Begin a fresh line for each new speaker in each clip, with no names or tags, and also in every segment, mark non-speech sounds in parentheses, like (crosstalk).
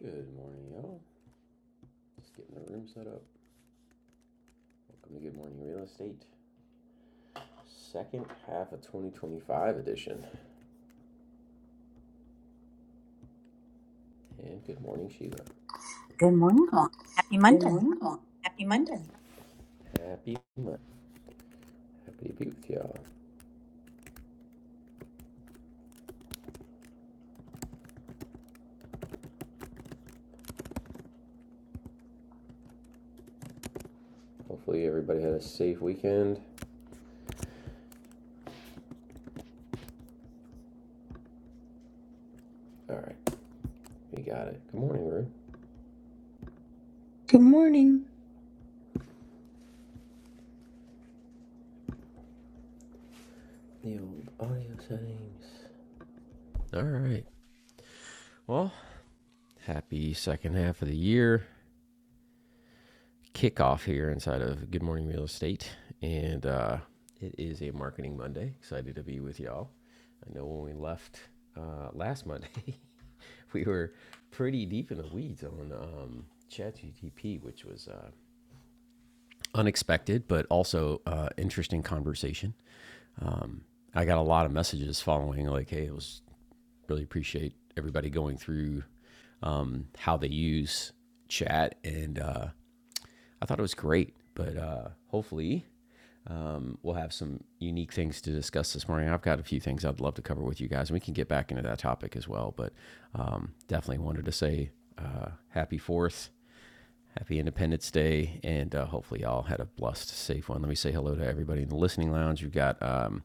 Good morning, y'all. Just getting the room set up. Welcome to Good Morning Real Estate, second half of 2025 edition. And good morning, Sheila.
Good morning, all. Happy
Good
Monday.
morning, all. Happy Monday. Happy Monday. Happy to be with y'all. Hopefully, everybody had a safe weekend. All right, we got it. Good morning, Rue.
Good morning.
The old audio settings. All right. Well, happy second half of the year. kickoff here inside of Good Morning Real Estate, and uh, it is a Marketing Monday. Excited to be with y'all. I know when we left uh, last Monday, (laughs) we were pretty deep in the weeds on um, ChatGTP, which was uh, unexpected but also uh, interesting conversation. Um, I got a lot of messages following, like, "Hey, it was really appreciate everybody going through um, how they use chat," and uh, I thought it was great. But uh, hopefully, Um, we'll have some unique things to discuss this morning. I've got a few things I'd love to cover with you guys, and we can get back into that topic as well. But um, definitely wanted to say uh, happy Fourth, happy Independence Day, and uh, hopefully y'all had a blessed, safe one. Let me say hello to everybody in the listening lounge. You've got um,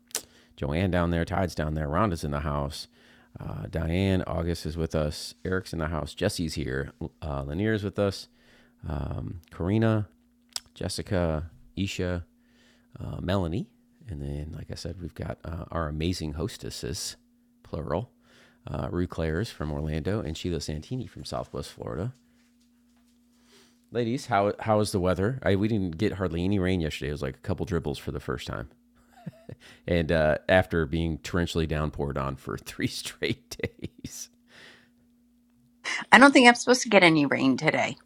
Joanne down there, Tide's down there, Rhonda's in the house. Uh, Diane, August is with us. Eric's in the house. Jesse's here. Uh, Lanier's with us. Um, Karina, Jessica, Isha, uh, Melanie. And then, like I said, we've got uh, our amazing hostesses, plural, uh, Rue Claire's from Orlando and Sheila Santini from Southwest Florida. Ladies, how how is the weather? I, we didn't get hardly any rain yesterday. It was like a couple dribbles for the first time, and uh, after being torrentially downpoured on for (laughs) three straight days.
I don't think I'm supposed to get any rain today.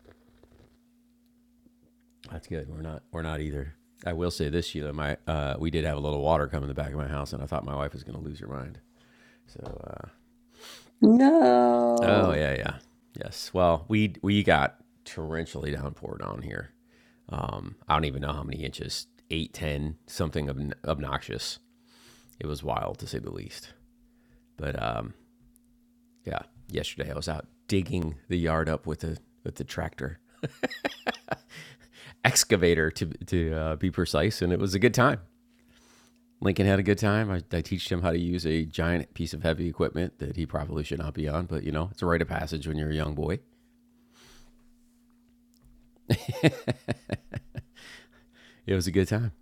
That's good. We're not we're not either. I will say this, Sheila. My uh, we did have a little water come in the back of my house, and I thought my wife was going to lose her mind. So Oh yeah, yeah, yes. Well, we we got torrentially downpour down here. Um, I don't even know how many inches, eight, ten, something ob- obnoxious. It was wild to say the least. But um, yeah, yesterday I was out digging the yard up with the with the tractor excavator to to uh, be precise, and it was a good time. Lincoln had a good time. I, I teached him how to use a giant piece of heavy equipment that he probably should not be on, but you know, it's a rite of passage when you're a young boy. It was a good time.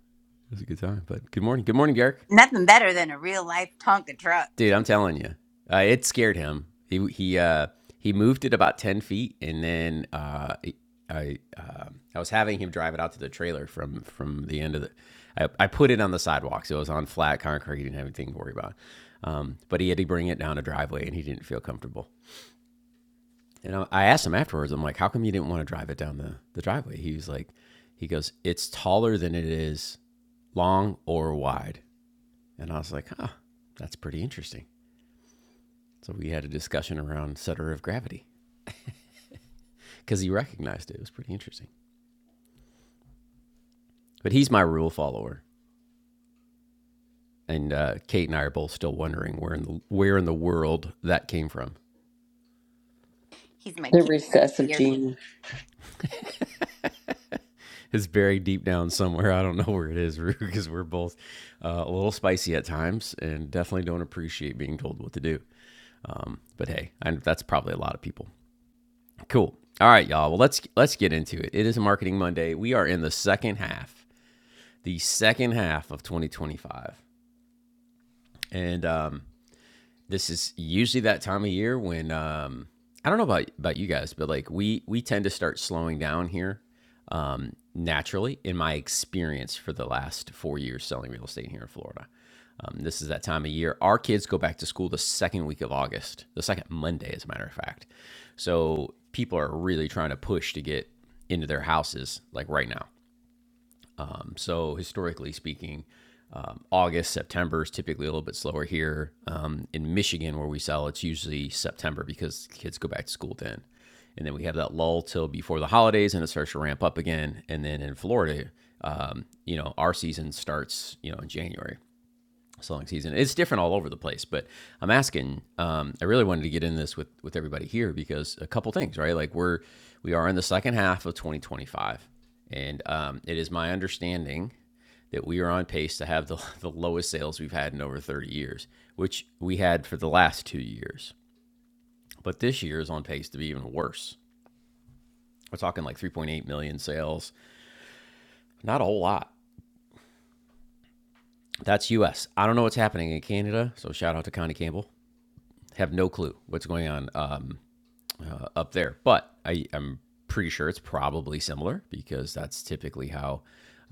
It was a good time. But good morning. Good morning, Garrick.
Nothing better than a real life Tonka truck.
dude. I'm telling you, uh, it scared him. He he uh, he moved it about ten feet, and then uh, I uh, I was having him drive it out to the trailer from from the end of the. I, I put it on the sidewalk, so it was on flat concrete. He didn't have anything to worry about. Um, but he had to bring it down a driveway, and he didn't feel comfortable. And I, I asked him afterwards. I'm like, "How come you didn't want to drive it down the the driveway?" He was like, "He goes, it's taller than it is long or wide." And I was like, "Huh, that's pretty interesting." So we had a discussion around center of gravity because he recognized it. It was pretty interesting. But he's my rule follower, and uh, Kate and I are both still wondering where in the where in the world that came from.
He's my
There
kid.
were
Here.
It's buried deep down somewhere. I don't know where it is, (laughs) because we're both uh, a little spicy at times, and definitely don't appreciate being told what to do. Um, but hey, I, that's probably a lot of people. Cool. All right, y'all. Well, let's let's get into it. It is Marketing Monday. We are in the second half, the second half of 2025, and um, this is usually that time of year when um, I don't know about about you guys, but like we we tend to start slowing down here um, naturally. In my experience, for the last four years selling real estate here in Florida, um, this is that time of year. Our kids go back to school the second week of August, the second Monday, as a matter of fact. So people are really trying to push to get into their houses like right now. So historically speaking, um, August, September is typically a little bit slower here. Um, in Michigan, where we sell, it's usually September because kids go back to school then. And then we have that lull till before the holidays and it starts to ramp up again. And then in Florida, um, you know, our season starts, you know, in January, selling season. It's different all over the place, but I'm asking, um, I really wanted to get in this with, with everybody here because a couple things, right? Like we're, we are in the second half of 2025. And um, it is my understanding that we are on pace to have the, (laughs) the lowest sales we've had in over 30 years, which we had for the last two years. But this year is on pace to be even worse. We're talking like 3.8 million sales, not a whole lot. That's US. I don't know what's happening in Canada, so shout out to Connie Campbell. Have no clue what's going on. Um, up there. But I, I'm pretty sure it's probably similar because that's typically how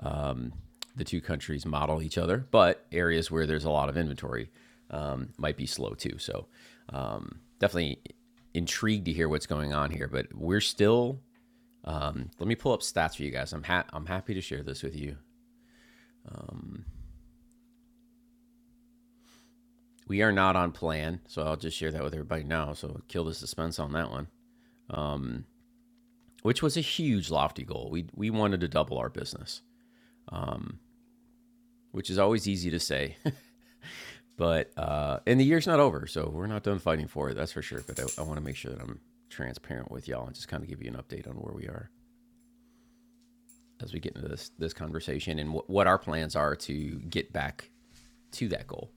um, the two countries model each other. But areas where there's a lot of inventory um, might be slow too. So um, definitely intrigued to hear what's going on here. But we're still. Um, let me pull up stats for you guys. I'm ha- I'm happy to share this with you. We are not on plan, so I'll just share that with everybody now. So kill the suspense on that one, which was a huge lofty goal. We we wanted to double our business. which is always easy to say. (laughs) but uh, and the year's not over, so we're not done fighting for it. That's for sure. But I, I want to make sure that I'm transparent with y'all and just kind of give you an update on where we are as we get into this this conversation and what what our plans are to get back to that goal.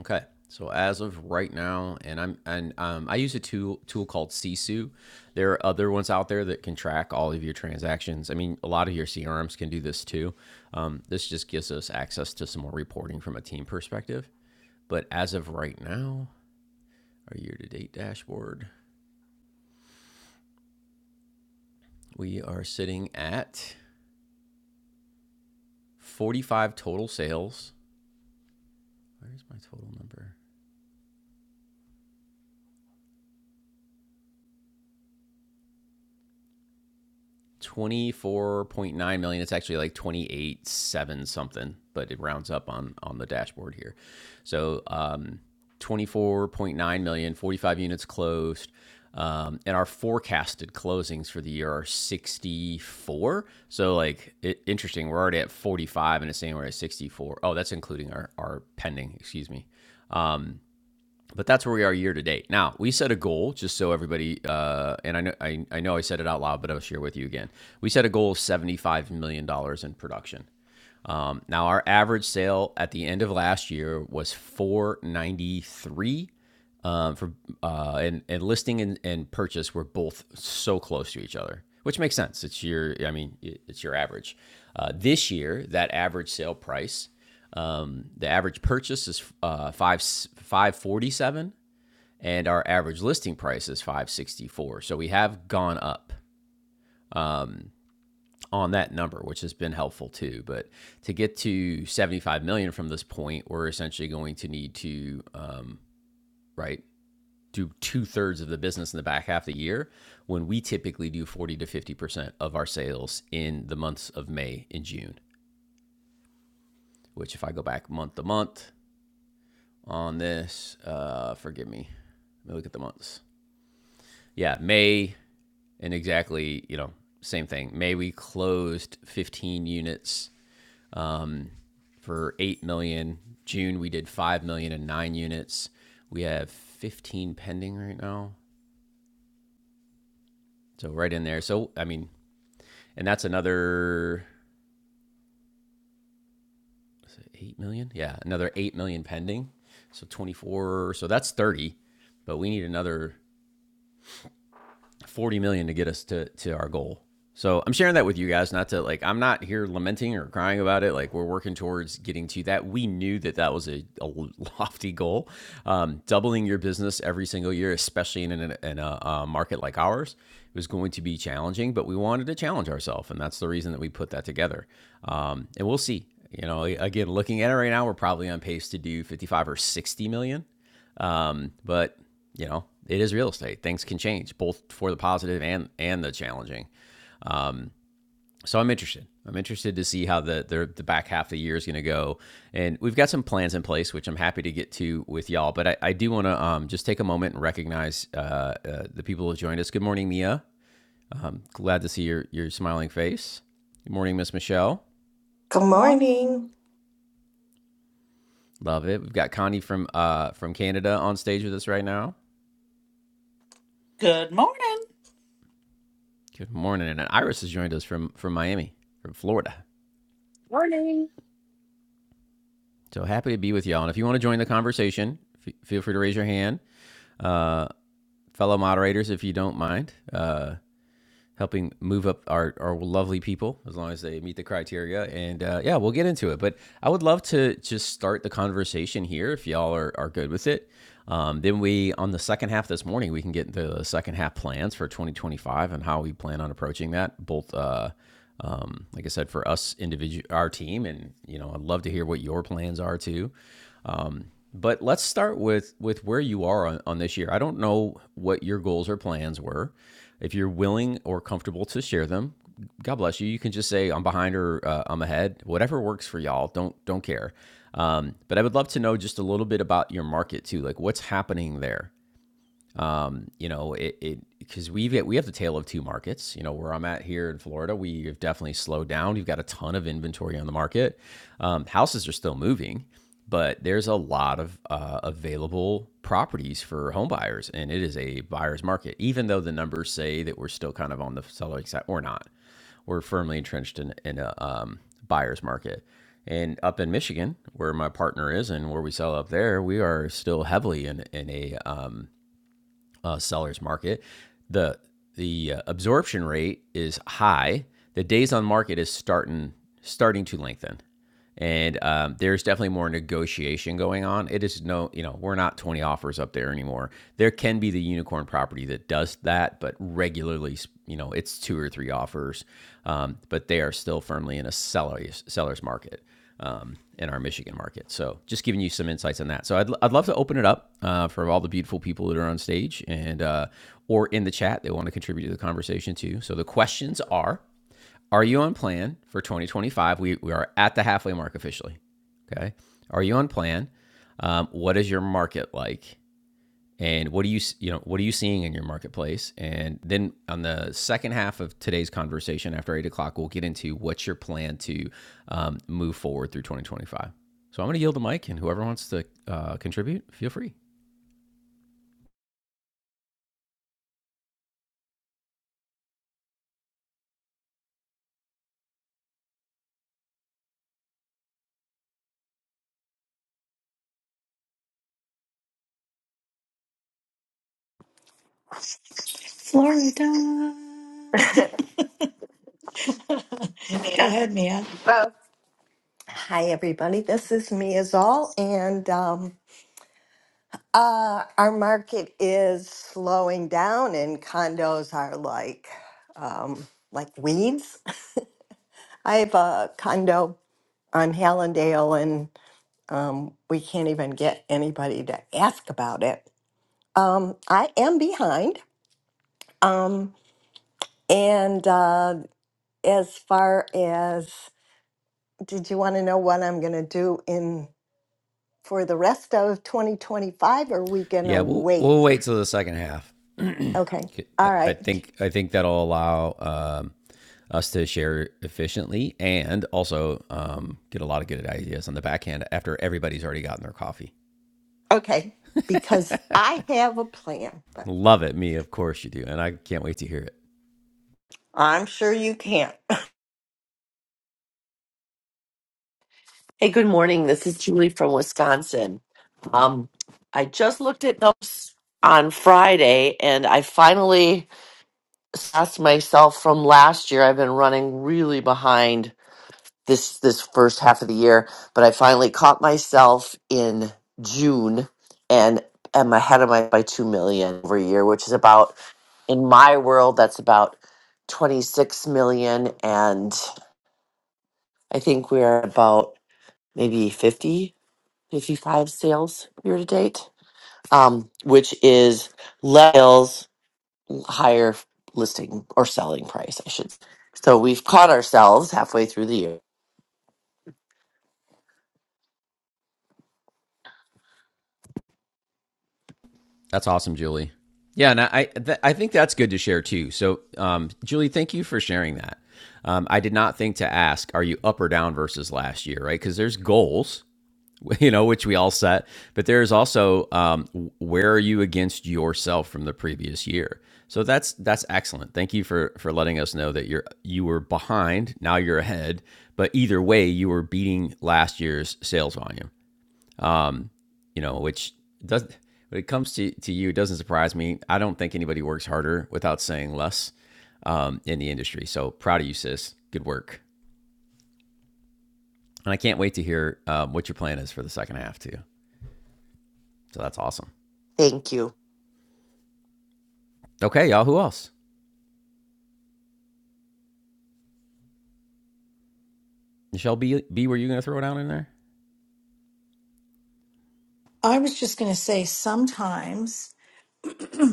Okay. So as of right now, and I'm and um, I use a tool tool called Sisu. There are other ones out there that can track all of your transactions. I mean, a lot of your CRMs can do this too. Um, this just gives us access to some more reporting from a team perspective. But as of right now, our year to date dashboard, we are sitting at 45 total sales. Where's my total number? 24.9 million it's actually like 28 7 something but it rounds up on on the dashboard here so um 24.9 million forty-five units closed um, and our forecasted closings for the year are 64 so like it, interesting we're already at 45 and it's saying we're at 64 oh that's including our our pending excuse me um but that's where we are year to date. Now we set a goal, just so everybody, uh, and I know I, I know I said it out loud, but I'll share with you again. We set a goal of seventy five million dollars in production. Um, now our average sale at the end of last year was four ninety three. Um, for uh, and and listing and, and purchase were both so close to each other, which makes sense. It's your I mean it's your average. Uh, this year, that average sale price um, the average purchase is uh, five five forty seven, and our average listing price is 564 so we have gone up um, on that number which has been helpful too but to get to 75 million from this point we're essentially going to need to um, right do two-thirds of the business in the back half of the year when we typically do 40 to 50 percent of our sales in the months of may and june which if i go back month to month on this uh, forgive me let me look at the months yeah may and exactly you know same thing. May we closed 15 units um, for 8 million. June we did five million and nine units. We have 15 pending right now. So right in there. So I mean, and that's another 8 million. Yeah, another 8 million pending. So 24. So that's 30. But we need another 40 million to get us to to our goal. So I'm sharing that with you guys, not to like I'm not here lamenting or crying about it. Like we're working towards getting to that. We knew that that was a, a (laughs) lofty goal, um, doubling your business every single year, especially in an, in a, a market like ours, was going to be challenging. But we wanted to challenge ourselves, and that's the reason that we put that together. Um, and we'll see. You know, again, looking at it right now, we're probably on pace to do 55 or 60 million um, but you know, it is real estate. Things can change, both for the positive and and the challenging. So I'm interested. I'm interested to see how the the, the back half of the year is going to go. And we've got some plans in place, which I'm happy to get to with y'all. But I, I do want to um, just take a moment and recognize uh, uh, the people who joined us. Good morning, Mia. Um, glad to see your your smiling face. Good morning, Miss Michelle.
Good
Good
morning.
morning.
Love it. We've got Connie from uh, from Canada on stage with us right now.
Good morning.
Good morning, and Iris has joined us from from Miami, from Florida.
Morning.
So happy to be with y'all. And if you want to join the conversation, f- feel free to raise your hand. Uh, fellow moderators, if you don't mind, uh, helping move up our, our lovely people as long as they meet the criteria. And uh, yeah, we'll get into it. But I would love to just start the conversation here if y'all are, are good with it. Um, then we, on the second half this morning, we can get into the second half plans for 2025 and how we plan on approaching that, both uh, um, like I said, for us individual, our team, and you know, I'd love to hear what your plans are too. But let's start with with where you are on, on this year. I don't know what your goals or plans were. If you're willing or comfortable to share them, God bless you. You can just say I'm behind or uh, I'm ahead. Whatever works for y'all. Don't don't care. Um, but I would love to know just a little bit about your market too. Like what's happening there. Um, you know, it it because we've got- we have the tail of two markets. You know, where I'm at here in Florida, we have definitely slowed down. We've got a ton of inventory on the market. Um, houses are still moving, but there's a lot of uh, available properties for home buyers, and it is a buyer's market. Even though the numbers say that we're still kind of on the selling side, or not. We're firmly entrenched in in a um, buyer's market. And up in Michigan, where my partner is and where we sell up there, we are still heavily in in a um, uh, seller's market. The the uh, absorption rate is high. The days on market is starting starting to lengthen, and um, there's definitely more negotiation going on. It is no, you know, we're not 20 offers up there anymore. There can be the unicorn property that does that, but regularly, you know, it's two or three offers. Um, but they are still firmly in a seller's seller's market um, in our Michigan market. So just giving you some insights on that. So I'd, I'd love to open it up uh, for all the beautiful people that are on stage and uh, or in the chat. They want to contribute to the conversation too. So the questions are, are you on plan for 2025? We, we are at the halfway mark officially. Okay. Are you on plan? Um, what is your market like? and what are you you know what are you seeing in your marketplace and then on the second half of today's conversation after eight o'clock we'll get into what's your plan to um, move forward through 2025 so i'm going to yield the mic and whoever wants to uh, contribute feel free
Florida. (laughs) Go ahead, Mia.
Well, Hi, everybody. This is me as all, and um, uh, our market is slowing down, and condos are like um, like weeds. (laughs) I have a condo on Hallandale, and um, we can't even get anybody to ask about it. Um, I am behind, um, and uh, as far as did you want to know what I'm going to do in? for the rest of 2025 or are we going to
yeah we'll
wait?
we'll wait till the second half (clears throat) I-
Okay. All
I
right.
think I think that'll allow um, us to share efficiently and also um, get a lot of good ideas on the back end after everybody's already gotten their coffee.
Okay. Because I have a plan, but
Love it, me. Of course you do, and I can't wait to hear it.
I'm sure you can't. (laughs)
Hey, good morning. This is Julie from Wisconsin. Um, I just looked at notes on Friday and I finally asked myself from last year. I've been running really behind this this first half of the year, but I finally caught myself in June and am ahead of my by 2 million over a year, which is about in my world that's about 26 million and I think we're about maybe 50 55 sales year to date, um, which is less sales, higher listing or selling price, I should. say. So we've caught ourselves halfway through the year.
That's awesome, Julie. Yeah, and I th- I think that's good to share too. So, um, Julie, thank you for sharing that. Um, I did not think to ask, are you up or down versus last year, right? Because there's goals, (laughs) you know, which we all set, but there's also um, where are you against yourself from the previous year. So that's that's excellent. Thank you for for letting us know that you're you were behind, now you're ahead, but either way, you were beating last year's sales volume you know, which does when it comes to, to you, it doesn't surprise me. I don't think anybody works harder without saying less um, in the industry. So proud of you, sis. Good work. And I can't wait to hear um, what your plan is for the second half too. So that's awesome.
Thank you.
Okay, y'all. Who else? Michelle B. B. Were you going to throw it out in there?
I was just going to say sometimes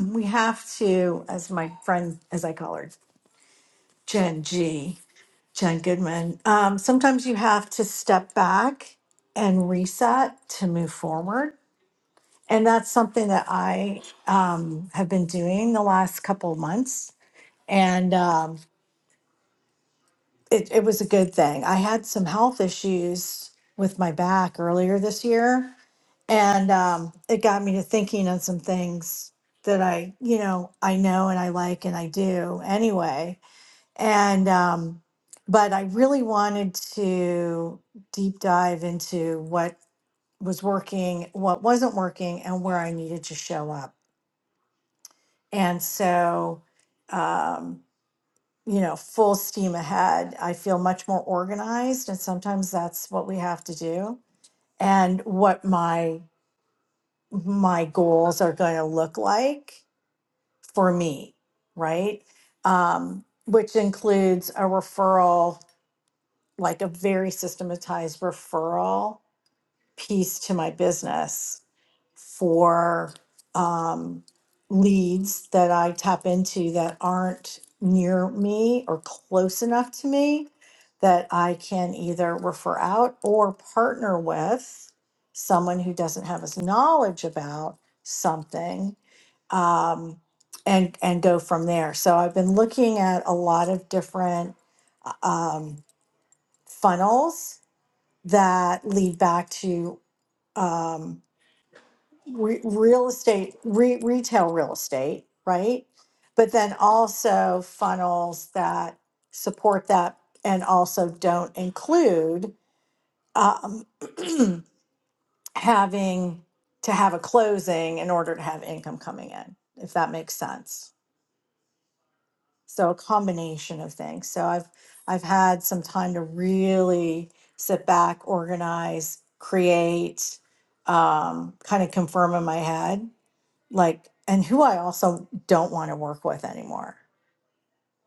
we have to, as my friend, as I call her, Jen G, Jen Goodman, um, sometimes you have to step back and reset to move forward. And that's something that I um, have been doing the last couple of months. And um, it, it was a good thing. I had some health issues with my back earlier this year and um, it got me to thinking on some things that I, you know, I know and I like and I do anyway. And um, but I really wanted to deep dive into what was working, what wasn't working, and where I needed to show up. And so, um, you know, full steam ahead. I feel much more organized, and sometimes that's what we have to do. And what my my goals are going to look like for me, right? Um, which includes a referral, like a very systematized referral piece to my business for um, leads that I tap into that aren't near me or close enough to me that I can either refer out or partner with someone who doesn't have as knowledge about something um, and and go from there. So I've been looking at a lot of different um, funnels that lead back to um, re- real estate, re- retail real estate, right? But then also funnels that support that and also don't include um, (clears throat) having to have a closing in order to have income coming in, if that makes sense. So a combination of things. So I've I've had some time to really sit back, organize, create, um, kind of confirm in my head like and who I also don't want to work with anymore.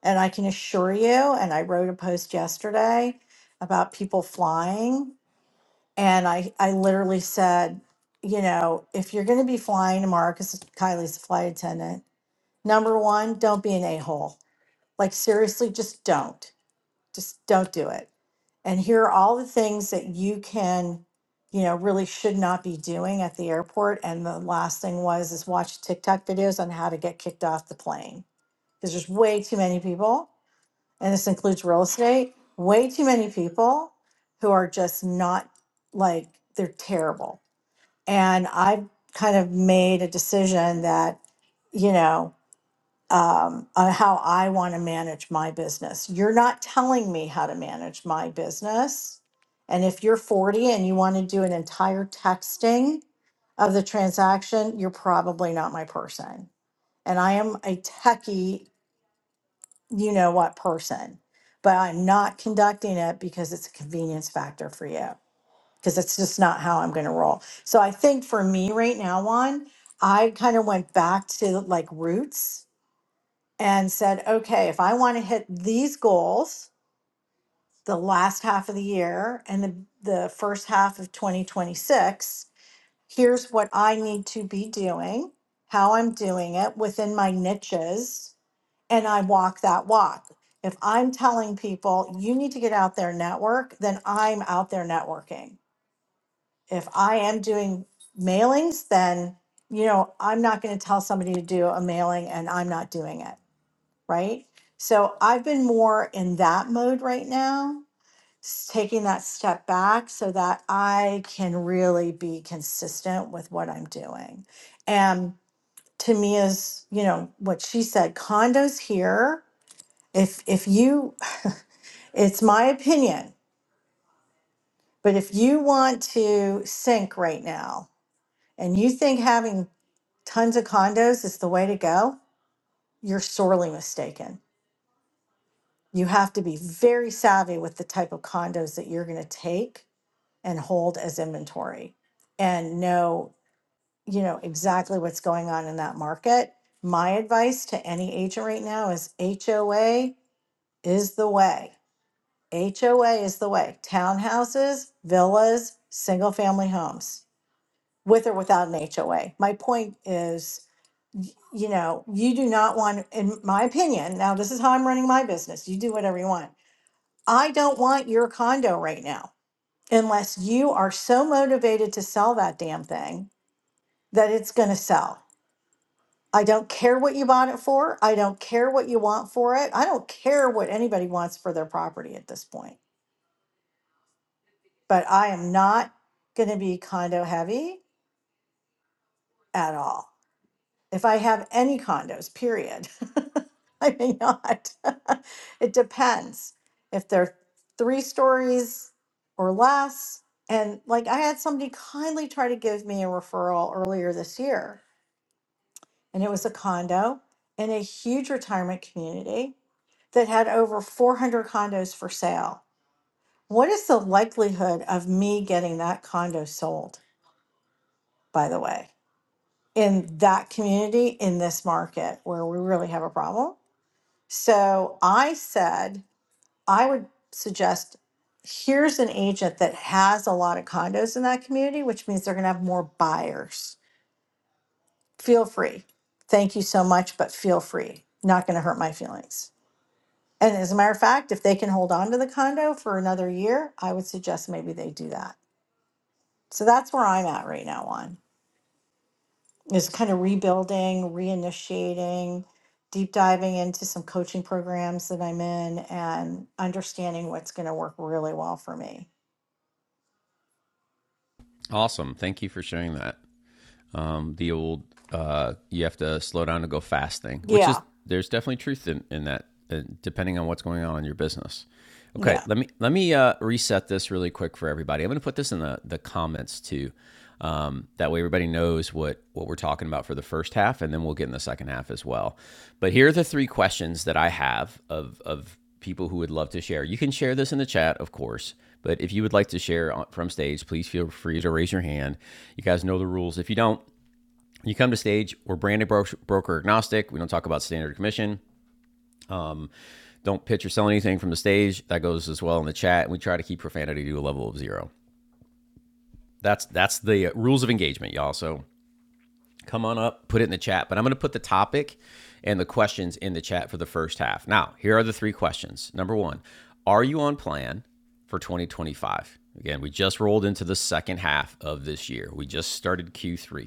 And I can assure you, and I wrote a post yesterday about people flying, and I I literally said, you know, if you're going to be flying tomorrow, because Kylie's a flight attendant, number one, don't be an a hole. Like seriously, just don't. Just don't do it. And here are all the things that you can, you know, really should not be doing at the airport. And the last thing was is watch TikTok videos on how to get kicked off the plane because there's way too many people, and this includes real estate. Way too many people who are just not like they're terrible. And I've kind of made a decision that, you know um, on how I want to manage my business. You're not telling me how to manage my business. And if you're 40 and you want to do an entire texting of the transaction, you're probably not my person. And I am a techie, you know what person, but I'm not conducting it because it's a convenience factor for you, because it's just not how I'm going to roll. So I think for me right now, Juan, I kind of went back to like roots and said, okay, if I want to hit these goals the last half of the year and the, the first half of 2026, here's what I need to be doing, how I'm doing it within my niches, and I walk that walk. If I'm telling people you need to get out there and network, then I'm out there networking. If I am doing mailings, then you know, I'm not going to tell somebody to do a mailing and I'm not doing it right? So I've been more in that mode right now, s- taking that step back so that I can really be consistent with what I'm doing. And to me is, you know, what she said, condos here, if if you (laughs) it's my opinion, but if you want to sink right now and you think having tons of condos is the way to go, you're sorely mistaken you have to be very savvy with the type of condos that you're going to take and hold as inventory and know you know exactly what's going on in that market my advice to any agent right now is HOA is the way HOA is the way townhouses villas single family homes with or without an HOA my point is you know, you do not want, in my opinion, now this is how I'm running my business. You do whatever you want. I don't want your condo right now unless you are so motivated to sell that damn thing that it's going to sell. I don't care what you bought it for. I don't care what you want for it. I don't care what anybody wants for their property at this point. But I am not going to be condo heavy at all. if I have any condos, period. (laughs) I may not. (laughs) it depends. If they're three stories or less, and like I had somebody kindly try to give me a referral earlier this year, and it was a condo in a huge retirement community that had over 400 condos for sale. What is the likelihood of me getting that condo sold, by the way, in that community, in this market where we really have a problem? So I said, I would suggest here's an agent that has a lot of condos in that community, which means they're going to have more buyers. Feel free. Thank you so much, but feel free. Not going to hurt my feelings. And as a matter of fact, if they can hold on to the condo for another year, I would suggest maybe they do that. So that's where I'm at right now on. is kind of rebuilding, reinitiating, deep diving into some coaching programs that I'm in and understanding what's going to work really well for me.
Awesome. Thank you for sharing that. um, the old uh, you have to slow down to go fast thing, which
Yeah.
is there's definitely truth in, in that, uh, depending on what's going on in your business.
Yeah.
Okay, let me let me uh, reset this really quick for everybody. I'm going to put this in the, the comments too. Um, that way, everybody knows what what we're talking about for the first half, and then we'll get in the second half as well. But here are the three questions that I have of of people who would love to share. You can share this in the chat, of course. But if you would like to share uh, from stage, please feel free to raise your hand. You guys know the rules. If you don't, you come to stage, we're branded bro- broker agnostic. We don't talk about standard commission. Don't pitch or sell anything from the stage. That goes as well in the chat. We try to keep profanity to a level of zero. That's that's the rules of engagement, y'all. So come on up, put it in the chat. But I'm going to put the topic and the questions in the chat for the first half. Now, here are the three questions. Number one, are you on plan for 2025? Again, we just rolled into the second half of this year. We just started Q3.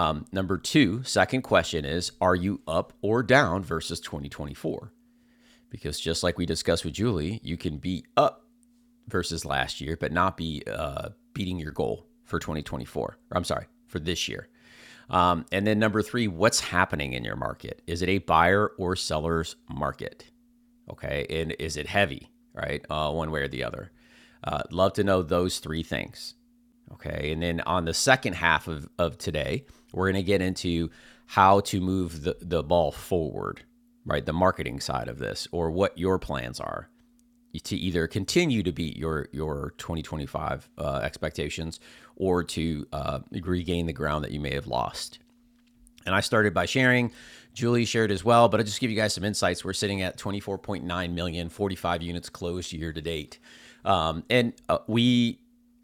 Um, number two, second question is Are you up or down versus 2024? Because just like we discussed with Julie, you can be up versus last year, but not be uh, beating your goal for 2024. I'm sorry, for this year. Um, and then number three, what's happening in your market? Is it a buyer or seller's market? Okay. And is it heavy, right? Uh, one way or the other. Uh, love to know those three things. Okay. And then on the second half of, of today, we're going to get into how to move the, the ball forward, right? The marketing side of this or what your plans are to either continue to beat your, your 2025 uh, expectations or to uh, regain the ground that you may have lost and I started by sharing. Julie shared as well, but I'll just give you guys some insights. We're sitting at 24.9 million, 45 units closed year to date. Um, and uh, we,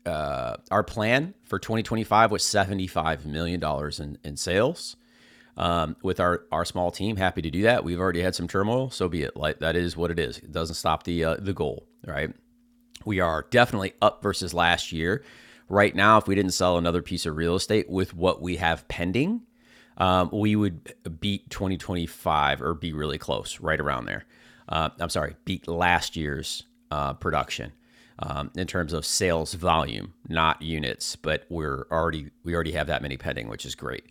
uh, our plan for 2025 was $75 million dollars in, in sales. Um, with our, our small team, happy to do that. We've already had some turmoil, so be it. Like that is what it is. It doesn't stop the, uh, the goal, right? We are definitely up versus last year. Right now, if we didn't sell another piece of real estate with what we have pending, um, we would beat 2025 or be really close, right around there. Uh, I'm sorry, beat last year's uh, production um, in terms of sales volume, not units, but we're already we already have that many pending, which is great.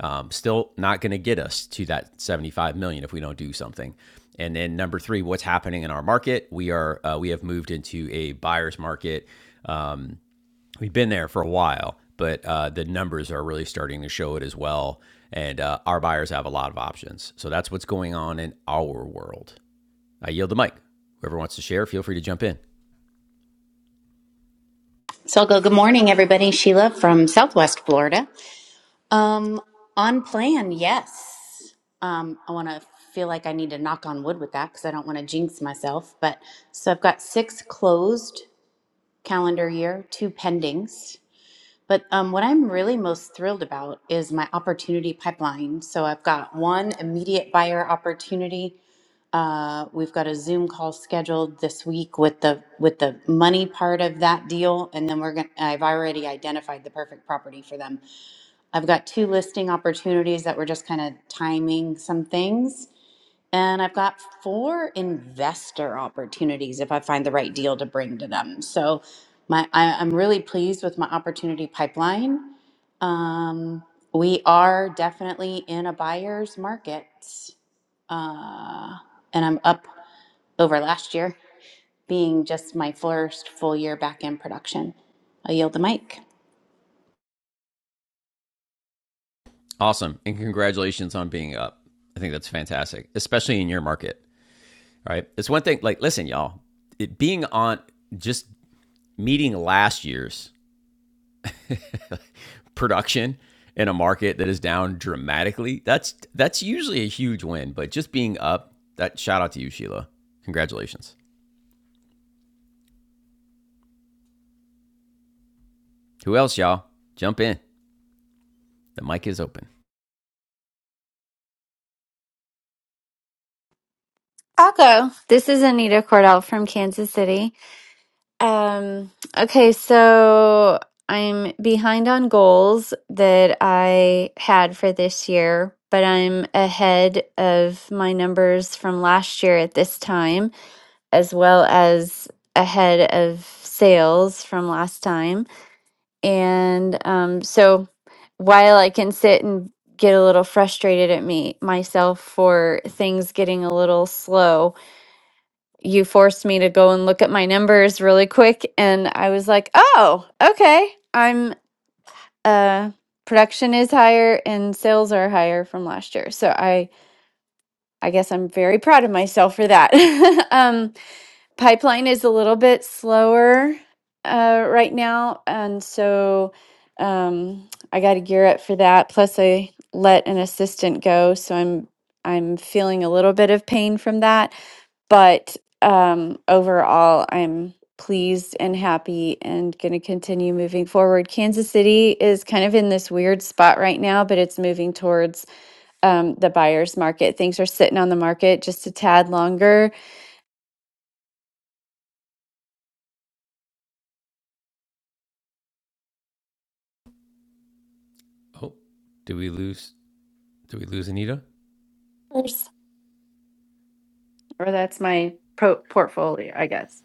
Um, still not going to get us to that 75 million if we don't do something. And then number three, what's happening in our market? We are uh, we have moved into a buyer's market we've been there for a while, but uh, the numbers are really starting to show it as well. And uh, our buyers have a lot of options. So that's what's going on in our world. I yield the mic. Whoever wants to share, feel free to jump in.
So I'll go, good morning, everybody. Sheila from Southwest Florida. Um, on plan, yes. Um, I want to feel like I need to knock on wood with that because I don't want to jinx myself. But so I've got six closed calendar year, two pendings. But um, what I'm really most thrilled about is my opportunity pipeline. So I've got one immediate buyer opportunity. Uh, we've got a Zoom call scheduled this week with the with the money part of that deal, and then we're gonna. I've already identified the perfect property for them. I've got two listing opportunities that we're just kind of timing some things, and I've got four investor opportunities if I find the right deal to bring to them. So my I, I'm really pleased with my opportunity pipeline. Um, we are definitely in a buyer's market. Uh, and I'm up over last year, being just my first full year back in production. I yield the mic.
Awesome. And congratulations on being up. I think that's fantastic, especially in your market, right? It's one thing, like, listen, y'all, it being on just meeting last year's production in a market that is down dramatically, that's that's usually a huge win. But just being up, that shout out to you, Sheila. Congratulations. Who else, y'all? Jump in. The mic is open.
I'll go. This is Anita Cordell from Kansas City. Um, okay, so I'm behind on goals that I had for this year, but I'm ahead of my numbers from last year at this time, as well as ahead of sales from last time. And um, so while I can sit and get a little frustrated at me myself for things getting a little slow you forced me to go and look at my numbers really quick and i was like oh okay i'm uh production is higher and sales are higher from last year so i i guess i'm very proud of myself for that (laughs) um pipeline is a little bit slower uh, right now, and so um, I got to gear up for that. Plus, I let an assistant go, so I'm I'm feeling a little bit of pain from that. But um, overall, I'm pleased and happy and going to continue moving forward. Kansas City is kind of in this weird spot right now, but it's moving towards um, the buyer's market. Things are sitting on the market just a tad longer
Oh, did we lose? Did we lose Anita?
or that's my pro- portfolio, I guess.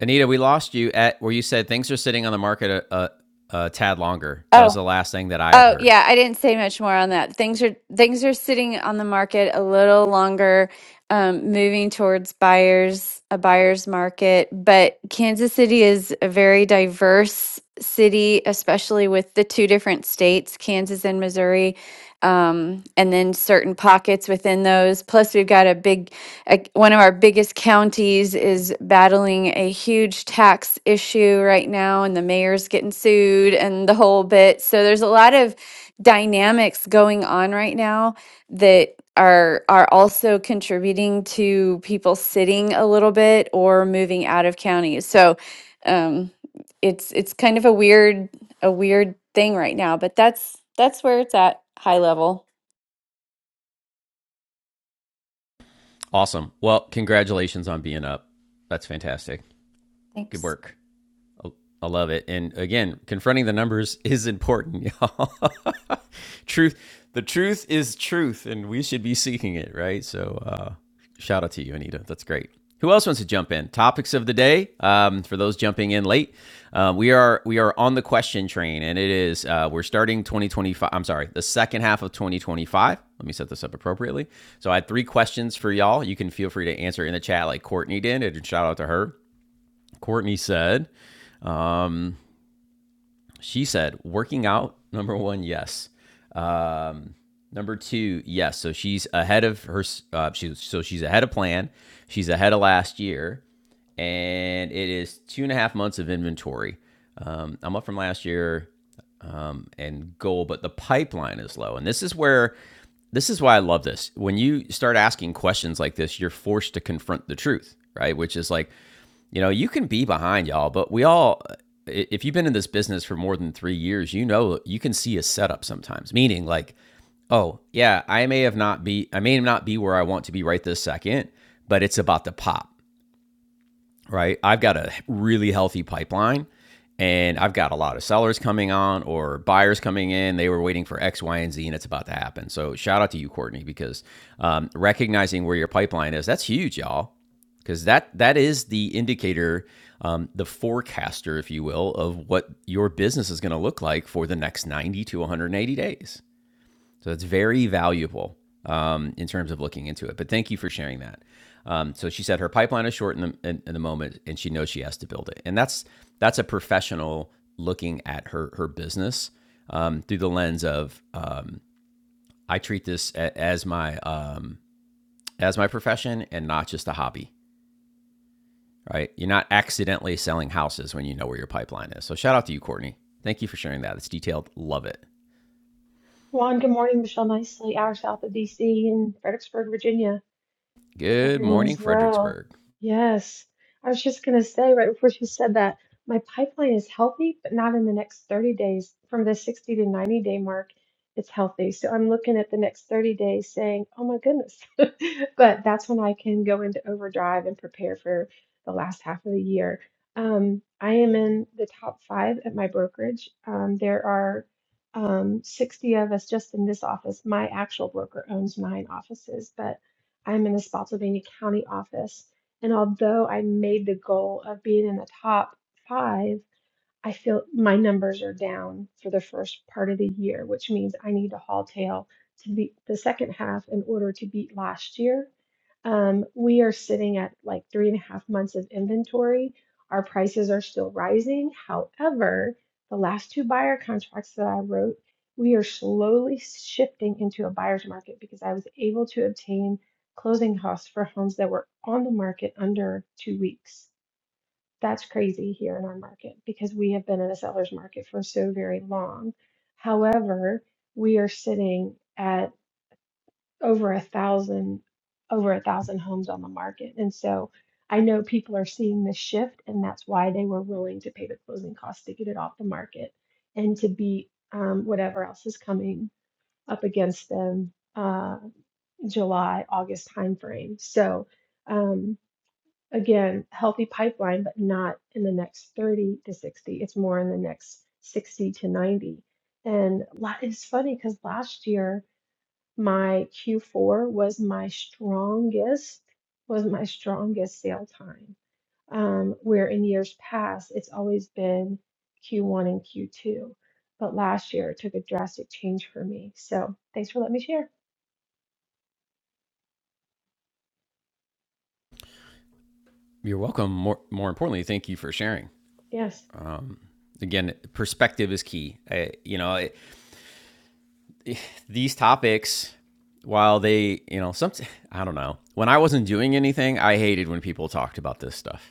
Anita, we lost you at where you said things are sitting on the market a, a, a tad longer. That was
Oh,
the last thing that I had
oh
heard.
yeah, I didn't say much more on that. Things are things are sitting on the market a little longer, um, moving towards buyers, a buyer's market. But Kansas City is a very diverse city, especially with the two different states, Kansas and Missouri, um, and then certain pockets within those. Plus, we've got a big a- one of our biggest counties is battling a huge tax issue right now, and the mayor's getting sued and the whole bit. So there's a lot of dynamics going on right now that are are also contributing to people sitting a little bit or moving out of counties. So um, it's it's kind of a weird a weird thing right now, but that's that's where it's at high level.
Awesome. Well, congratulations on being up. That's fantastic. Good
Thanks.
work. I love it. And again, confronting the numbers (laughs) is important, y'all. (laughs) truth, the truth is truth, and we should be seeking it, right? So, uh, shout out to you, Anita. That's great. Who else wants to jump in? Topics of the day um, for those jumping in late. Um, we are we are on the question train, and it is uh, we're starting 2025. I'm sorry, the second half of 2025. Let me set this up appropriately. So I had three questions for y'all. You can feel free to answer in the chat, like Courtney did, and shout out to her. Courtney said, she said working out number one yes um number two yes so she's ahead of her uh, she's so she's ahead of plan she's ahead of last year and it is two and a half months of inventory um, i'm up from last year um, and goal but the pipeline is low and this is where this is why i love this when you start asking questions like this you're forced to confront the truth right which is like you know, you can be behind y'all, but we all, if you've been in this business for more than three years, you know, you can see a setup sometimes, meaning like, oh, yeah, I may have not be, I may not be where I want to be right this second, but it's about to pop right? I've got a really healthy pipeline and I've got a lot of sellers coming on or buyers coming in. They were waiting for X, Y, and Z, and it's about to happen. So shout out to you, Courtney, because um, recognizing where your pipeline is, that's huge, y'all, because that that is the indicator, um, the forecaster, if you will, of what your business is going to look like for the next 90 to 180 days. So it's very valuable um, in terms of looking into it. But thank you for sharing that. Um, so she said her pipeline is short in the, in, in the moment, and she knows she has to build it. And that's that's a professional looking at her her business um, through the lens of um, I treat this a, as my um, as my profession and not just a hobby. Right? You're not accidentally selling houses when you know where your pipeline is. So shout out to you, Courtney. Thank you for sharing that. It's detailed. Love it.
Juan, good morning. Michelle Nicely, hour south of DC in Fredericksburg, Virginia. Hope
Good
everyone
morning,
is well.
Fredericksburg.
Yes. I was just going to say right before she said that, my pipeline is healthy, but not in the next 30 days. From the 60 to 90 day mark, it's healthy. So I'm looking at the next 30 days saying, oh my goodness, (laughs) But that's when I can go into overdrive and prepare for the last half of the year. Um, I am in the top five at my brokerage. Um, there are um, 60 of us just in this office. My actual broker owns nine offices, but I'm in the Spotsylvania County office. And although I made the goal of being in the top five, I feel my numbers are down for the first part of the year, which means I need to haul tail to beat the second half in order to beat last year. Um, we are sitting at like three and a half months of inventory. Our prices are still rising. However, the last two buyer contracts that I wrote, we are slowly shifting into a buyer's market because I was able to obtain closing costs for homes that were on the market under two weeks. That's crazy here in our market because we have been in a seller's market for so very long. However, we are sitting at over a thousand, over a thousand homes on the market. And so I know people are seeing this shift, and that's why they were willing to pay the closing costs to get it off the market and to beat um, whatever else is coming up against them, uh, July, August timeframe. So, um, again, healthy pipeline, but not in the next 30 to 60. It's more in the next 60 to 90. And la- it's funny because last year my Q4 was my strongest, was my strongest sale time. Um, where in years past, it's always been Q1 and Q2. But last year it took a drastic change for me. So thanks for letting me share.
You're welcome. More, more importantly, thank you for sharing.
Yes,
Again, perspective is key. I, you know, I, these topics, while they, you know, some, I don't know. When I wasn't doing anything, I hated when people talked about this stuff,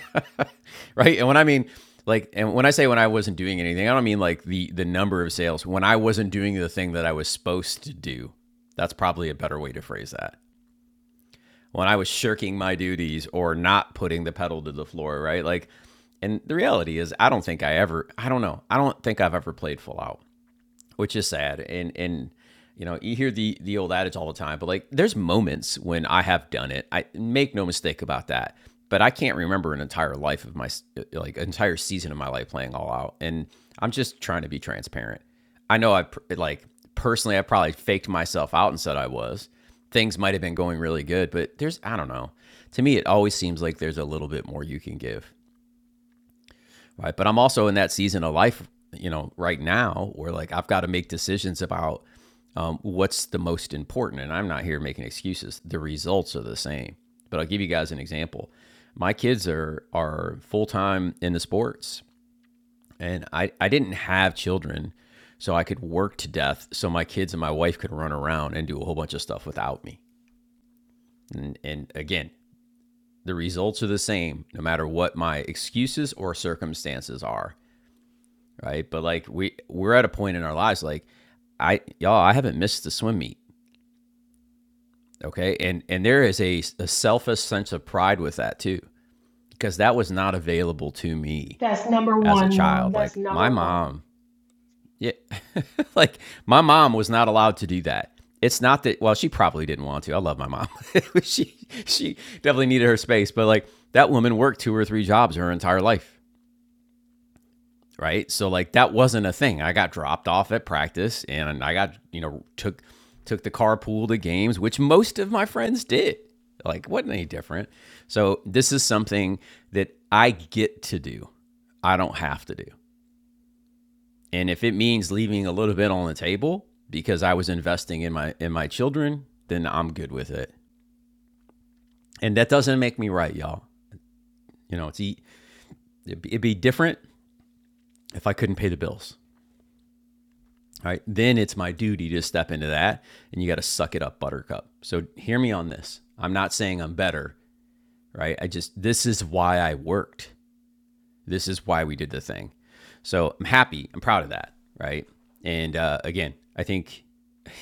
(laughs) right? And when I mean, like, and when I say when I wasn't doing anything, I don't mean like the the number of sales. When I wasn't doing the thing that I was supposed to do, that's probably a better way to phrase that. when I was shirking my duties or not putting the pedal to the floor, right? Like, and the reality is, I don't think I ever, I don't know, I don't think I've ever played full out which is sad. And and you know, you hear the the old adage all the time, but like there's moments when I have done it. I make no mistake about that. But I can't remember an entire life of my like an entire season of my life playing all out. And I'm just trying to be transparent. I know I like personally I probably faked myself out and said I was. Things might have been going really good, but there's I don't know. To me it always seems like there's a little bit more you can give right? But I'm also in that season of life, you know, right now where like I've got to make decisions about um, what's the most important. And I'm not here making excuses. The results are the same. But I'll give you guys an example. My kids are are full time into sports, and I I didn't have children, so I could work to death, so my kids and my wife could run around and do a whole bunch of stuff without me. And and again, the results are the same no matter what my excuses or circumstances are. right? But like we we're at a point in our lives like I y'all I haven't missed the swim meet, okay? And and there is a, a selfish sense of pride with that too because that was not available to me
that's number
as a
one, Juan.
child.
That's
Like my
number one.
mom, yeah, (laughs) like my mom was not allowed to do that. It's not that well, she probably didn't want to. I love my mom. (laughs) she she definitely needed her space, but like that woman worked two or three jobs her entire life. right? So like that wasn't a thing. I got dropped off at practice and I got, you know, took took the carpool to games, which most of my friends did. Like wasn't any different. So this is something that I get to do. I don't have to do. And if it means leaving a little bit on the table because I was investing in my in my children, then I'm good with it. And that doesn't make me right, y'all. You know, it's e- it'd be different if I couldn't pay the bills. right then it's my duty to step into that and you got to suck it up buttercup so hear me on this i'm not saying i'm better right i just this is why i worked this is why we did the thing so i'm happy i'm proud of that right and uh, again i think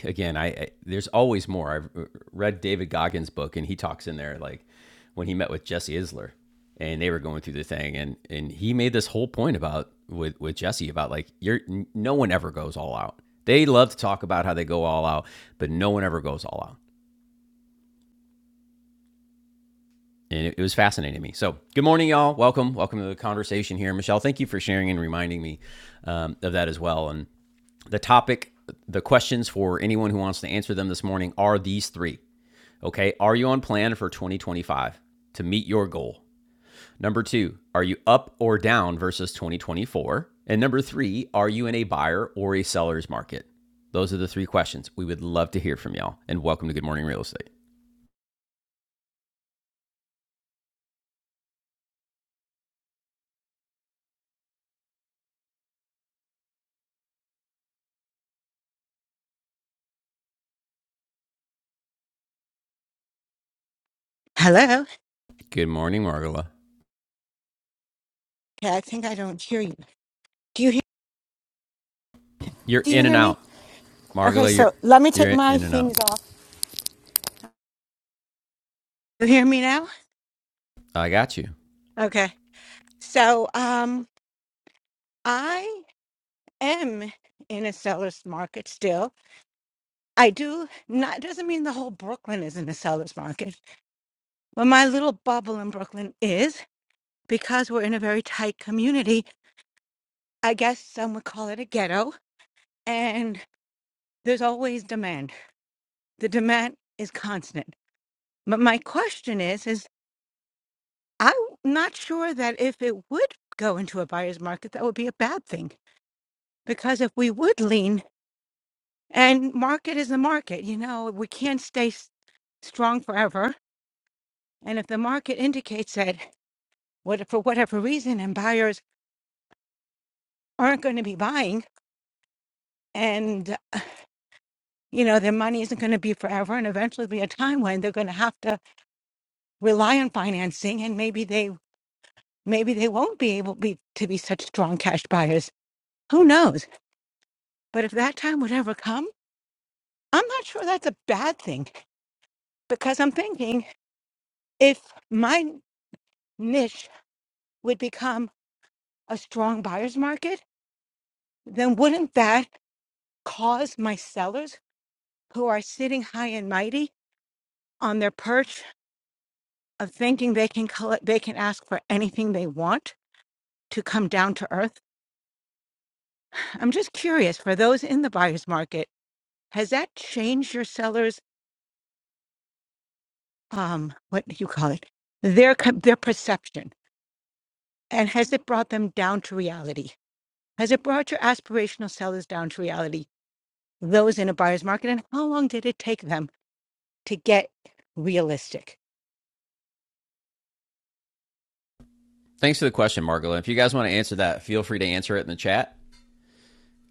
again, I, I there's always more. I've uh, read David Goggins' book, and he talks in there like when he met with Jesse Isler, and they were going through the thing, and and he made this whole point about with with Jesse about like you're no one ever goes all out. They love to talk about how they go all out, but no one ever goes all out. And it, it was fascinating to me. So, good morning, y'all. Welcome. Welcome to the conversation here. Michelle, thank you for sharing and reminding me um, of that as well. And the topic, the questions for anyone who wants to answer them this morning are these three Okay. Are you on plan for 2025 to meet your goal? Number two, are you up or down versus 2024? And number three, are you in a buyer or a seller's market? Those are the three questions. We would love to hear from y'all. And welcome to Good Morning Real Estate.
Hello.
Good morning, Margola.
Yeah, I think I don't hear you. Do you hear?
You're
Do you
in and
hear me?
out.
Okay,
Margola, you're
so let me
you're
take my
in and out.
things off. You hear me now?
I got you.
Okay. So, um, I am in a seller's market still. I do not doesn't mean the whole Brooklyn is in a seller's market, but my little bubble in Brooklyn is because we're in a very tight community. I guess some would call it a ghetto, and there's always demand. The demand is constant. But my question is, is I'm not sure that if it would go into a buyer's market, that would be a bad thing. Because if we would lean, and market is the market, you know, we can't stay s- strong forever. And if the market indicates that what, for whatever reason, and buyers aren't going to be buying, and you know their money isn't going to be forever, and eventually be a time when they're going to have to rely on financing, and maybe they maybe they won't be able be to be such strong cash buyers. Who knows? But if that time would ever come I'm not sure that's a bad thing because I'm thinking if my niche would become a strong buyer's market, then wouldn't that cause my sellers who are sitting high and mighty on their perch of thinking they can collect, they can ask for anything they want to come down to earth? I'm just curious for those in the buyer's market, has that changed your sellers um what do you call it? Their co- their perception and has it brought them down to reality? Has it brought your aspirational sellers down to reality, those in a buyer's market? And how long did it take them to get realistic?
Thanks for the question, Margola. If you guys want to answer that, feel free to answer it in the chat.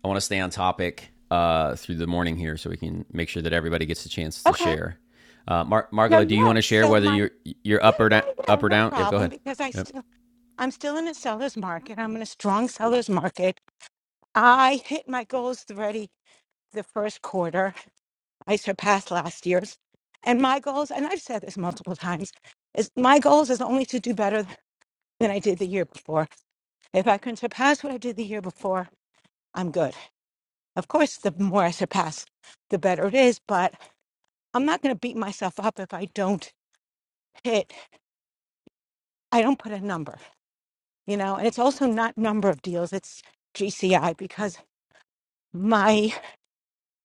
I want to stay on topic uh, through the morning here, so we can make sure that everybody gets a chance to
Okay.
share. Uh, Mar-
No,
Margola, do you want
yeah.
to share
So
whether
my
you're you're
yeah,
up or down?
yeah, yeah,
Up or
no
down? Yep. Go
problem
ahead.
because I
Yep.
still I'm still in a seller's market. I'm in a strong seller's market. I hit my goals already the first quarter. I surpassed last year's. And my goals, and I've said this multiple times, is my goals is only to do better than I did the year before. If I can surpass what I did the year before, I'm good. Of course, the more I surpass, the better it is. But I'm not going to beat myself up if I don't hit. I don't put a number, you know. And it's also not number of deals; it's GCI because my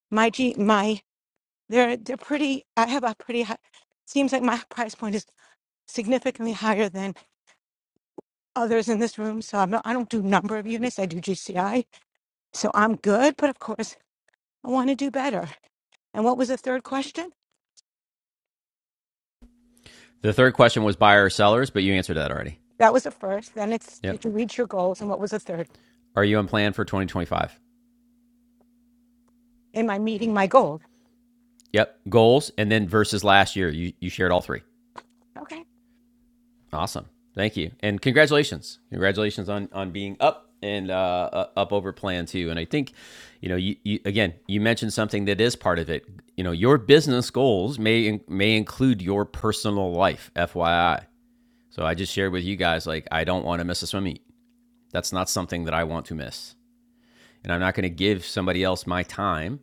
my G my they're they're pretty. I have a pretty. High, seems like my price point is significantly higher than others in this room. So I'm not, I don't do number of units. I do GCI. So I'm good. But of course, I want to do better. And what was the third question?
The third question was buyer or sellers, but you answered that already.
That was the first. Then it's
Yep.
did you reach your goals? And what was the third?
Are you on plan for 2025?
Am I meeting my goal?
Yep. Goals and then versus last year, you you shared all three.
Okay.
Awesome. Thank you. And congratulations. Congratulations on, on being up and uh, uh, up over plan too. And I think, you know, you, you, again, you mentioned something that is part of it. You know, your business goals may, may include your personal life, FYI. So I just shared with you guys, like, I don't want to miss a swim meet. That's not something that I want to miss. And I'm not going to give somebody else my time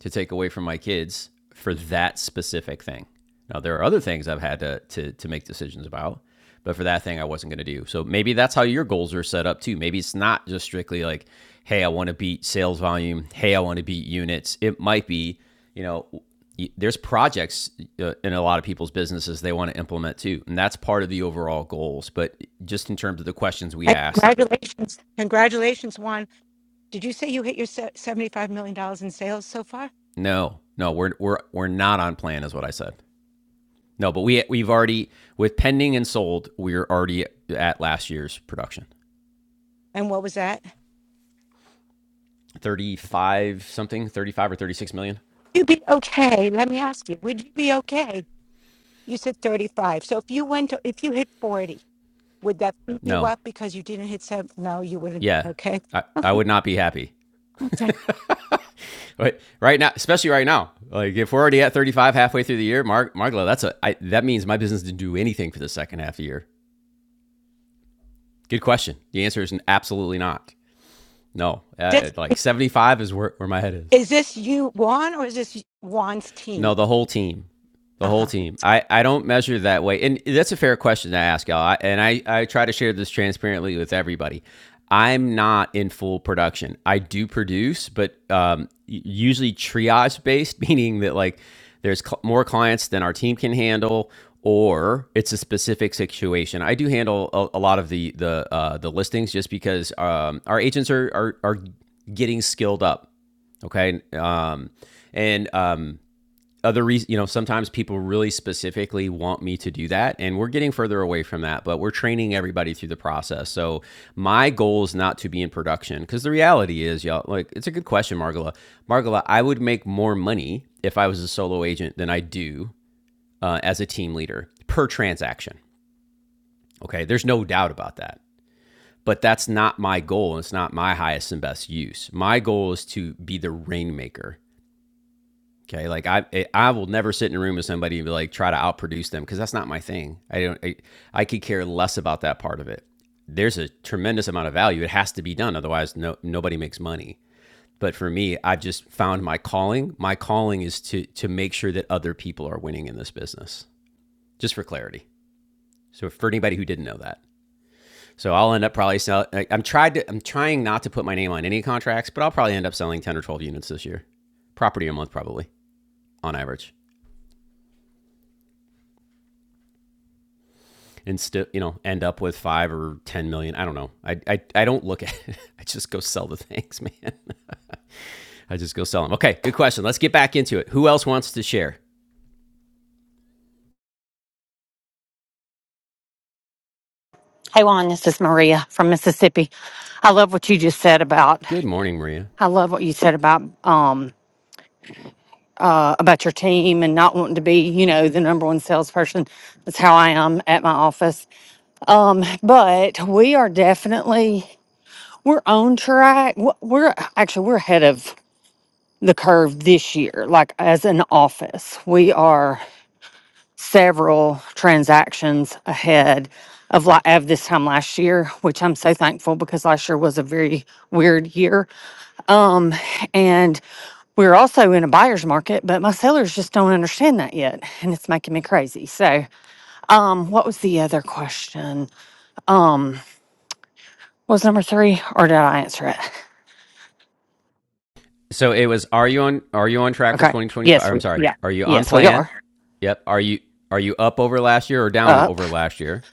to take away from my kids for that specific thing. Now there are other things I've had to to, to make decisions about, but for that thing I wasn't going to do. So maybe that's how your goals are set up too. Maybe it's not just strictly like, hey, I want to beat sales volume. Hey, I want to beat units. It might be, you know, there's projects uh, in a lot of people's businesses they want to implement too, and that's part of the overall goals. But just in terms of the questions we
And
asked,
congratulations. Congratulations, Juan. Did you say you hit your se- $75 million dollars in sales so far?
no, no, we're we're we're not on plan, is what I said. No, but we we've already with pending and sold, we're already at last year's production.
And what was that?
35 something, 35 or 36 million?
You'd be okay. Let me ask you, would you be okay? You said 35. So if you went to, if you hit 40, would that beat you
No.
up because you didn't hit seven? No, you wouldn't.
Yeah.
Okay.
I, I would not be happy.
Okay.
But right now, especially right now, like if we're already at 35 halfway through the year, Mark Margla, that's a I, that means my business didn't do anything for the second half of the year. Good question. The answer is absolutely not. No. Uh,
This,
like 75 is where, where my head is.
is this you, Juan, or is this Juan's
No,
team?
the whole team. The
Uh
whole
huh.
team. I, I don't measure that way. And that's a fair question to ask, y'all. I, and I, I try to share this transparently with everybody. I'm not in full production. I do produce, but um, usually triage based, (laughs) meaning that like there's cl- more clients than our team can handle, or it's a specific situation. I do handle a, a lot of the the uh, the listings just because um, our agents are, are are getting skilled up okay um and um other reason you know sometimes people really specifically want me to do that and we're getting further away from that but we're training everybody through the process so my goal is not to be in production because the reality is y'all like it's a good question margola margola i would make more money if i was a solo agent than i do uh, as a team leader per transaction okay there's no doubt about that but that's not my goal it's not my highest and best use my goal is to be the rainmaker Okay, like I I- will never sit in a room with somebody and be like try to outproduce them because that's not my thing. I don't I, I could care less about that part of it. There's a tremendous amount of value. It has to be done otherwise no nobody makes money. But for me, I've just found my calling. My calling is to to make sure that other people are winning in this business. Just for clarity. So for anybody who didn't know that. So I'll end up probably selling. I- I'm tried to I'm trying not to put my name on any contracts, but I'll probably end up selling 10 or 12 units this year. Property a month probably on average. and still you know end up with five or ten million i don't know i i, I don't look at (laughs) it. i just go sell the things (laughs) man i just go sell them okay good question let's get back into it who else wants to share
Hey Juan, this is Maria from Mississippi. I love what you just said about
good morning maria
I love what you said about um uh about your team and not wanting to be, you know, the number one salesperson. That's how I am at my office. Um, but we are definitely we're on track. We're we're- actually we're ahead of the curve this year, like as an office. We are several transactions ahead of la- of this time last year, which I'm so thankful because last year was a very weird year, and we're also in a buyer's market, but my sellers just don't understand that yet, and it's making me crazy. So, um, what was the other question? Um, was number three, or did I answer it?
so it was are you on are you on track for
Okay,
2025
yes,
i'm
we
sorry
yeah,
are you on
yes we
plan
are
yep are you are you up over last year or down
up.
over last year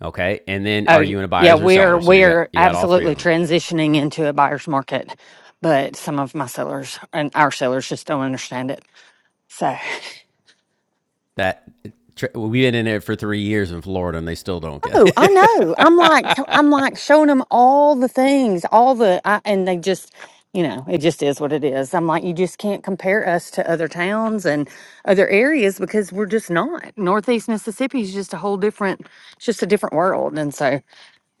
okay and then
Oh,
are you in a
yeah,
buyers or
we're
seller so you got
we're
you got all three of
absolutely
them
transitioning into a buyer's market, but some of my sellers and our sellers just don't understand it. So,
that we've been in it for three years in florida and they still don't get
oh, I know. I'm like
it
I'm
(laughs)
like showing them all the things, all the I, and they just, you know, it just is what it is. I'm like you just can't compare us to other towns and other areas because we're just not. Northeast Mississippi is just a whole different it's just a different world and so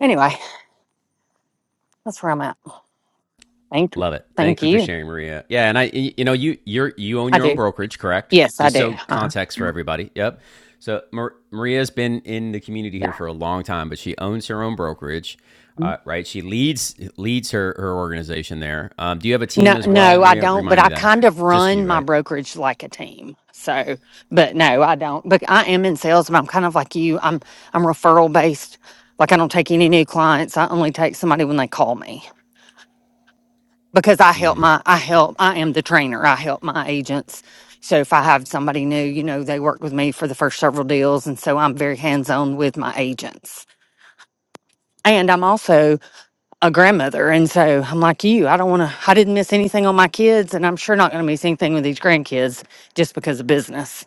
anyway, that's where I'm at. Thank you.
Love it.
Thank
Thank you for
you.
sharing, Maria. Yeah, and I, you know, you you're you own
I
your own
do.
brokerage, correct?
Yes, I
Just
do.
so
Uh-huh.
context for everybody. Yep. So Mar- Maria's been in the community here
Yeah.
for a long time, but she owns her own brokerage, uh, right? She leads leads her her organization there. Um, do you have a
No,
team as well,
no, I
Maria?
don't, but
Remind me
I
that.
kind of
Just you,
run my
right?
brokerage like a team. So, but no, I don't. But I am in sales, but I'm kind of like you. I'm I'm referral based. Like I don't take any new clients. I only take somebody when they call me because I
Mm-hmm.
help my I help I am the trainer. I help my agents. So if I have somebody new, you know, they work with me for the first several deals and so I'm very hands-on with my agents. And I'm also a grandmother. And so I'm like you, I don't want to, I didn't miss anything on my kids. And I'm sure not going to miss anything with these grandkids just because of business.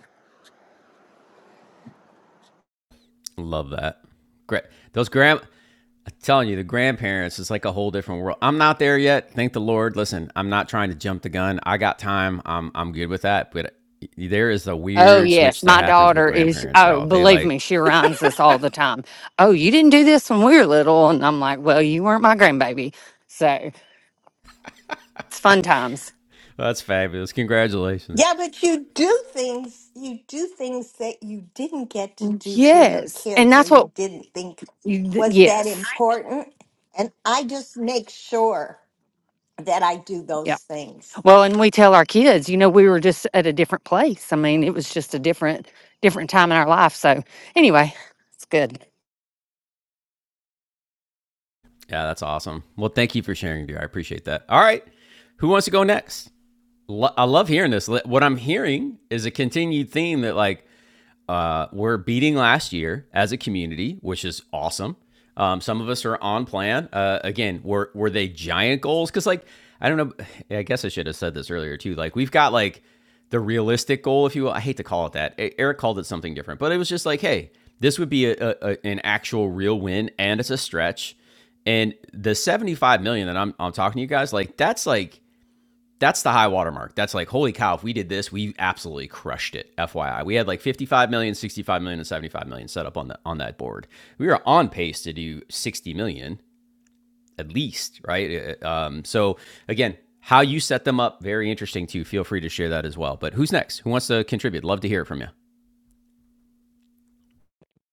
Love that. Great. Those grand, I'm telling you, the grandparents is like a whole different world. I'm not there yet. Thank the Lord. Listen, I'm not trying to jump the gun. I got time. I'm I'm good with that. But there is a
Oh,
weird
yes.
switch that
My
happens with
daughter is,
grandparents,
oh,
y'all. They
believe
like,
me, she reminds us all the time. Oh, you didn't do this when we were little. And I'm like, well, you weren't my grandbaby. So it's fun times.
oh, that's fabulous. Congratulations.
Yeah, but you do things, you do things that you didn't get to do for your
Yes. And
kids or
that's what,
you didn't think
you- th-
was that
yes.
important. And I just make sure that I do
Yeah.
those things.
Well, and we tell our kids, you know, we were just at a different place. I mean, it was just a different, different time in our life. So anyway, it's good.
Yeah, that's awesome. Well, thank you for sharing, dear. I appreciate that. All right. Who wants to go next? Lo- I love hearing this. What I'm hearing is a continued theme that like uh, we're beating last year as a community, which is awesome. Um, some of us are on plan. Uh, again, were were they giant goals? Because like I don't know. (sighs) I guess I should have said this earlier too. Like we've got like the realistic goal, if you will. I hate to call it that. E- Eric called it something different, but it was just like, hey, this would be a, a- an actual real win, and it's a stretch. And the seventy five million that I'm I'm talking to you guys, like that's like that's the high watermark. That's like, holy cow, if we did this, we absolutely crushed it. FYI. We had like fifty-five million, sixty-five million, and seventy-five million set up on the on that board. We were on pace to do 60 million at least, right? Uh, uh, Um, so again, how you set them up, very interesting too. Feel free to share that as well. But who's next? Who wants to contribute? Love to hear it from you.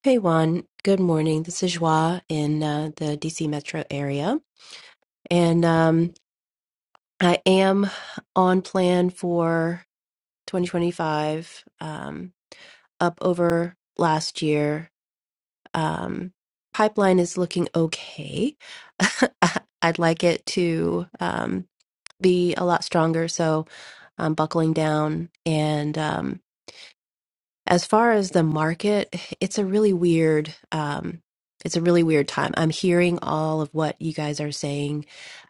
Hey Juan, good morning. This is Joa in uh, the DC metro area, and um, I am on plan for 2025, um, up over last year. Um, pipeline is looking okay. (laughs) I'd like it to um, be a lot stronger, so I'm buckling down. And um, as far as the market, it's a really weird um it's a really weird time. I'm hearing all of what you guys are saying,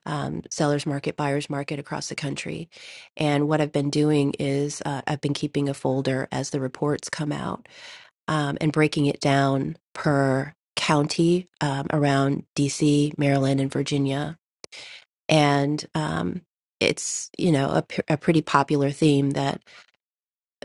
um, sellers market, buyers market across the country. And what I've been doing is uh, I've been keeping a folder as the reports come out um, and breaking it down per county um, around DC, Maryland, and Virginia. And um, it's, you know, a, p- a pretty popular theme that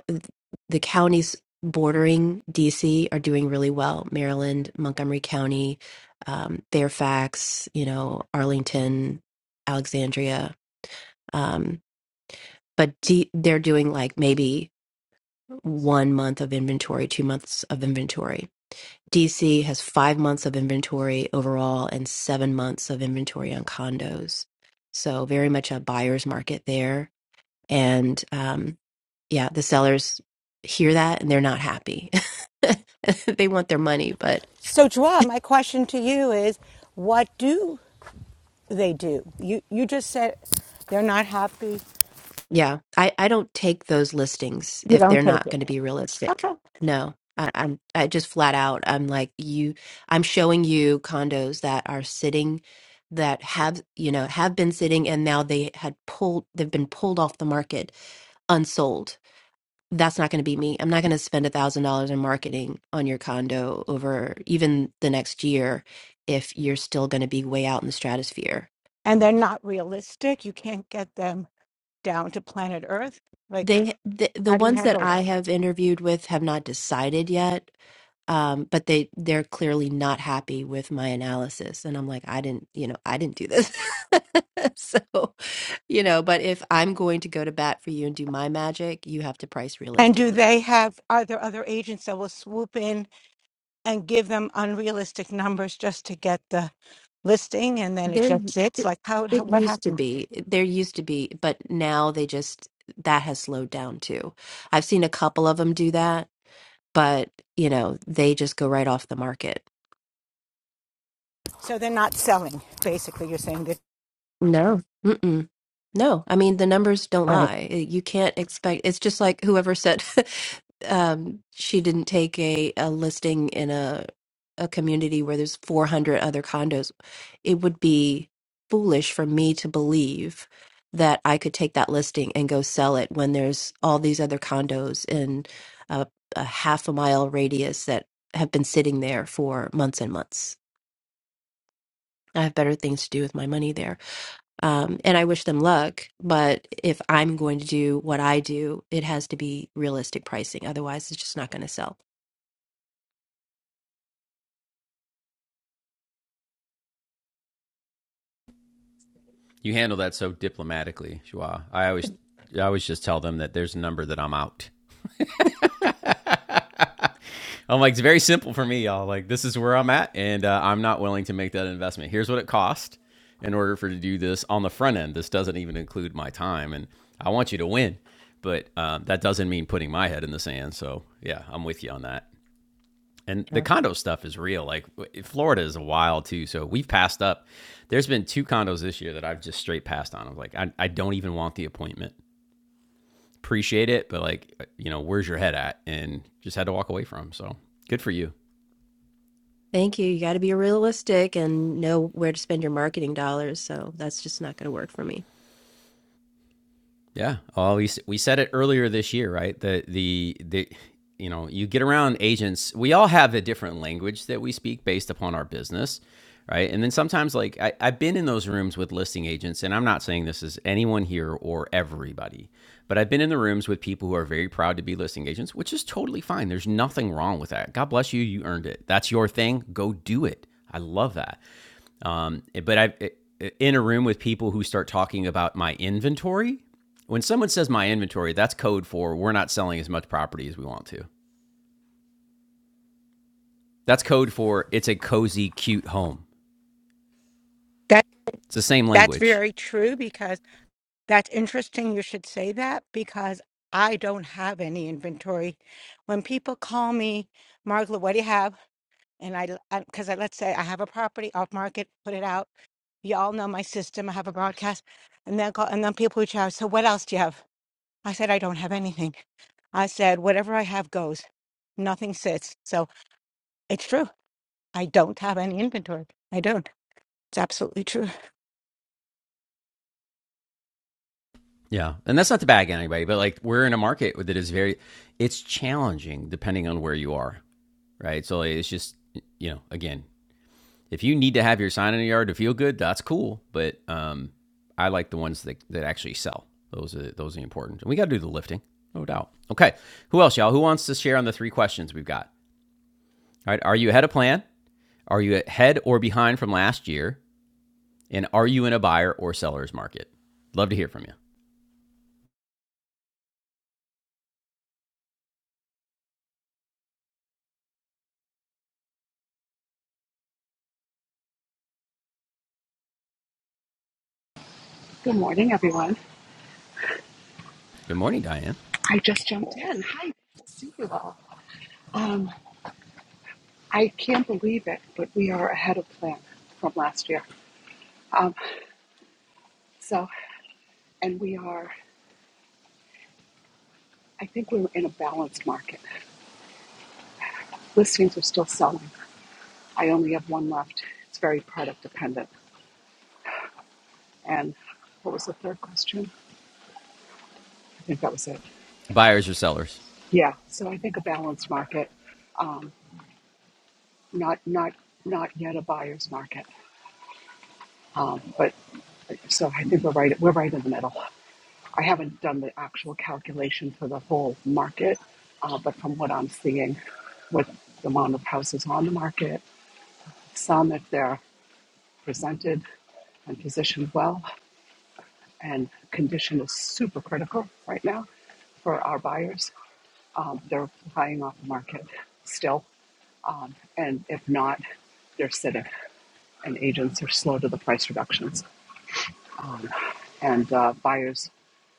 th- the counties bordering DC are doing really well. Maryland, Montgomery County, um, Fairfax, you know, Arlington, Alexandria. Um, but D- they're doing like maybe one month of inventory, two months of inventory. DC has five months of inventory overall and seven months of inventory on condos. So, very much a buyer's market there and um, yeah, the sellers hear that and they're not happy. (laughs) they want their money, but
So, Joa, my question to you is what do They do. You you just said they're not happy.
yeah, I, I don't take those listings
You
if
don't
they're
take
not
it.
going to be realistic. No, I, I'm I just flat out. I'm like you. I'm showing you condos that are sitting, that have you know have been sitting, and now they had pulled. They've been pulled off the market, unsold that's not going to be me. I'm not going to spend a thousand dollars in marketing on your condo over even the next year if you're still going to be way out in the stratosphere.
And they're not realistic. You can't get them down to planet Earth. Like,
They the, the
how do you
ones that
handle
I
it?
have interviewed with have not decided yet, um, but they they're clearly not happy with my analysis, and I'm like, I didn't, you know, I didn't do this. (laughs) so you know, but if I'm going to go to bat for you and do my magic, you have to price
And do
realistically.
they have, are there other agents that will swoop in and give them unrealistic numbers just to get the listing and then it
There,
just
y-
sits?
it,
Like how, how
it
what
used to
happens?
be. There used to be, but now they just that has slowed down too. I've seen a couple of them do that, but you know, they just go right off the market.
So they're not selling, basically, you're saying that.
No. Mm-mm. No, I mean the numbers don't
Right.
lie. Uh, You can't expect. It's just like whoever said (laughs) um, she didn't take a, a listing in a a community where there's 400 other condos. It would be foolish for me to believe that I could take that listing and go sell it when there's all these other condos in a, a half a mile radius that have been sitting there for months and months. I have better things to do with my money there. Um, and I wish them luck, but if I'm going to do what I do, it has to be realistic pricing. Otherwise, it's just not going to sell.
You handle that so diplomatically, Joao. I always I always just tell them that there's a number that I'm out. (laughs) I'm like, it's very simple for me, y'all. Like, this is where I'm at, and uh, I'm not willing to make that investment. Here's what it cost in order for to do this on the front end. This doesn't even include my time, and I want you to win, but um, that doesn't mean putting my head in the sand. So, yeah, I'm with you on that. And the
Yeah.
condo stuff is real. Like, Florida is wild too. So we've passed up. There's been two condos this year that I've just straight passed on. I'm like, I, I don't even want the appointment appreciate it, but like, you know, where's your head at? And just had to walk away from. So good for you.
Thank you. You got to be realistic and know where to spend your marketing dollars. So that's just not going to work for me.
Yeah. Well, we, we said it earlier this year, right? The, the, the, you know, you get around agents, we all have a different language that we speak based upon our business, right? And then sometimes, like, I, I've been in those rooms with listing agents, and I'm not saying this is anyone here or everybody, but I've been in the rooms with people who are very proud to be listing agents, which is totally fine. There's nothing wrong with that. God bless you. You earned it. That's your thing. Go do it. I love that. Um, but I've in a room with people who start talking about my inventory. When someone says my inventory, that's code for we're not selling as much property as we want to. That's code for it's a cozy, cute home.
That,
It's the same
that's
language.
very true because that's interesting. You should say that because I don't have any inventory. When people call me, Margaret, what do you have? And I, because I, 'cause I- let's say I have a property off market, put it out. Y'all know my system. I have a broadcast, and then call, and then people reach out. So what else do you have? I said I don't have anything. I said whatever I have goes. Nothing sits. So it's true. I don't have any inventory. I don't. It's absolutely true.
Yeah. And that's not to bag anybody, but like we're in a market that is very, it's challenging depending on where you are. Right. So like, it's just, you know, again, if you need to have your sign in the yard to feel good, that's cool. But um, I like the ones that, that actually sell. Those are those are important. And we got to do the lifting, no doubt. Okay, who else, y'all? Who wants to share on the three questions we've got? All right, are you ahead of plan? Are you ahead or behind from last year? And are you in a buyer or seller's market? Love to hear from you.
Good morning, everyone.
Good morning, Diane.
I just jumped in. Hi, you all. Um, I can't believe it, but we are ahead of plan from last year. Um, so, and we are, I think we're in a balanced market. Listings are still selling. I only have one left. It's very product dependent. And what was the third question? I think that was it.
Buyers or sellers?
Yeah. So I think a balanced market, um, not not not yet a buyer's market, um, but so I think we're right. We're right in the middle. I haven't done the actual calculation for the whole market, uh, but from what I'm seeing with the amount of houses on the market, some, if they're presented and positioned well, and condition is super critical right now for our buyers, um, they're flying off the market still. Um, and if not, they're sitting, and agents are slow to the price reductions. Um, and uh, buyers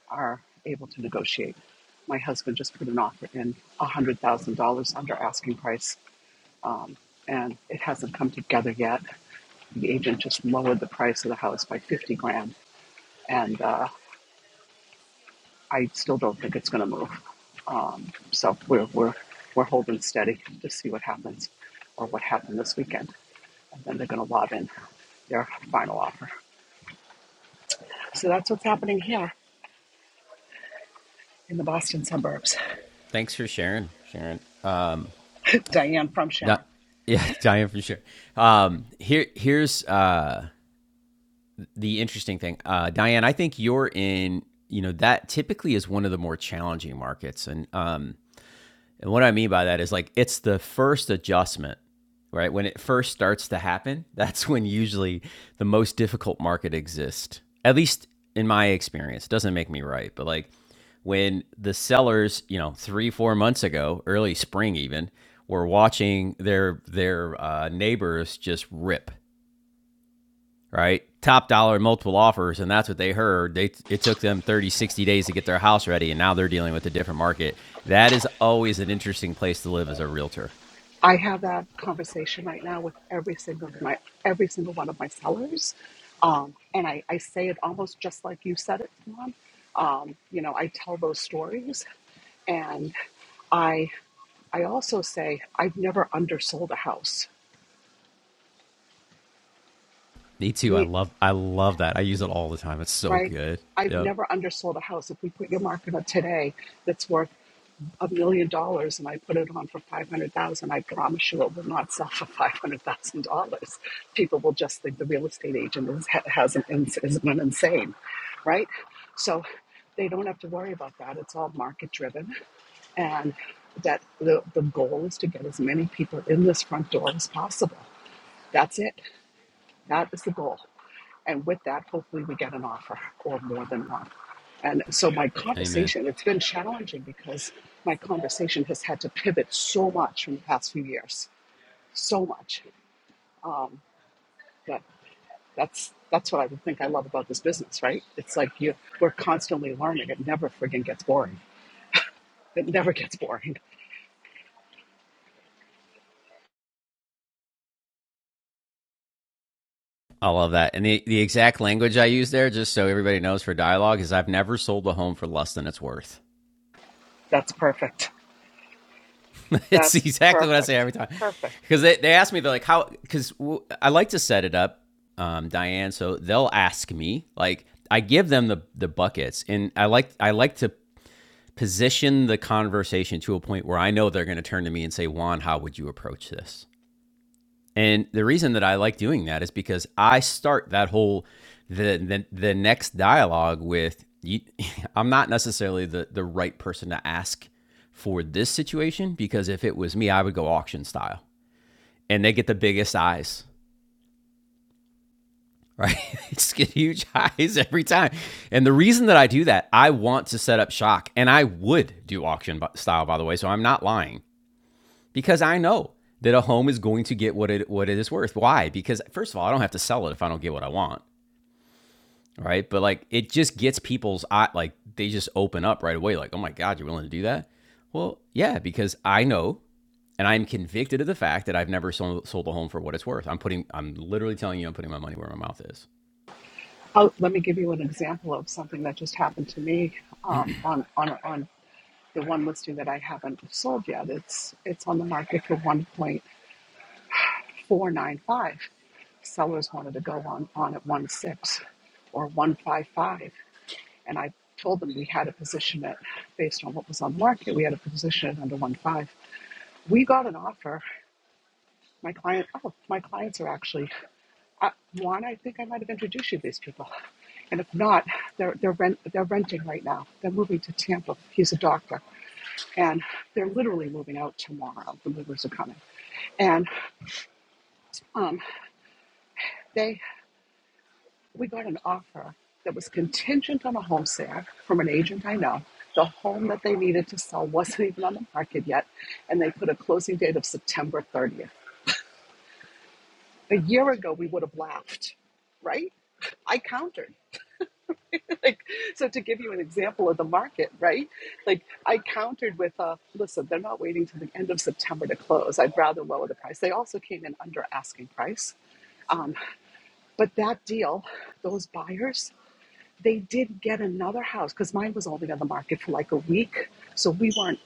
are able to negotiate. My husband just put an offer in $100,000 under asking price, um, and it hasn't come together yet. The agent just lowered the price of the house by 50 grand, and uh, I still don't think it's going to move. Um, so we're, we're, we're holding steady to see what happens or what happened this weekend, and then they're going to lob in their final offer. So that's what's happening here in the Boston suburbs.
Thanks for sharing, Sharon. Um,
(laughs) Diane from Sharon.
not, (laughs) yeah, Diane for sure. Um, here, here's uh, the interesting thing, uh, Diane. I think you're in. You know that typically is one of the more challenging markets, and um, and what I mean by that is like it's the first adjustment, right? When it first starts to happen, (laughs) that's when usually the most difficult market exists. At least in my experience, It doesn't make me right, but like when the sellers, you know, three four months ago, early spring even, were watching their their uh, neighbors just rip right? Top dollar, multiple offers, and that's what they heard. They it took them 30, 60 days to get their house ready, and now they're dealing with a different market. That is always an interesting place to live as a realtor.
I have that conversation right now with every single of my every single one of my sellers, um, and I, I say it almost just like you said it, Mom. Um, you know, I tell those stories, and I I also say I've never undersold a house.
Me too. I
Me,
love I love that. I use it all the time. It's so
right?
good.
I've
Yeah.
never undersold a house. If we put your market up today, that's worth a million dollars and I put it on for 500,000, I promise you it will not sell for $500,000. People will just think the real estate agent is, has an, is an insane, right? So they don't have to worry about that. It's all market driven. And that the, the goal is to get as many people in this front door as possible. That's it. That is the goal. And with that, hopefully we get an offer or more than one. And so my
Amen.
conversation, it's been challenging because my conversation has had to pivot so much from the past few years, so much. Um, but that's that's what I would think I love about this business, right? It's like you we're constantly learning. It never friggin' gets boring. It never gets boring.
I love that. And the, the exact language I use there, just so everybody knows for dialogue, is I've never sold a home for less than it's worth.
That's perfect.
(laughs) it's
That's
exactly what I say
perfect.
every time.
Perfect.
Because they, they ask me, they're like, how, because w- I like to set it up, um, Diane. So they'll ask me, like, I give them the, the buckets and I like, I like to position the conversation to a point where I know they're going to turn to me and say, Juan, how would you approach this? And the reason that I like doing that is because I start that whole the the, the next dialogue with you, (laughs) I'm not necessarily the the right person to ask for this situation because if it was me, I would go auction style. And they get the biggest eyes, right? (laughs) they just get huge (laughs) eyes every time. And the reason that I do that, I want to set up shock and I would do auction style by the way, so I'm not lying. because I know that a home is going to get what it what it is worth. Why? Because first of all, I don't have to sell it if I don't get what I want, right? But like it just gets people's eye like they just open up right away like, "Oh my god, you're willing to do that?" Well, yeah, because I know and I'm convicted of the fact that I've never sold, sold a home for what it's worth. I'm putting I'm literally telling you I'm putting my money where my mouth is.
Oh, let me give you an example of something that just happened to me um, on on on the one listing that I haven't sold yet, it's it's on the market for 1.495. Sellers wanted to go on on at 1.6 or 155, and I told them we had a position at based on what was on the market. We had a position at under 1.5. We got an offer. My client, oh, my clients are actually uh, Juan. I think I might have introduced you to these people. And if not, they're they're rent they're renting right now. They're moving to Tampa. He's a doctor and they're literally moving out tomorrow. The movers are coming, and um, they we got an offer that was contingent on a home sale from an agent I know. The home that they needed to sell wasn't even on the market yet, and they put a closing date of September 30th. A year ago, we would have laughed, right? I countered. (laughs) like, so to give you an example of the market, right? Like I countered with, uh, listen, they're not waiting till the end of September to close. I'd rather lower the price. They also came in under asking price. Um, but that deal, those buyers, they did get another house because mine was only on the market for like a week. So we weren't,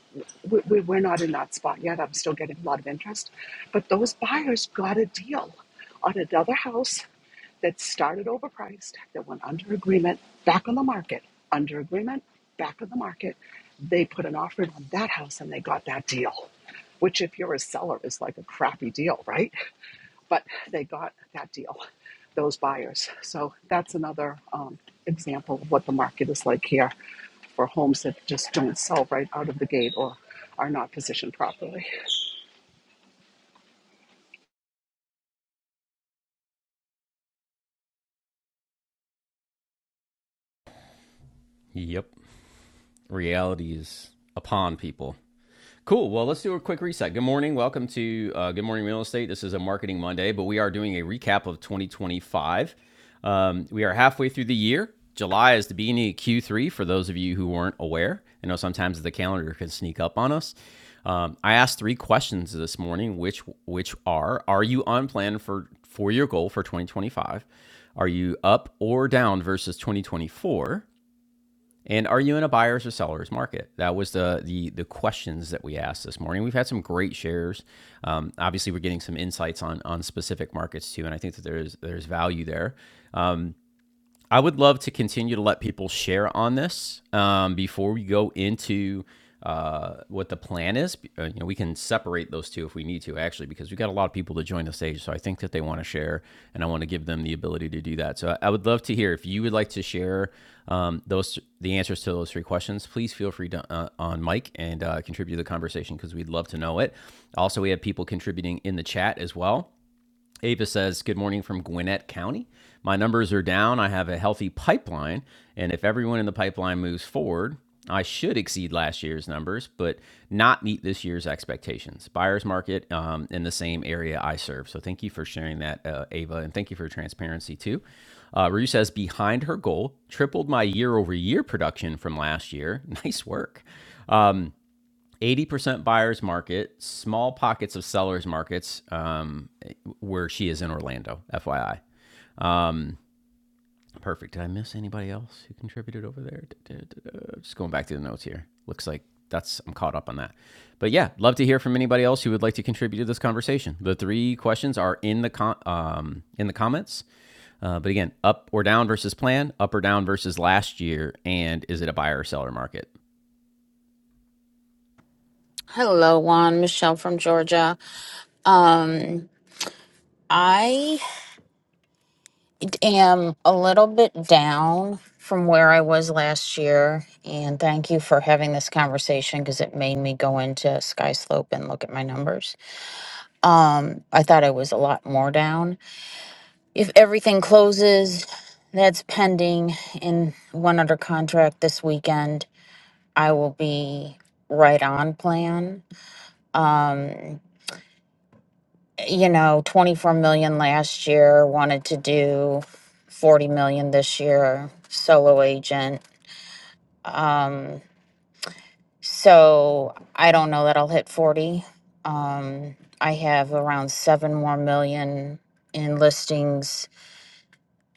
we, we, we're not in that spot yet. I'm still getting a lot of interest. But those buyers got a deal on another house that started overpriced, that went under agreement, back on the market, under agreement, back on the market. They put an offer on that house and they got that deal, which, if you're a seller, is like a crappy deal, right? but they got that deal, those buyers. So that's another um, example of what the market is like here for homes that just don't sell right out of the gate or are not positioned properly.
Yep. Reality is upon people. Cool. Well, let's do a quick reset. Good morning. Welcome to uh, Good Morning Real Estate. This is a Marketing Monday, but we are doing a recap of 2025. Um, we are halfway through the year. July is the beginning of Q3 for those of you who weren't aware. I know sometimes the calendar can sneak up on us. Um, I asked three questions this morning, which which are: Are you on plan for for your goal for 2025? Are you up or down versus 2024? And are you in a buyer's or seller's market? That was the the the questions that we asked this morning. We've had some great shares. Um, obviously, we're getting some insights on on specific markets too, and I think that there's there's value there. Um, I would love to continue to let people share on this um, before we go into uh, what the plan is. Uh, you know, we can separate those two if we need to, actually, because we got a lot of people to join the stage. So I think that they want to share, and I want to give them the ability to do that. So I, I would love to hear if you would like to share um, those the answers to those three questions. Please feel free to uh, on mic and uh, contribute to the conversation because we'd love to know it. Also, we have people contributing in the chat as well. Ava says, Good morning from Gwinnett County. My numbers are down. I have a healthy pipeline. And if everyone in the pipeline moves forward, I should exceed last year's numbers, but not meet this year's expectations. Buyer's market um, in the same area I serve. So thank you for sharing that, uh, Ava, and thank you for your transparency too. Uh, Rue says, behind her goal, tripled my year over year production from last year. (laughs) Nice work. Um, 80% buyer's market, small pockets of seller's markets, um, where she is in Orlando, FYI. Perfect. Did I miss anybody else who contributed over there? Just going back to the notes here. Looks like that's I'm caught up on that. But yeah, love to hear from anybody else who would like to contribute to this conversation. The three questions are in the com- um, in the comments. Uh, but again, up or down versus plan, up or down versus last year, and is it a buyer or seller market?
Hello, Juan. Michelle from Georgia. Um, I am a little bit down from where I was last year, and thank you for having this conversation because it made me go into Sky Slope and look at my numbers. Um, I thought I was a lot more down. If everything closes, that's pending in one under contract this weekend. I will be right on plan. Um, you know, 24 million last year, wanted to do 40 million this year, solo agent. Um, so I don't know that I'll hit 40. Um, I have around seven more million in listings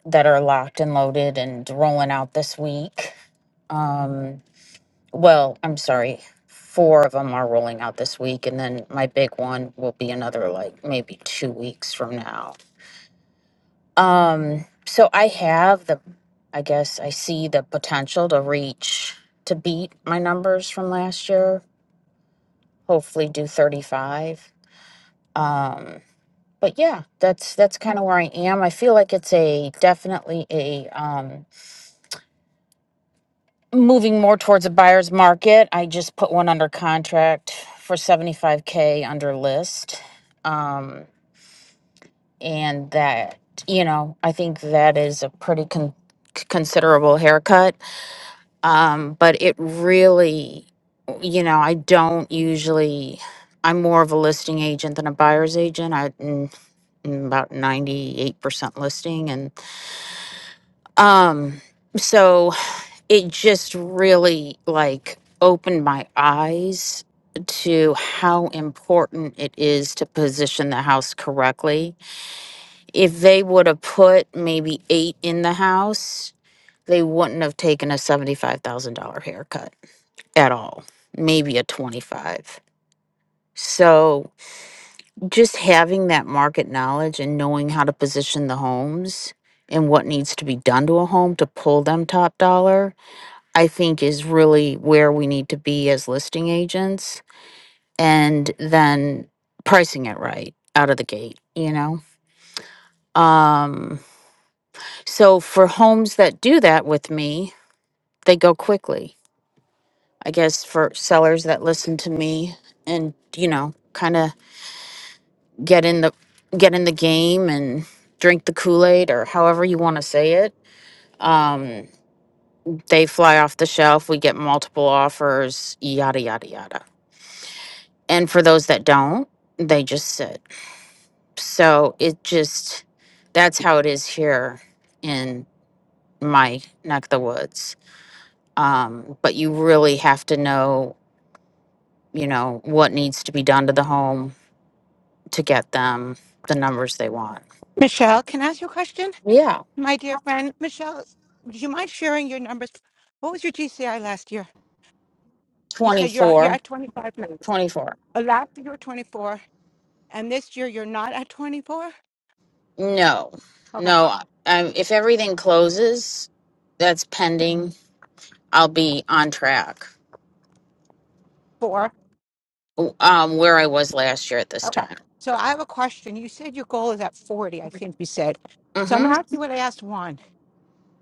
that are locked and loaded and rolling out this week. Um, well, I'm sorry. Four of them are rolling out this week, and then my big one will be another like maybe two weeks from now. Um, so I have the, I guess I see the potential to reach, to beat my numbers from last year, hopefully do 35. Um, but yeah, that's, that's kind of where I am. I feel like it's a, definitely a, um, moving more towards a buyer's market. I just put one under contract for 75K under list. Um, and that, you know, I think that is a pretty con- considerable haircut um, but it really, you know, I don't usually. I'm more of a listing agent than a buyer's agent. I mm, mm, about ninety eight percent listing, and um, so it just really like opened my eyes to how important it is to position the house correctly. If they would have put maybe eight in the house, they wouldn't have taken a seventy five thousand dollar haircut at all, maybe a 25. So just having that market knowledge and knowing how to position the homes and what needs to be done to a home to pull them top dollar, I think is really where we need to be as listing agents and then pricing it right out of the gate, you know? Um so for homes that do that with me, they go quickly. I guess for sellers that listen to me and you know, kind of get in the get in the game and drink the Kool-Aid or however you want to say it. Um, they fly off the shelf, we get multiple offers, yada yada yada. And for those that don't, they just sit. So it just that's how it is here in my neck of the woods. Um, but you really have to know, you know, what needs to be done to the home to get them the numbers they want.
Michelle, can I ask you a question?
Yeah.
My dear friend, Michelle, do you mind sharing your numbers? What was your GCI last year? You
twenty
said you're at- you're
four,
at 25 now.
24.
Uh, Last year you were 24, and this year you're not at 24.
No,
Okay.
no. Um, if everything closes, that's pending. I'll be on track.
Four.
Um, where I was last year at this
Okay.
time.
So I have a question. You said your goal is at 40, I think you said. So I'm going
Mm-hmm.
to ask you what I asked Juan.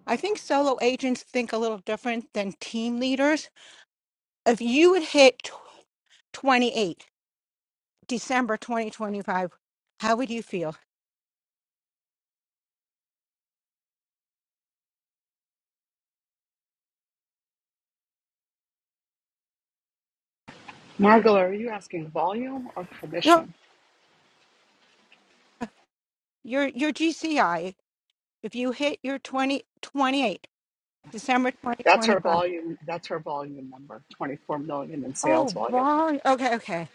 I think solo agents think a little different than team leaders. If you would hit tw- 28, December 2025, how would you feel?
Margola, are you asking volume or
No,
commission?
your your GCI, if you hit your 20 28 December
That's her
2025.
volume. That's her volume number, 24 million in sales
Oh,
volume.
wow. Okay, okay.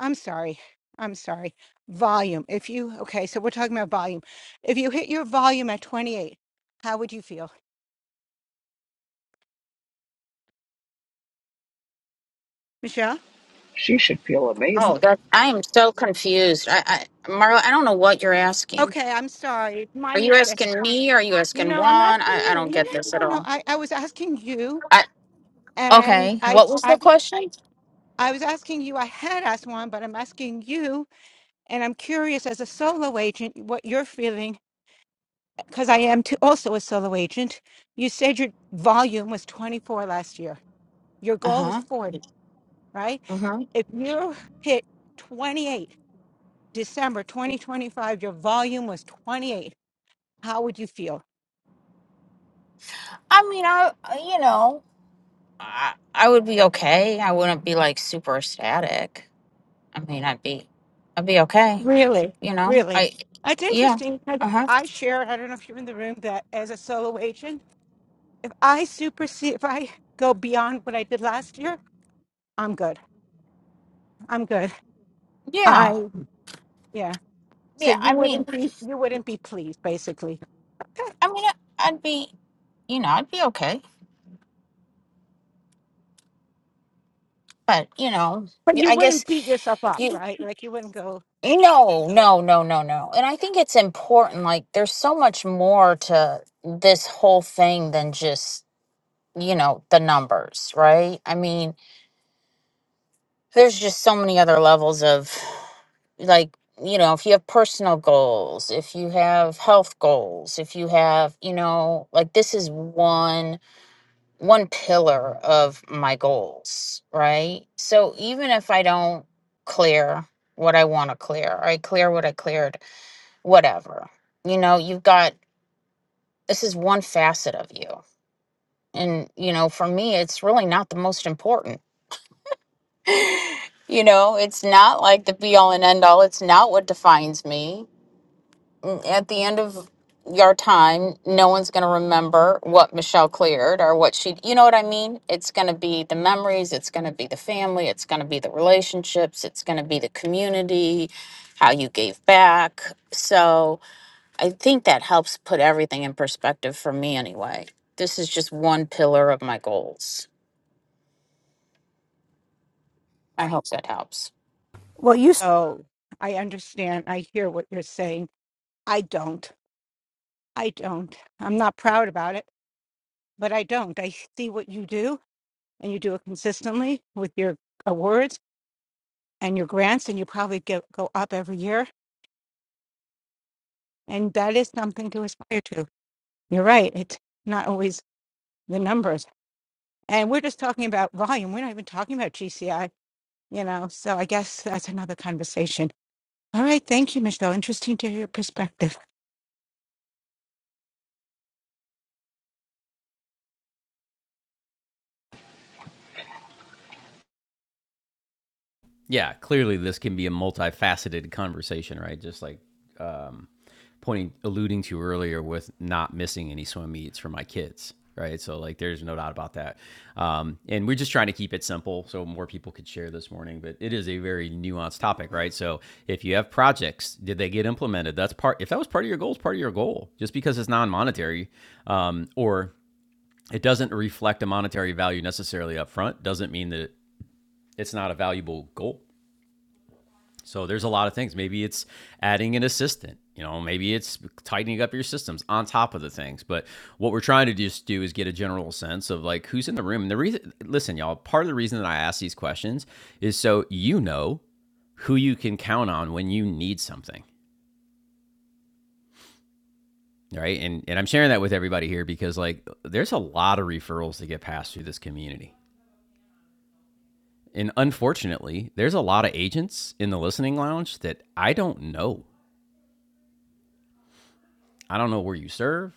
I'm sorry. I'm sorry. Volume. If you, okay, so we're talking about volume. If you hit your volume at 28, how would you feel? Michelle?
She should feel amazing.
Oh, that I am so confused. I, I, Marla, I don't know what you're asking.
Okay, I'm sorry. My
Are you
mistake.
asking me? Are you asking
No, I'm
Juan?
asking
I, I
you.
don't
No,
get
no, no,
this
no,
at
no.
all.
I, I was asking you,
I
and
okay.
I,
What was the
I,
question?
I was asking you, I had asked one, but I'm asking you, and I'm curious as a solo agent what you're feeling, because I am too, also a solo agent. You said your volume was 24 last year. Your
Uh
goal is
huh.
40, right?
Mm-hmm.
If you hit 28, December 2025, your volume was 28, how would you feel?
I mean, I, you know, I, I would be okay. I wouldn't be like super ecstatic. I mean, I'd be, I'd be okay.
Really,
You know,
really.
I,
That's
yeah,
interesting because
uh huh,
I share, I don't know if you're in the room, that as a solo agent, if I supersede, if I go beyond what I did last year, I'm good. I'm good.
yeah,
I, yeah. So
yeah. I
you
mean,
wouldn't be, you wouldn't be pleased basically,
I mean, I- I'd be, you know, I'd be okay. But you know,
but
y-
you
I guess
wouldn't beat yourself up,
you,
right? Like you wouldn't go,
you know, no, no, no, no. And I think it's important. Like, there's so much more to this whole thing than just you know the numbers, right? I mean, there's just so many other levels of like you know if you have personal goals if you have health goals if you have you know like this is one one pillar of my goals right so even if i don't clear what i want to clear or i clear what i cleared whatever you know you've got this is one facet of you and you know for me it's really not the most important You know, it's not like the be all and end all. It's not what defines me. N- At the end of your time, no one's going to remember what Michelle cleared or what she, you know what I mean? It's going to be the memories, it's going to be the family, it's going to be the relationships, it's going to be the community, how you gave back. So I think that helps put everything in perspective for me anyway. This is just one pillar of my goals. I hope that helps.
Well, you s- Oh, I understand. I hear what you're saying. I don't. I don't. I'm not proud about it, but I don't. I see what you do, and you do it consistently with your awards and your grants, and you probably get, go up every year. And that is something to aspire to. You're right. It's not always the numbers. And we're just talking about volume. We're not even talking about GCI, you know. So I guess that's another conversation. All right. Thank you, Michelle. Interesting to hear your perspective.
Yeah, clearly this can be a multifaceted conversation, right? Just like um, pointing alluding to earlier with not missing any swim meets for my kids right so like there's no doubt about that um, and we're just trying to keep it simple so more people could share this morning but it is a very nuanced topic right so if you have projects did they get implemented that's part if that was part of your goal it's part of your goal just because it's non-monetary um, or it doesn't reflect a monetary value necessarily up front doesn't mean that it's not a valuable goal so there's a lot of things. Maybe it's adding an assistant, you know, maybe it's tightening up your systems on top of the things. But what we're trying to just do is get a general sense of like who's in the room. And the reason, listen, y'all, part of the reason that I ask these questions is so you know who you can count on when you need something. Right. And, and I'm sharing that with everybody here because, like, there's a lot of referrals that get passed through this community. And unfortunately, there's a lot of agents in the listening lounge that I don't know. I don't know where you serve.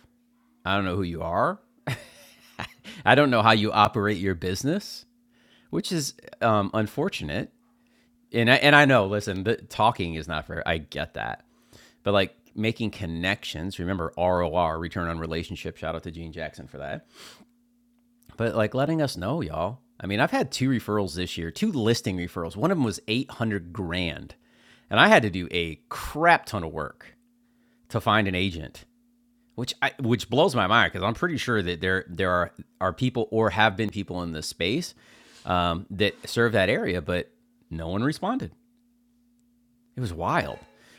I don't know who you are. (laughs) I don't know how you operate your business, which is um, unfortunate. And I, and I know, listen, the, talking is not fair. I get that. But like making connections, remember ROR, return on relationship. Shout out to Gene Jackson for that. But like letting us know, y'all. I mean, I've had two referrals this year, two listing referrals. One of them was 800 grand. And I had to do a crap ton of work to find an agent which I, which blows my mind because I'm pretty sure that there there are are people or have been people in this space um, that serve that area, but no one responded. It was wild.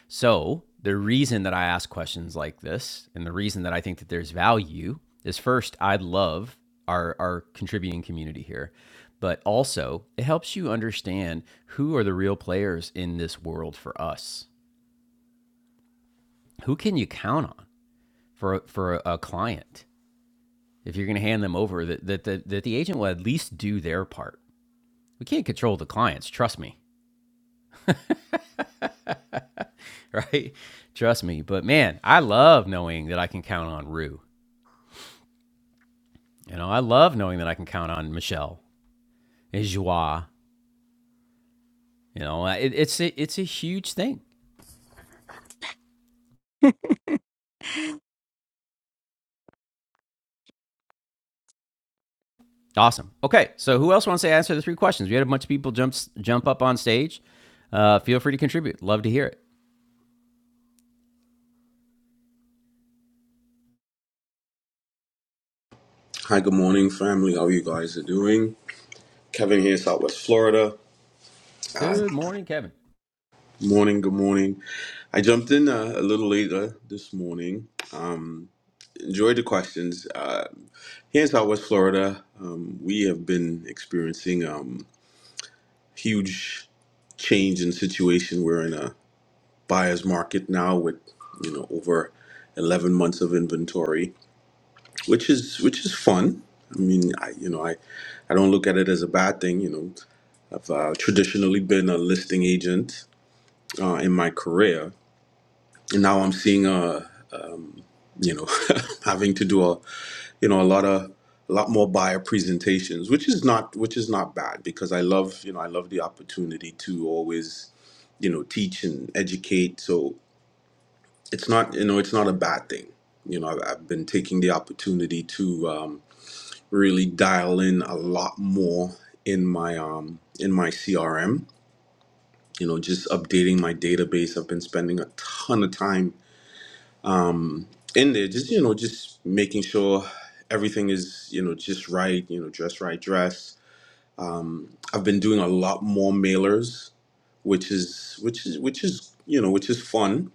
So the reason that I ask questions like this, and the reason that I think that there's value, is first I love our our contributing community here, but also it helps you understand who are the real players in this world for us. Who can you count on for for a a client? if you're going to hand them over, that, that, that, that the agent will at least do their part. We can't control the clients, trust me, (laughs) right? Trust me. But man, I love knowing that I can count on Rue. You know, I love knowing that I can count on Michelle and Joie. You know, it, it's, a, it's a huge thing. Awesome. Okay, so who else wants to answer the three questions? We had a bunch of people jump, jump up on stage. Uh, feel free to contribute. Love to hear it.
Hi, good morning, family. How you guys are doing? Kevin here, Southwest Florida.
Good morning, Kevin.
Morning, good morning. I jumped in uh, a little later this morning. Um, enjoyed the questions. Uh, here in Southwest Florida, um, we have been experiencing um, huge change in situation. We're in a buyer's market now with you know over 11 months of inventory, which is which is fun. I mean, I you know I I don't look at it as a bad thing. You know, I've uh, traditionally been a listing agent uh, in my career, and now I'm seeing, uh, you know, (laughs) having to do a, you know, a lot of, a lot more buyer presentations, which is not, which is not bad because I love, you know, I love the opportunity to always, you know, teach and educate. So it's not, you know, it's not a bad thing. You know, I've, I've been taking the opportunity to um, really dial in a lot more in my um, in my CRM you know, just updating my database. I've been spending a ton of time in there, just, you know, just making sure everything is, you know, just right, you know, dress right, dress. I've been doing a lot more mailers, which is, which is, which is, you know, which is fun,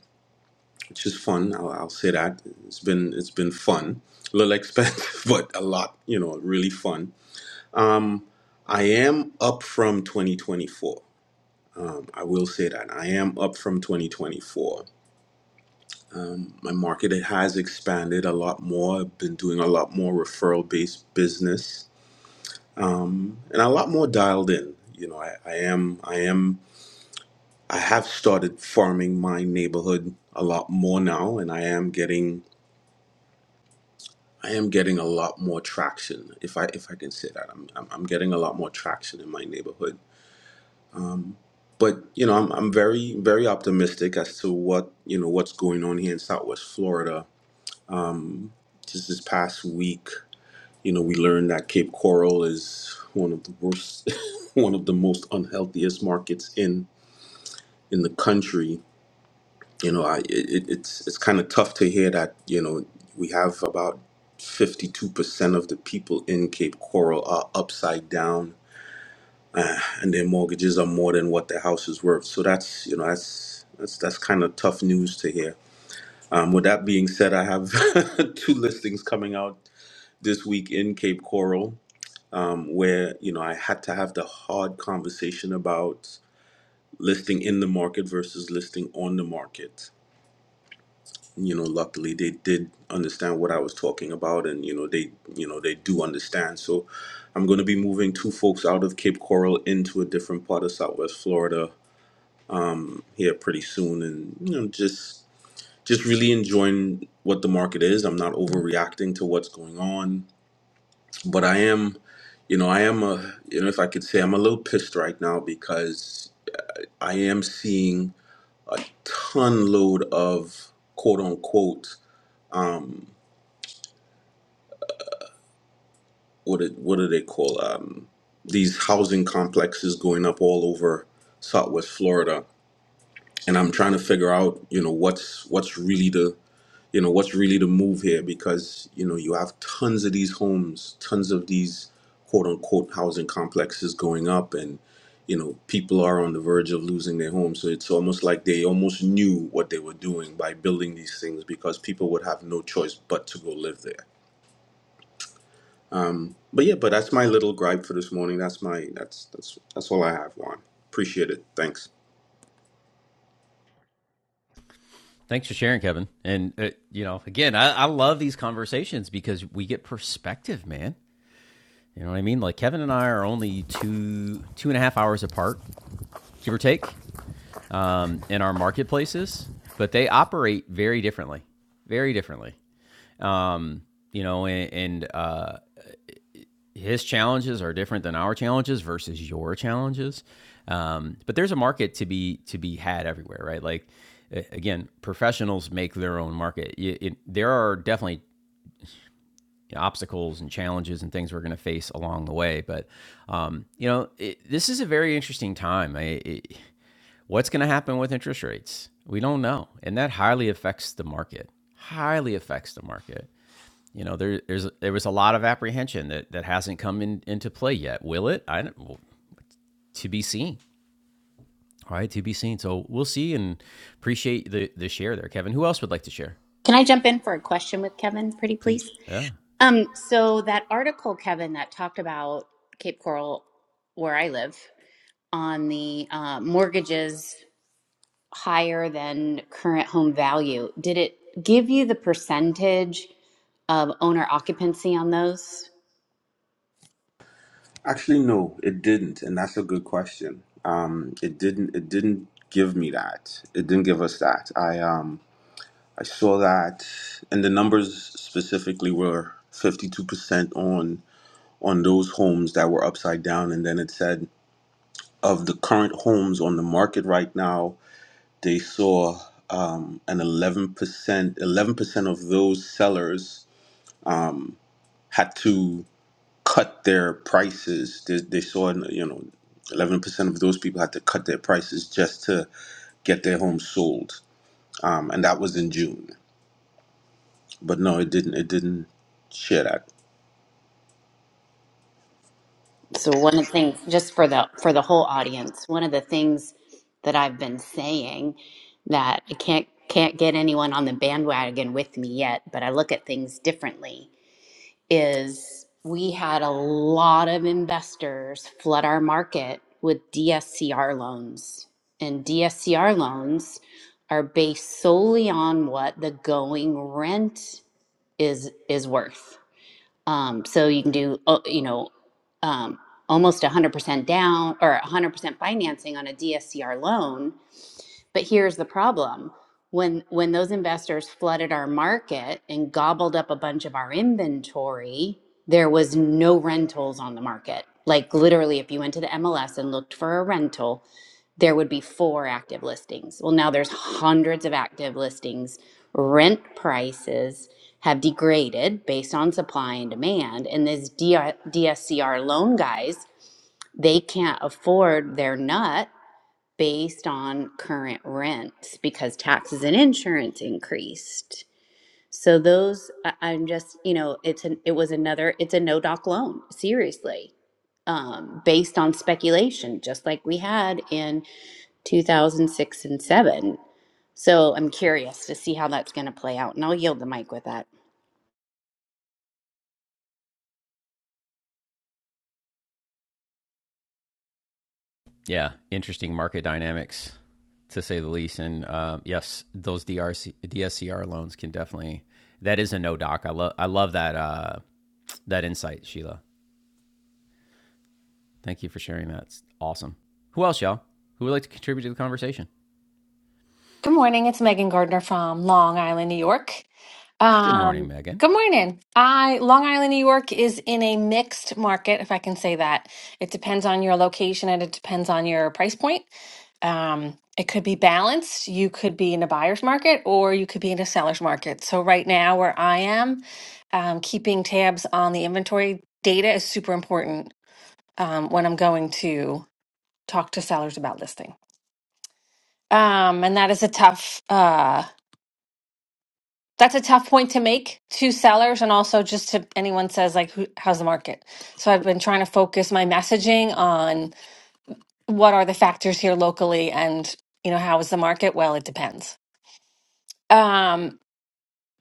which is fun. I'll, I'll say that it's been, it's been fun, a little expensive, (laughs) but a lot, you know, really fun. Um, I am up from 2024. I will say that I am up from 2024 My market has expanded a lot more. I've been doing a lot more referral based business um, and a lot more dialed in. You know, I, I am, I am, I have started farming my neighborhood a lot more now, and I am getting. I am getting a lot more traction, if I if I can say that. I'm I'm, I'm getting a lot more traction in my neighborhood. Um, but you know, I'm, I'm very very optimistic as to what you know what's going on here in Southwest Florida. Um, just this past week. You know, we learned that Cape Coral is one of the worst, (laughs) one of the most unhealthiest markets in in the country. You know, I it, it's it's kind of tough to hear that. You know, we have about fifty two percent of the people in Cape Coral are upside down, uh, and their mortgages are more than what their house is worth. So that's you know that's that's that's kind of tough news to hear. Um, with that being said, I have (laughs) two listings coming out this week in Cape Coral. um, where you know I had to have the hard conversation about listing in the market versus listing on the market. You know, luckily they did understand what I was talking about, and you know they you know they do understand. So I'm going to be moving two folks out of Cape Coral into a different part of Southwest Florida here pretty soon, and you know just just really enjoying what the market is. I'm not overreacting to what's going on but I am, you know, I am a, you know, if I could say, I'm a little pissed right now because I am seeing a ton load of quote unquote, um, what it, what do they call um, these housing complexes going up all over Southwest Florida, and I'm trying to figure out, you know, what's what's really the you know what's really the move here because you know you have tons of these homes tons of these quote unquote housing complexes going up and you know people are on the verge of losing their homes so it's almost like they almost knew what they were doing by building these things because people would have no choice but to go live there but yeah but that's my little gripe for this morning that's my that's that's that's all i have juan appreciate it thanks
Thanks for sharing, Kevin. And uh, you know, again, I, I love these conversations because we get perspective, man. You know what I mean? Like Kevin and I are only two two and a half hours apart, give or take, um, in our marketplaces, but they operate very differently, very differently. Um, you know, and, and uh, his challenges are different than our challenges versus your challenges. Um, but there's a market to be to be had everywhere, right? Like again, professionals make their own market. Y- it- there are definitely obstacles and challenges and things we're going to face along the way, but um, you know it, this is a very interesting time. I, it, what's going to happen with interest rates? We don't know, and that highly affects the market. Highly affects the market you know, there there's there was a lot of apprehension that that hasn't come in, into play yet. Will it? I don't. well, to be seen. All right, to be seen. So we'll see and appreciate the the share there, Kevin. Who else would like to share?
Can I jump in for a question with Kevin, pretty
Please.
please?
Yeah.
Um, so that article, Kevin, that talked about Cape Coral, where I live, on the uh, mortgages higher than current home value, did it give you the percentage of owner occupancy on those?
Actually, no, it didn't, and that's a good question. Um, it didn't. It didn't give me that. It didn't give us that. I um, I saw that, and the numbers specifically were fifty-two percent on on those homes that were upside down, and then it said of the current homes on the market right now, they saw um, an eleven percent. Eleven percent of those sellers um, had to cut their prices. They, they saw, you know, 11% of those people had to cut their prices just to get their homes sold. Um, and that was in June. But no, it didn't. It didn't share that.
So one of the things, just for the for the whole audience, one of the things that I've been saying that I can't can't get anyone on the bandwagon with me yet, but I look at things differently is we had a lot of investors flood our market with DSCR loans. And DSCR loans are based solely on what the going rent is is worth. Um, so you can do, uh, you know, um, almost 100% down or 100% financing on a DSCR loan but here's the problem. When when those investors flooded our market and gobbled up a bunch of our inventory, there was no rentals on the market. Like literally if you went to the MLS and looked for a rental, there would be four active listings. Well, now there's hundreds of active listings. Rent prices have degraded based on supply and demand, and these DSCR loan guys, they can't afford their nut based on current rents because taxes and insurance increased. So those I- I'm just, you know, it's an it was another it's a no doc loan, seriously. Um, based on speculation, just like we had in 2006 and 7. So I'm curious to see how that's going to play out. And I'll yield the mic with that.
Yeah. Interesting market dynamics, to say the least. And uh, yes, those DRC DSCR loans can definitely. That is a no doc. I love I love that uh, that insight, Sheila. Thank you for sharing that. It's awesome. Who else, y'all? Who would like to contribute to the conversation?
Good morning. It's Megan Gardner from Long Island, New York.
Good morning,
Um,
Megan.
good morning. I Long Island, New York is in a mixed market, if I can say that. It depends on your location and it depends on your price point. Um, it could be balanced. You could be in a buyer's market or you could be in a seller's market. So right now, where I am, um, keeping tabs on the inventory data is super important um, when I'm going to talk to sellers about listing. Um, and that is a tough. uh That's a tough point to make to sellers and also just to anyone says like who, how's the market. So I've been trying to focus my messaging on what are the factors here locally and you know how is the market? Well, it depends. Um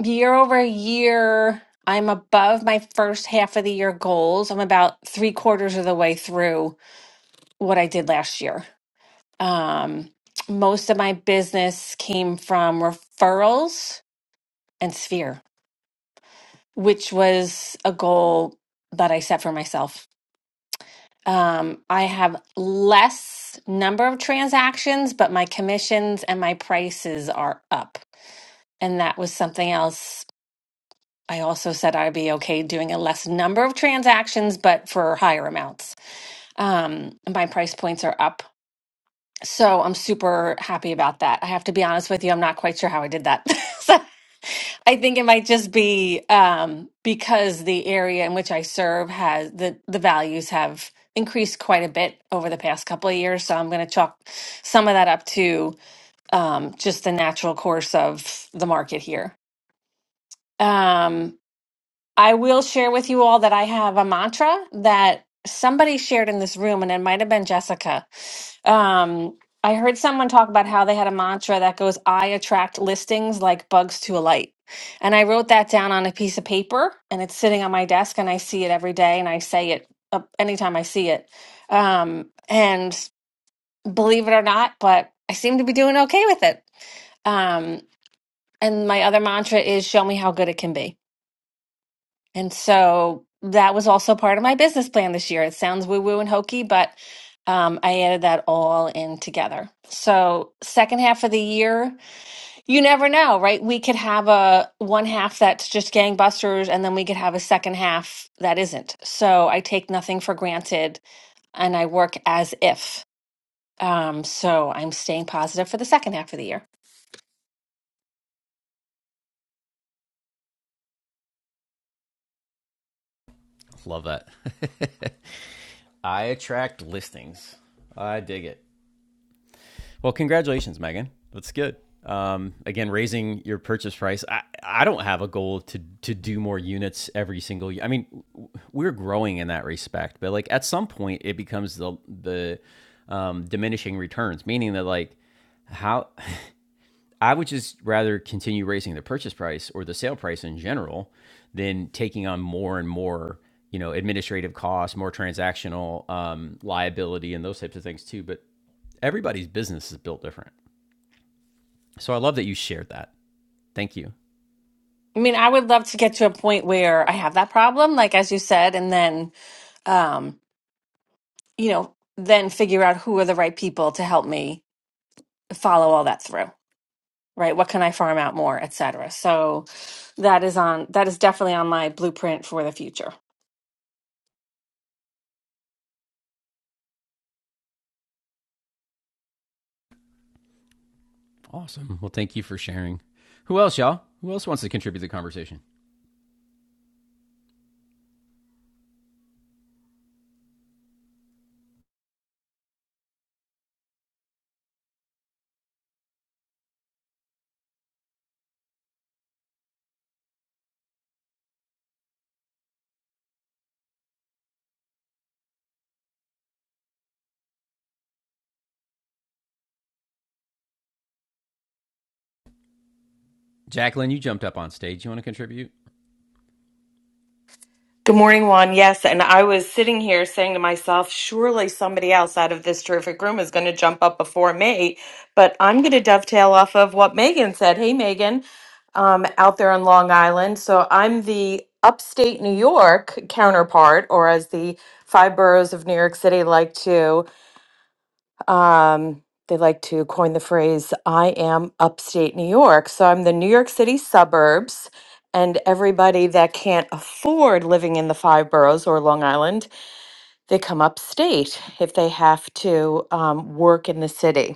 year over year I'm above my first half of the year goals. I'm about 3 quarters of the way through what I did last year. Um most of my business came from referrals and sphere. which was a goal that I set for myself. Um, I have less number of transactions, but my commissions and my prices are up. And that was something else. I also said I'd be okay doing a less number of transactions, but for higher amounts. Um, my price points are up. So I'm super happy about that. I have to be honest with you, I'm not quite sure how I did that. (laughs) I think it might just be um, because the area in which I serve has the the values have increased quite a bit over the past couple of years. So I'm going to chalk some of that up to um, just the natural course of the market here. Um, I will share with you all that I have a mantra that somebody shared in this room, and it might have been Jessica. Um, I heard someone talk about how they had a mantra that goes, I attract listings like bugs to a light. And I wrote that down on a piece of paper, and it's sitting on my desk, and I see it every day, and I say it uh, anytime I see it. Um, and believe it or not, but I seem to be doing okay with it. Um, and my other mantra is, Show me how good it can be and so that was also part of my business plan this year. It sounds woo woo and hokey, but um, I added that all in together. So, second half of the year, you never know, right? We could have a one half that's just gangbusters, and then we could have a second half that isn't. So, I take nothing for granted and I work as if. Um, so, I'm staying positive for the second half of the year.
Love that. (laughs) I attract listings. I dig it. Well, congratulations, Megan. That's good. Um, again, raising your purchase price. I, I don't have a goal to to do more units every single year. I mean, we're growing in that respect, but like at some point, it becomes the the um, diminishing returns, meaning that like how I would just rather continue raising the purchase price or the sale price in general than taking on more and more, you know, administrative costs, more transactional um, liability, and those types of things too. But everybody's business is built different. So I love that you shared that. Thank you.
I mean, I would love to get to a point where I have that problem, like as you said, and then. um, you know, then figure out who are the right people to help me follow all that through, right? What can I farm out more, et cetera. So that is on that is definitely on my blueprint for the future.
Awesome. Well, thank you for sharing. Who else, y'all? Who else wants to contribute to the conversation? Jacqueline, you jumped up on stage. You want to contribute?
Good morning, Juan. Yes, and I was sitting here saying to myself, surely somebody else out of this terrific room is going to jump up before me. But I'm going to dovetail off of what Megan said. Hey, Megan, um, out there on Long Island. So I'm the upstate New York counterpart, or as the five boroughs of New York City like to. Um, they like to coin the phrase, I am upstate New York. So I'm the New York City suburbs, and everybody that can't afford living in the five boroughs or Long Island, they come upstate if they have to um, work in the city.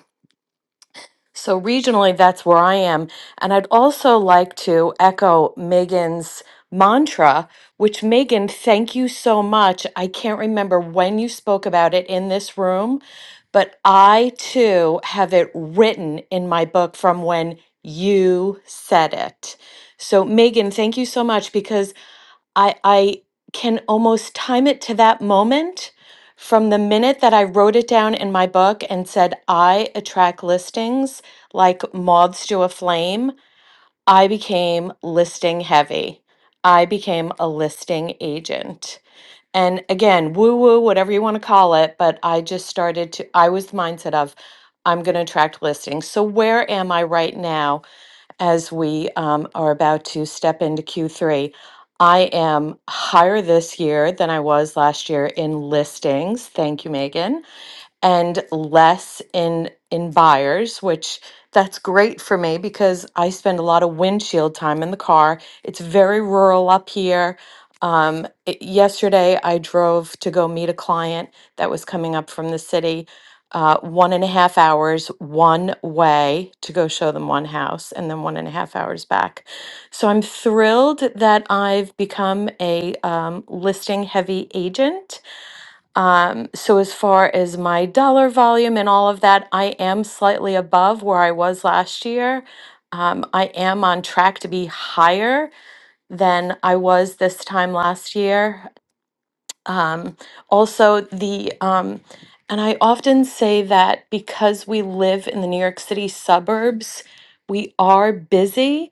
So regionally, that's where I am. And I'd also like to echo Megan's mantra, which Megan, thank you so much. I can't remember when you spoke about it in this room, but I too have it written in my book from when you said it. So, Megan, thank you so much because I I can almost time it to that moment from the minute that I wrote it down in my book and said I attract listings like moths to a flame. I became listing heavy. I became a listing agent. And again, woo woo, whatever you want to call it, but I just started to, I was the mindset of, I'm going to attract listings. So, where am I right now? as we um, are about to step into Q3. I am higher this year than I was last year in listings. Thank you, Megan and less in in buyers which that's great for me because i spend a lot of windshield time in the car it's very rural up here um, it- yesterday i drove to go meet a client that was coming up from the city uh, one and a half hours one way to go show them one house and then one and a half hours back so i'm thrilled that i've become a um, listing heavy agent um, so as far as my dollar volume and all of that, I am slightly above where I was last year. Um, I am on track to be higher than I was this time last year. Um, also, the um, and I often say that because we live in the New York City suburbs, we are busy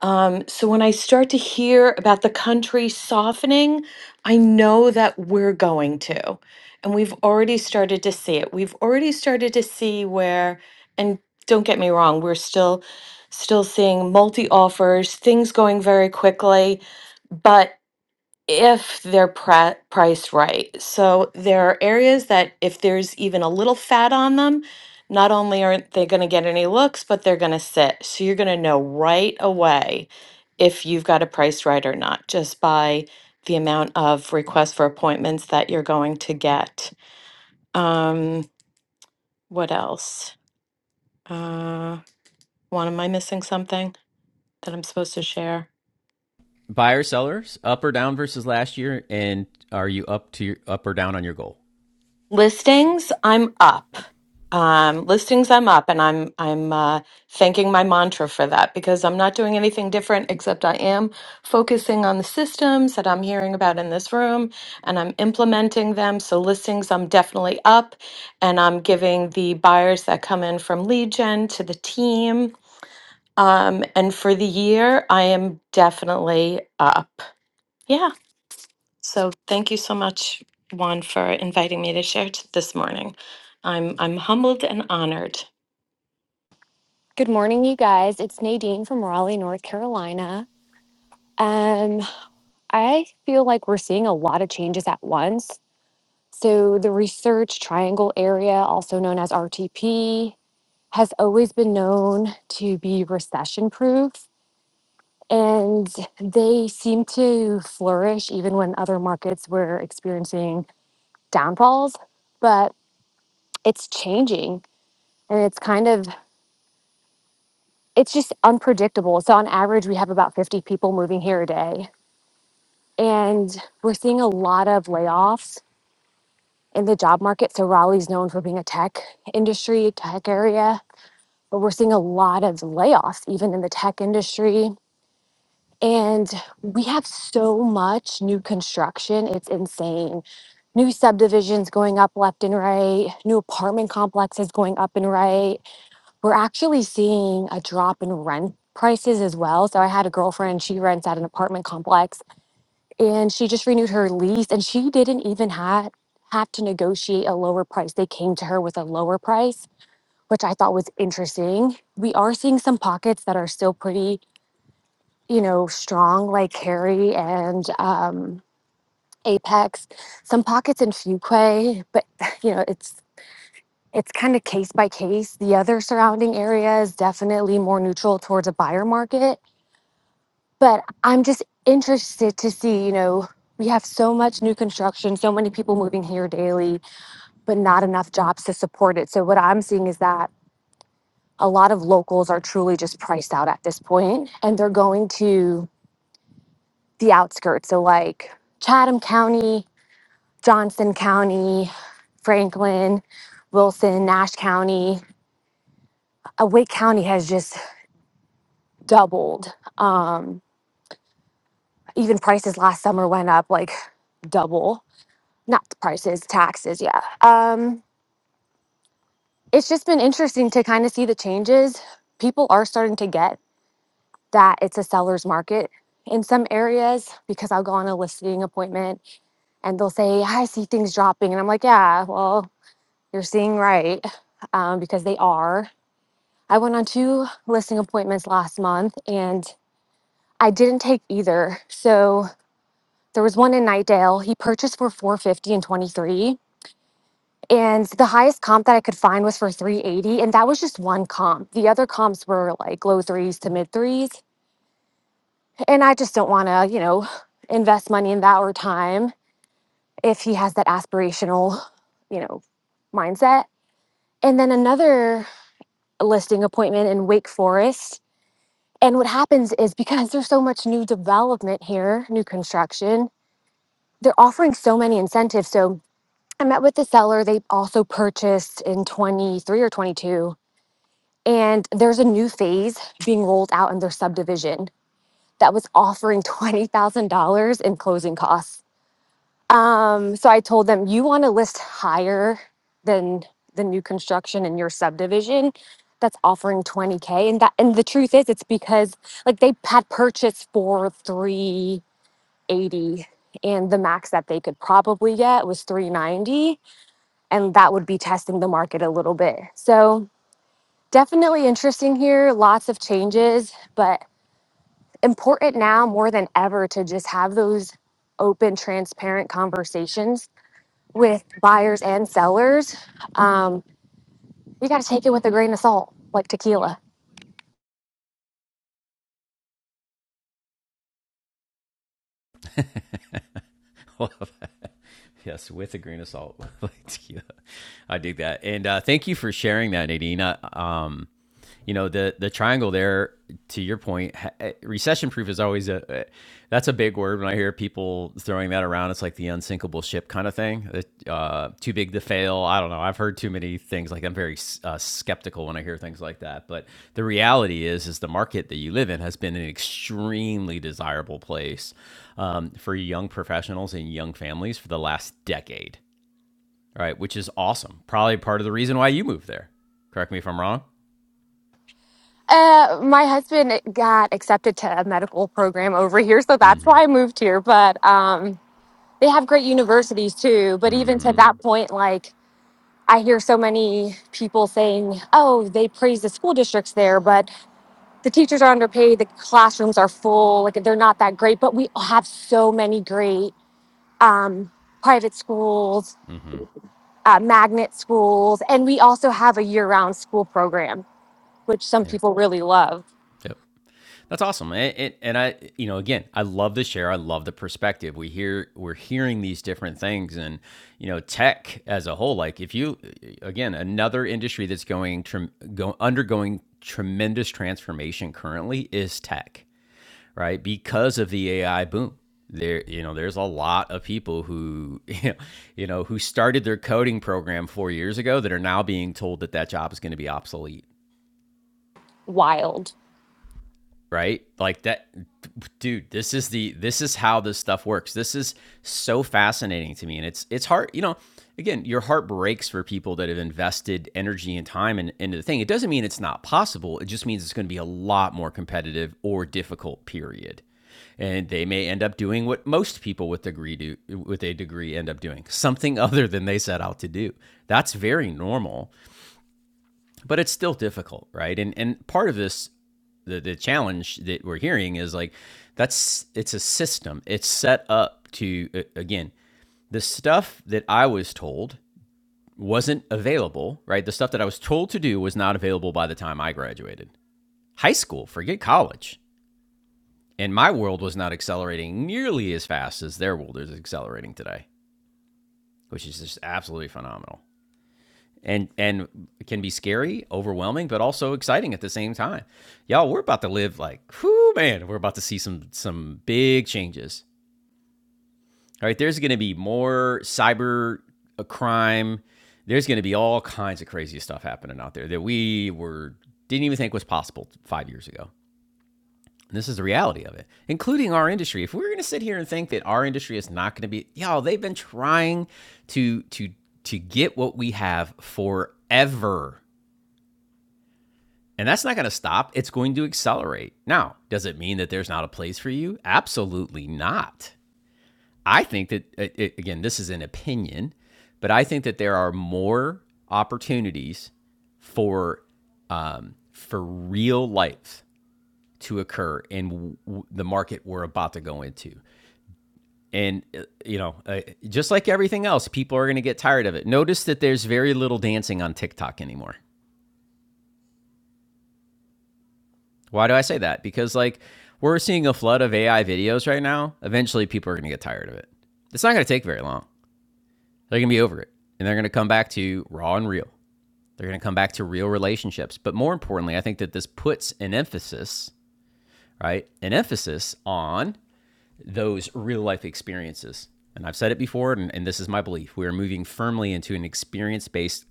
um, so when I start to hear about the country softening, I know that we're going to. And we've already started to see it. We've already started to see where, and don't get me wrong, we're still still seeing multi offers, things going very quickly, but if they're pri- priced right. So there are areas that if there's even a little fat on them, not only aren't they going to get any looks, but they're going to sit. So you're going to know right away if you've got a price right or not just by the amount of requests for appointments that you're going to get. Um, what else? Uh, what am I missing something that I'm supposed to share?
Buyer sellers, up or down versus last year, and are you up to your, up or down on your goal?
Listings, I'm up. Um, listings, I'm up, and I'm I'm uh, thanking my mantra for that because I'm not doing anything different except I am focusing on the systems that I'm hearing about in this room, and I'm implementing them. So listings, I'm definitely up, and I'm giving the buyers that come in from lead gen to the team. Um, and for the year, I am definitely up. Yeah. So thank you so much, Juan, for inviting me to share t- this morning. I'm I'm humbled and honored
Good morning, you guys. It's Nadine from Raleigh, North Carolina. Um, I feel like we're seeing a lot of changes at once. So, the research triangle area, also known as RTP, has always been known to be recession proof. And they seem to flourish even when other markets were experiencing downfalls. But it's changing and it's kind of it's just unpredictable. So on average, we have about 50 people moving here a day And we're seeing a lot of layoffs in the job market. So Raleigh's known for being a tech industry, tech area, but we're seeing a lot of layoffs even in the tech industry. And we have so much new construction, it's insane. New subdivisions going up left and right, new apartment complexes going up and right. We're actually seeing a drop in rent prices as well. So I had a girlfriend, she rents at an apartment complex and she just renewed her lease and she didn't even have have to negotiate a lower price they came to her with a lower price which i thought was interesting we are seeing some pockets that are still pretty you know strong like harry and um, apex some pockets in fuquay but (laughs) you know it's it's kind of case by case the other surrounding area is definitely more neutral towards a buyer market but I'm just interested to see, you know, we have so much new construction, so many people moving here daily, but not enough jobs to support it. So what I'm seeing is that a lot of locals are truly just priced out at this point and they're going to the outskirts. So like Chatham County, Johnson County, Franklin, Wilson, Nash County, uh, Wake County has just doubled. Um, even prices last summer went up like double not the prices, taxes. Yeah. Um, it's just been interesting to kind of see the changes. People are starting to get that it's a seller's market in some areas because I'll go on a listing appointment and they'll say, I see things dropping. And I'm like, yeah, well, you're seeing right um, because they are. I went on two listing appointments last month and I didn't take either. So there was one in Nightdale. He purchased for 450 and 23 And the highest comp that I could find was for 380. And that was just one comp. The other comps were like low threes to mid threes. And I just don't want to, you know, invest money in that or time if he has that aspirational, you know, mindset. And then another listing appointment in Wake Forest. And what happens is because there's so much new development here, new construction, they're offering so many incentives. So I met with the seller. They also purchased in 23 or 22 and there's a new phase being rolled out in their subdivision that was offering (laughs) $20,000 in closing costs. Um, so I told them, you want to list higher than the new construction in your subdivision that's offering 20K. And that, and the truth is, it's because like they had purchased for 380 and the max that they could probably get was 390 and that would be testing the market a little bit. So definitely interesting here. Lots of changes, but important now more than ever to just have those open, transparent conversations with buyers and sellers. Um, you got to take it with a grain of salt, like tequila.
(laughs) Well, yes, with a grain of salt. (laughs) I dig that, and uh, thank you for sharing that, Nadine. Uh, um, you know the the triangle there to your point recession proof is always a eh, that's a big word when i hear people throwing that around it's like the unsinkable ship kind of thing uh, too big to fail i don't know i've heard too many things like i'm very uh, skeptical when i hear things like that but the reality is is the market that you live in has been an extremely desirable place um, for young professionals and young families for the last decade right which is awesome probably part of the reason why you moved there correct me if i'm wrong
Uh, my husband got accepted to a medical program over here, so that's why I moved here. But um, they have great universities too. But even to
mm-hmm
that point, like I hear so many people saying, "Oh, they praise the school districts there," but the teachers are underpaid the classrooms are full like they're not that great but we have so many great um, private schools
mm-hmm
uh, magnet schools and we also have a year-round school program which some
Yeah.
people really love
Yep. That's awesome. It, it, and I, you know, again, I love the share. I love the perspective. We hear, we're hearing these different things, and you know, tech as a whole. Like, if you, again, another industry that's going, trem go, undergoing tremendous transformation currently is tech, right? Because of the AI boom. There, you know, there's a lot of people who, (laughs) you know, who started their coding program four years ago that are now being told that that job is going to be obsolete
wild
right? Like that dude, this is the this is how this stuff works. This is so fascinating to me and it's it's hard, you know, again, your heart breaks for people that have invested energy and time in, into the thing. It doesn't mean it's not possible. It just means it's going to be a lot more competitive or difficult period. And they may end up doing what most people with degree do with a degree end up doing, something (laughs) other than they set out to do. That's very normal but it's still difficult, right? And and part of this, the the challenge that we're hearing is like that's it's a system. It's set up to again the stuff that I was told wasn't available, right? The stuff that I was told to do was not available by the time I graduated high school. Forget college. And my world was not accelerating nearly as fast as their world is accelerating today, which is just absolutely phenomenal. and and can be scary, overwhelming, but also exciting at the same time. Y'all, we're about to live like, whoo, man, we're about to see some some big changes. All right, there's going to be more cyber uh, crime. There's going to be all kinds of crazy stuff happening out there that we were didn't even think was possible five years ago. And this is the reality of it, including our industry. If we were going to sit here and think that our industry is not going to be, y'all, they've been trying to to to get what we have forever And that's not going to stop. It's going to accelerate. Now, does it mean that there's not a place for you? Absolutely not. I think that, it- again, this is an opinion, but I think that there are more opportunities for um, for real life to occur in w- w- the market we're about to go into. And uh, you know, uh, just like everything else, people are going to get tired of it. Notice that there's very little dancing on TikTok anymore. Why do I say that? Because like we're seeing a flood of AI videos right now. Eventually, people are going to get tired of it. It's not going to take very long. They're going to be over it, and they're going to come back to raw and real. They're going to come back to real relationships. But more importantly, I think that this puts an emphasis, right? An emphasis on those real life experiences. And I've said it before, and, and this is my belief. We are moving firmly into an experience based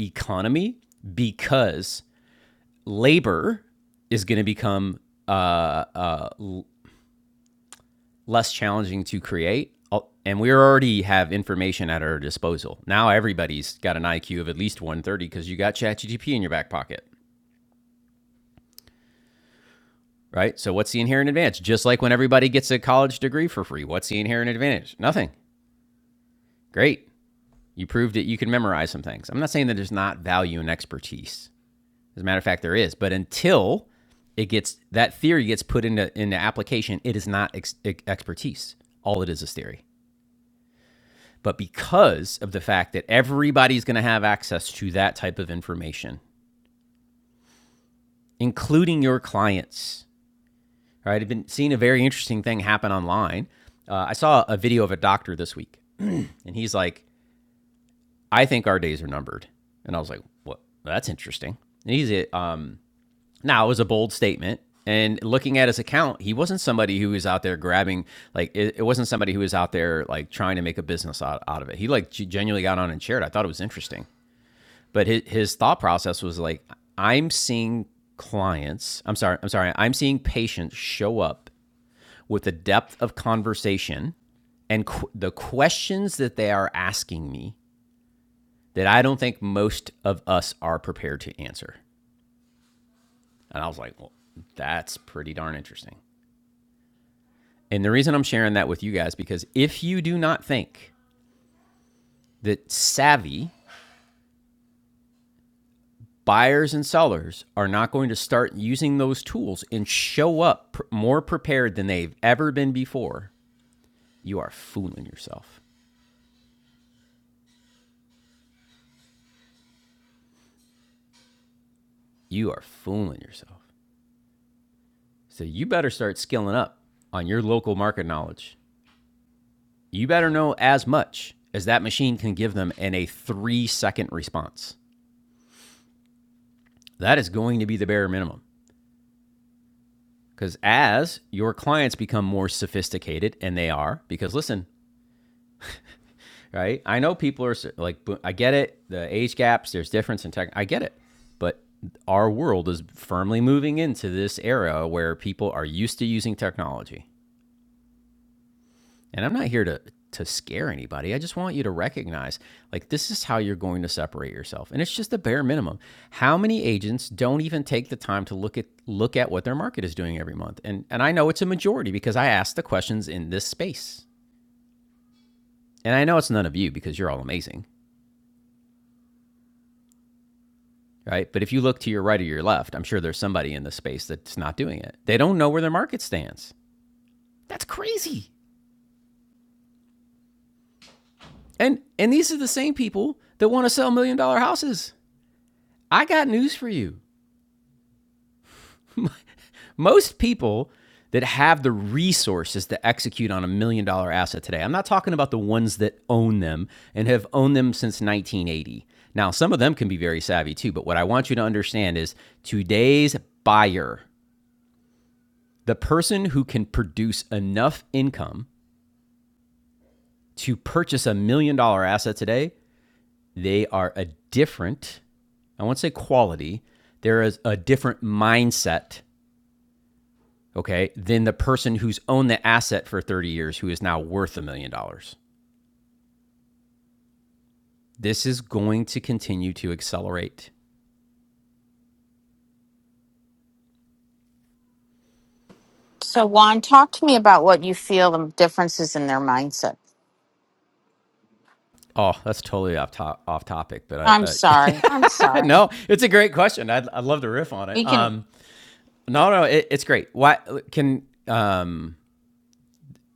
economy because labor is going to become uh, uh, less challenging to create. uh, And we already have information at our disposal. Now everybody's got an IQ of at least 130 because you got ChatGPT in your back pocket, right? So what's the inherent advantage? Just like when everybody gets a college degree for free, what's the inherent advantage? Nothing. Great. You proved it. You can memorize some things. I'm not saying that there's not value in expertise. As a matter of fact, there is. But until it gets that theory gets put into into application, it is not ex- e, expertise. All it is is theory. But because of the fact that everybody's going to have access to that type of information, including your clients, right? I've been seeing a very interesting thing happen online. Uh, I saw a video of a doctor this week, and he's like, I think our days are numbered. And I was like, what? Well, That's interesting. And he's um, now it was a bold statement. And looking at his account, he wasn't somebody who was out there grabbing, like, it, it wasn't somebody who was out there, like, trying to make a business out, out of it. He, like, genuinely got on and shared. I thought it was interesting. But his, his thought process was like, I'm seeing clients, I'm sorry, I'm sorry, I'm seeing patients show up with the depth of conversation and qu- the questions that they are asking me that I don't think most of us are prepared to answer. And I was like, well, that's pretty darn interesting. And the reason I'm sharing that with you guys because if you do not think that savvy buyers and sellers are not going to start using those tools and show up pr- more prepared than they've ever been before, you are fooling yourself. You are fooling yourself. So you better start skilling up on your local market knowledge. You better know as much as that machine can give them in a three second response. That is going to be the bare minimum. Because as your clients become more sophisticated, and they are, because listen, right? I know people are like, I get it. The age gaps, there's difference in tech. I get it. But our world is firmly moving into this era where people are used to using technology. And I'm not here to, to scare anybody. I just want you to recognize like, this is how you're going to separate yourself. And it's just the bare minimum. How many agents don't even take the time to look at, look at what their market is doing every month? And, and I know it's a majority because I ask the questions in this space. And I know it's none of you because you're all amazing right? But if you look to your right or your left, I'm sure there's somebody in the space that's not doing it. They don't know where their market stands. That's crazy. And and these are the same people that want to sell million dollar houses. I got news for you. Most people that have the resources to execute on a million dollar asset today. I'm not talking about the ones that own them and have owned them since 1980. Now, some of them can be very savvy too, but what I want you to understand is today's buyer, the person who can produce enough income to purchase a million dollar asset today, they are a different, I won't say quality, there is a different mindset, okay, than the person who's owned the asset for 30 years who is now worth a million dollars. This is going to continue to accelerate.
So, Juan, talk to me about what you feel the differences in their mindset.
Oh, that's totally off, to- off topic, but
I'm
I,
sorry. I'm
I (laughs)
sorry.
no, it's a great question. I'd, I'd love to riff on it.
We can.
Um, no, no, it, it's great. Why can um,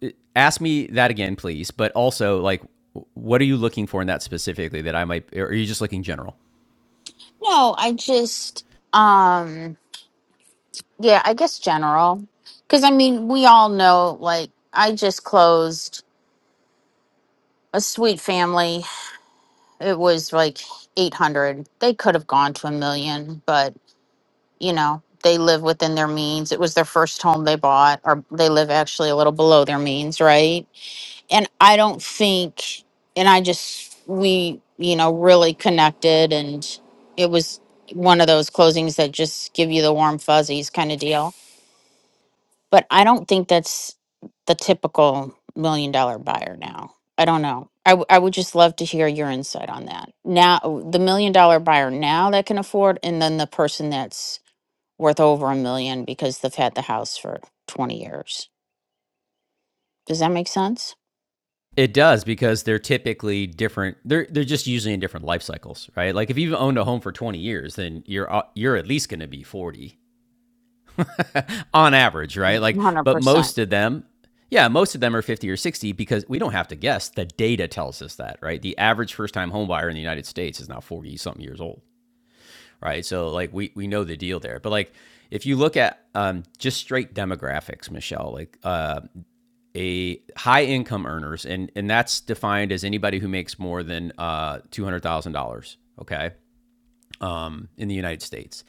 uh, ask me that again, please. But also, like, what are you looking for in that specifically that I might, or are you just looking general?
No, I just, um, yeah, I guess general. Because, I mean, we all know, like, I just closed a sweet family. It was like 800. They could have gone to a million, but, you know, they live within their means. It was their first home they bought, or they live actually a little below their means, right? and I don't think, and I just, we, you know, really connected. And it was one of those closings that just give you the warm fuzzies kind of deal. But I don't think that's the typical million dollar buyer now. I don't know. I, w- I would just love to hear your insight on that. Now, the million dollar buyer now that can afford, and then the person that's worth over a million because they've had the house for 20 years. Does that make sense?
It does because they're typically different. They're they're just usually in different life cycles, right? Like if you've owned a home for 20 years, then you're uh, you're at least going to be 40 (laughs) on average, right? Like, but
100%.
most of them, yeah, most of them are 50 or 60 because we don't have to guess. The data tells us that, right? The average first time home buyer in the United States is now 40 something years old. right? So like we we know the deal there, but like if you look at um, just straight demographics, Michelle, like uh, a high income earners, and and that's defined as anybody who makes more than uh, two hundred thousand dollars, okay, um, in the United States.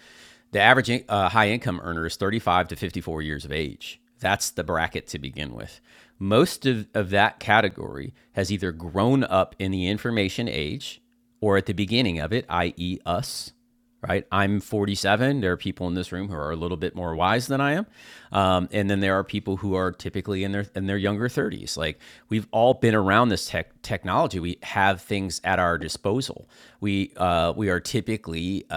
The average uh, high income earner is 35 to 54 years of age. That's the bracket to begin with. Most of, of that category has either grown up in the information age or at the beginning of it, i.e., us, right? I'm 47. There are people in this room who are a little bit more wise than I am, um, and then there are people who are typically in their in their younger 30s. Like we've all been around this tech technology. We have things at our disposal. We uh, we are typically uh,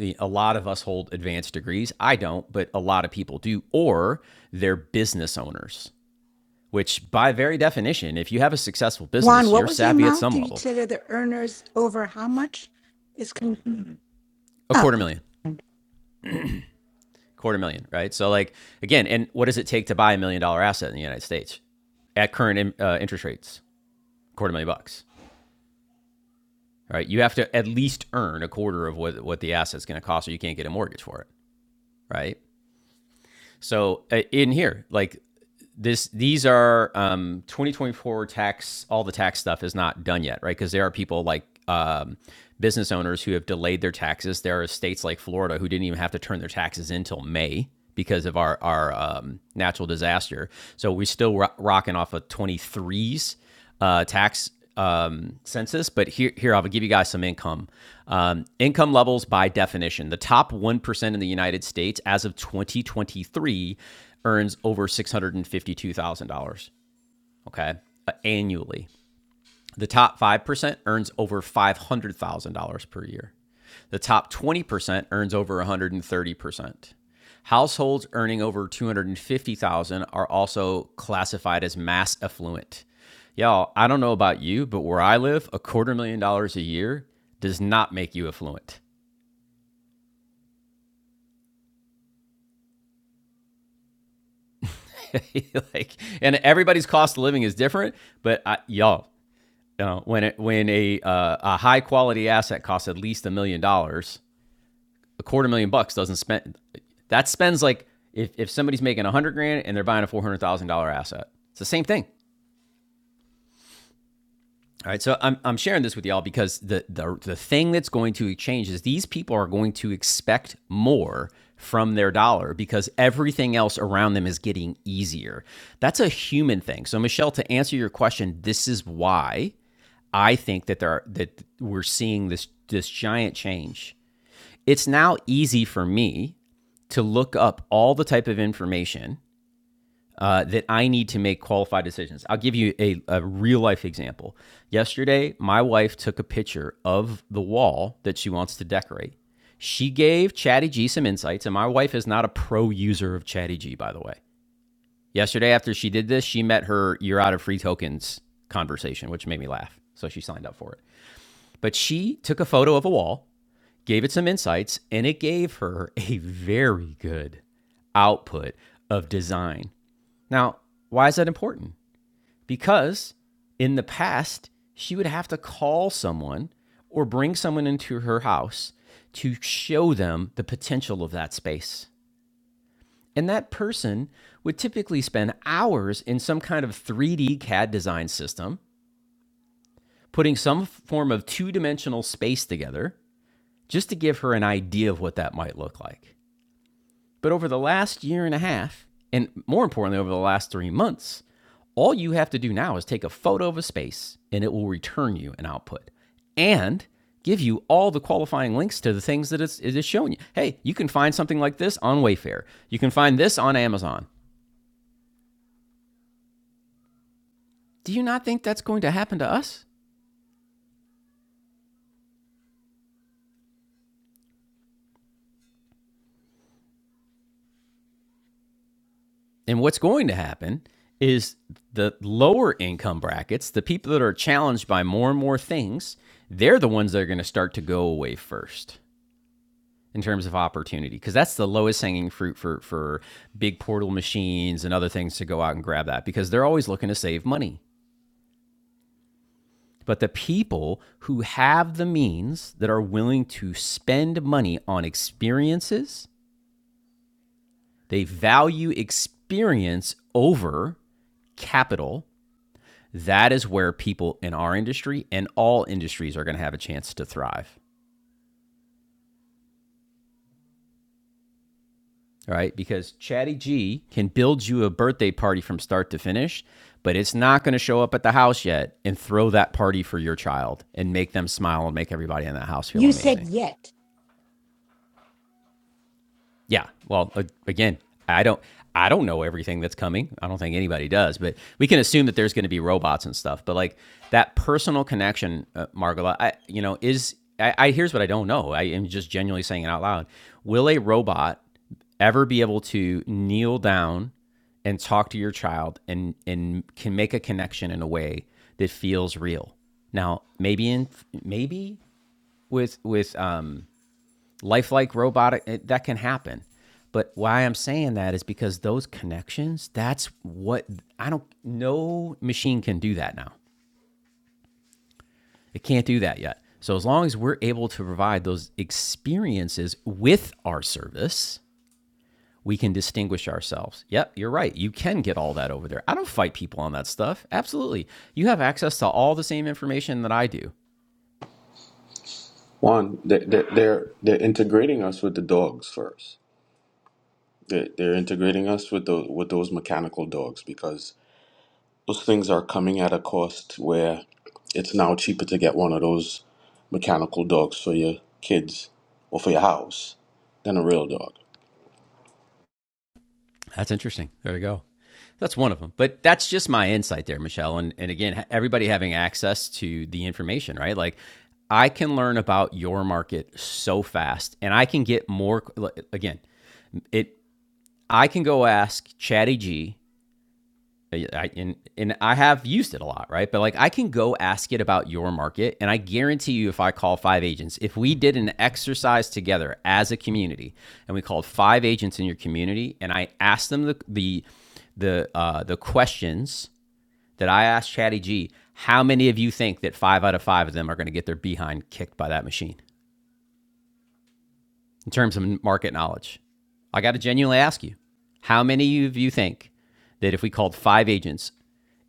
the, a lot of us hold advanced degrees. I don't, but a lot of people do, or they're business owners, which by very definition, if you have a successful
Juan,
business,
what
you're
was the
savvy at
amount
some
that you
level.
said of the earners over how much is? Con- Mhm.
A
oh,
quarter
okay.
million, quarter million, right? So, like, again, and what does it take to buy a million dollar asset in the United States at current uh, interest rates? Quarter million bucks, right? You have to at least earn a quarter of what, what the asset's going to cost, or you can't get a mortgage for it, right? So uh, in here, like this, these are um, 2024 tax. All the tax stuff is not done yet, right? Because there are people like um, business owners who have delayed their taxes. There are states like Florida who didn't even have to turn their taxes in till May because of our our um, natural disaster. So we're still ro- rocking off of 23s uh, tax um, census, but here, here I'll give you guys some income. Um, income levels by definition. The top 1% in the United States as of 2023 earns over $652,000, okay, uh, annually. The top 5% earns over $500,000 per year. The top 20% earns over 130%. Households earning over 250,000 are also classified as mass affluent. Y'all, I don't know about you, but where I live, a quarter million dollars a year does not make you affluent. (laughs) like, and everybody's cost of living is different, but I, y'all, you know, when it, when a uh, a high quality asset costs at least a million dollars, a quarter million bucks doesn't spend that spends like if, if somebody's making a hundred grand and they're buying a four hundred thousand dollar asset, it's the same thing. All right, so I'm, I'm sharing this with y'all because the, the the thing that's going to change is these people are going to expect more from their dollar because everything else around them is getting easier. That's a human thing. So Michelle, to answer your question, this is why I think that there are, that we're seeing this this giant change. It's now easy for me to look up all the type of information uh, that I need to make qualified decisions. I'll give you a, a real life example. Yesterday, my wife took a picture of the wall that she wants to decorate. She gave Chatty some insights, and my wife is not a pro user of Chatty by the way. Yesterday, after she did this, she met her you're out of free tokens conversation, which made me laugh. So she signed up for it. But she took a photo of a wall gave it some insights, and it gave her (laughs) a very good output of design. Now, why is that important? Because in the past, she would have to call someone or bring someone into her house to show them the potential of that space. And that person would typically spend hours in some kind of 3D CAD design system, putting some form of two dimensional space together just to give her an idea of what that might look like. But over the last year and a half, and more importantly, over the last three months, all you have to do now is take a photo of a space and it will return you an output and give you all the qualifying links to the things that it's, it is showing you. Hey, you can find something like this on Wayfair. You can find this on Amazon. Do you not think that's going to happen to us? And what's going to happen is the lower income brackets, the people that are challenged by more and more things, they're the ones that are going to start to go away first. in terms of opportunity because that's the lowest hanging fruit for for big portal machines and other things to go out and grab that because they're always looking to save money but the people who have the means that are willing to spend money on experiences they value experience over capital that is where people in our industry and all industries are going to have a chance to thrive All right, because Chatty G can build you a birthday party from start to finish, but it's not going to show up at the house yet and throw that party for your child and make them smile and make everybody in that house feel
You
amazing.
said yet.
Yeah. Well, again, I don't I don't know everything that's coming. I don't think anybody does, but we can assume that there's going to be robots and stuff. But like that personal connection, uh, Margola, I you know is I, I here's what I don't know. I am just genuinely saying it out loud. Will a robot ever be able to kneel down and talk to your child and and can make a connection in a way that feels real? Now, maybe in maybe with with um lifelike robotic it, that can happen. But why I'm saying that is because those connections, that's what I don't no machine can do that now. It can't do that yet. So as long as we're able to provide those experiences with our service, we can distinguish ourselves. Yep, you're right. You can get all that over there. I don't fight people on that stuff. Absolutely. You have access to all the same information that I do.
Juan, they- they- they're they're integrating us with the dogs first. They're, they're integrating us with those with those mechanical dogs because those things are coming at a cost where it's now cheaper to get one of those mechanical dogs for your kids or for your house than a real dog.
That's interesting. There you go. That's one of them. But that's just my insight there, Michelle. And and again, everybody having access to the information, right? Like I can learn about your market so fast and I can get more like, again, it I can go ask Chatty yeah, I, and, and I have used it a lot, right? But like I can go ask it about your market, and I guarantee you, if I call five agents, if we did an exercise together as a community, and we called five agents in your community, and I asked them the the the uh, the questions that I asked Chatty G, how many of you think that five out of five of them are going to get their behind kicked by that machine? in terms of market knowledge. I got to genuinely ask you how many of you think that if we called five agents,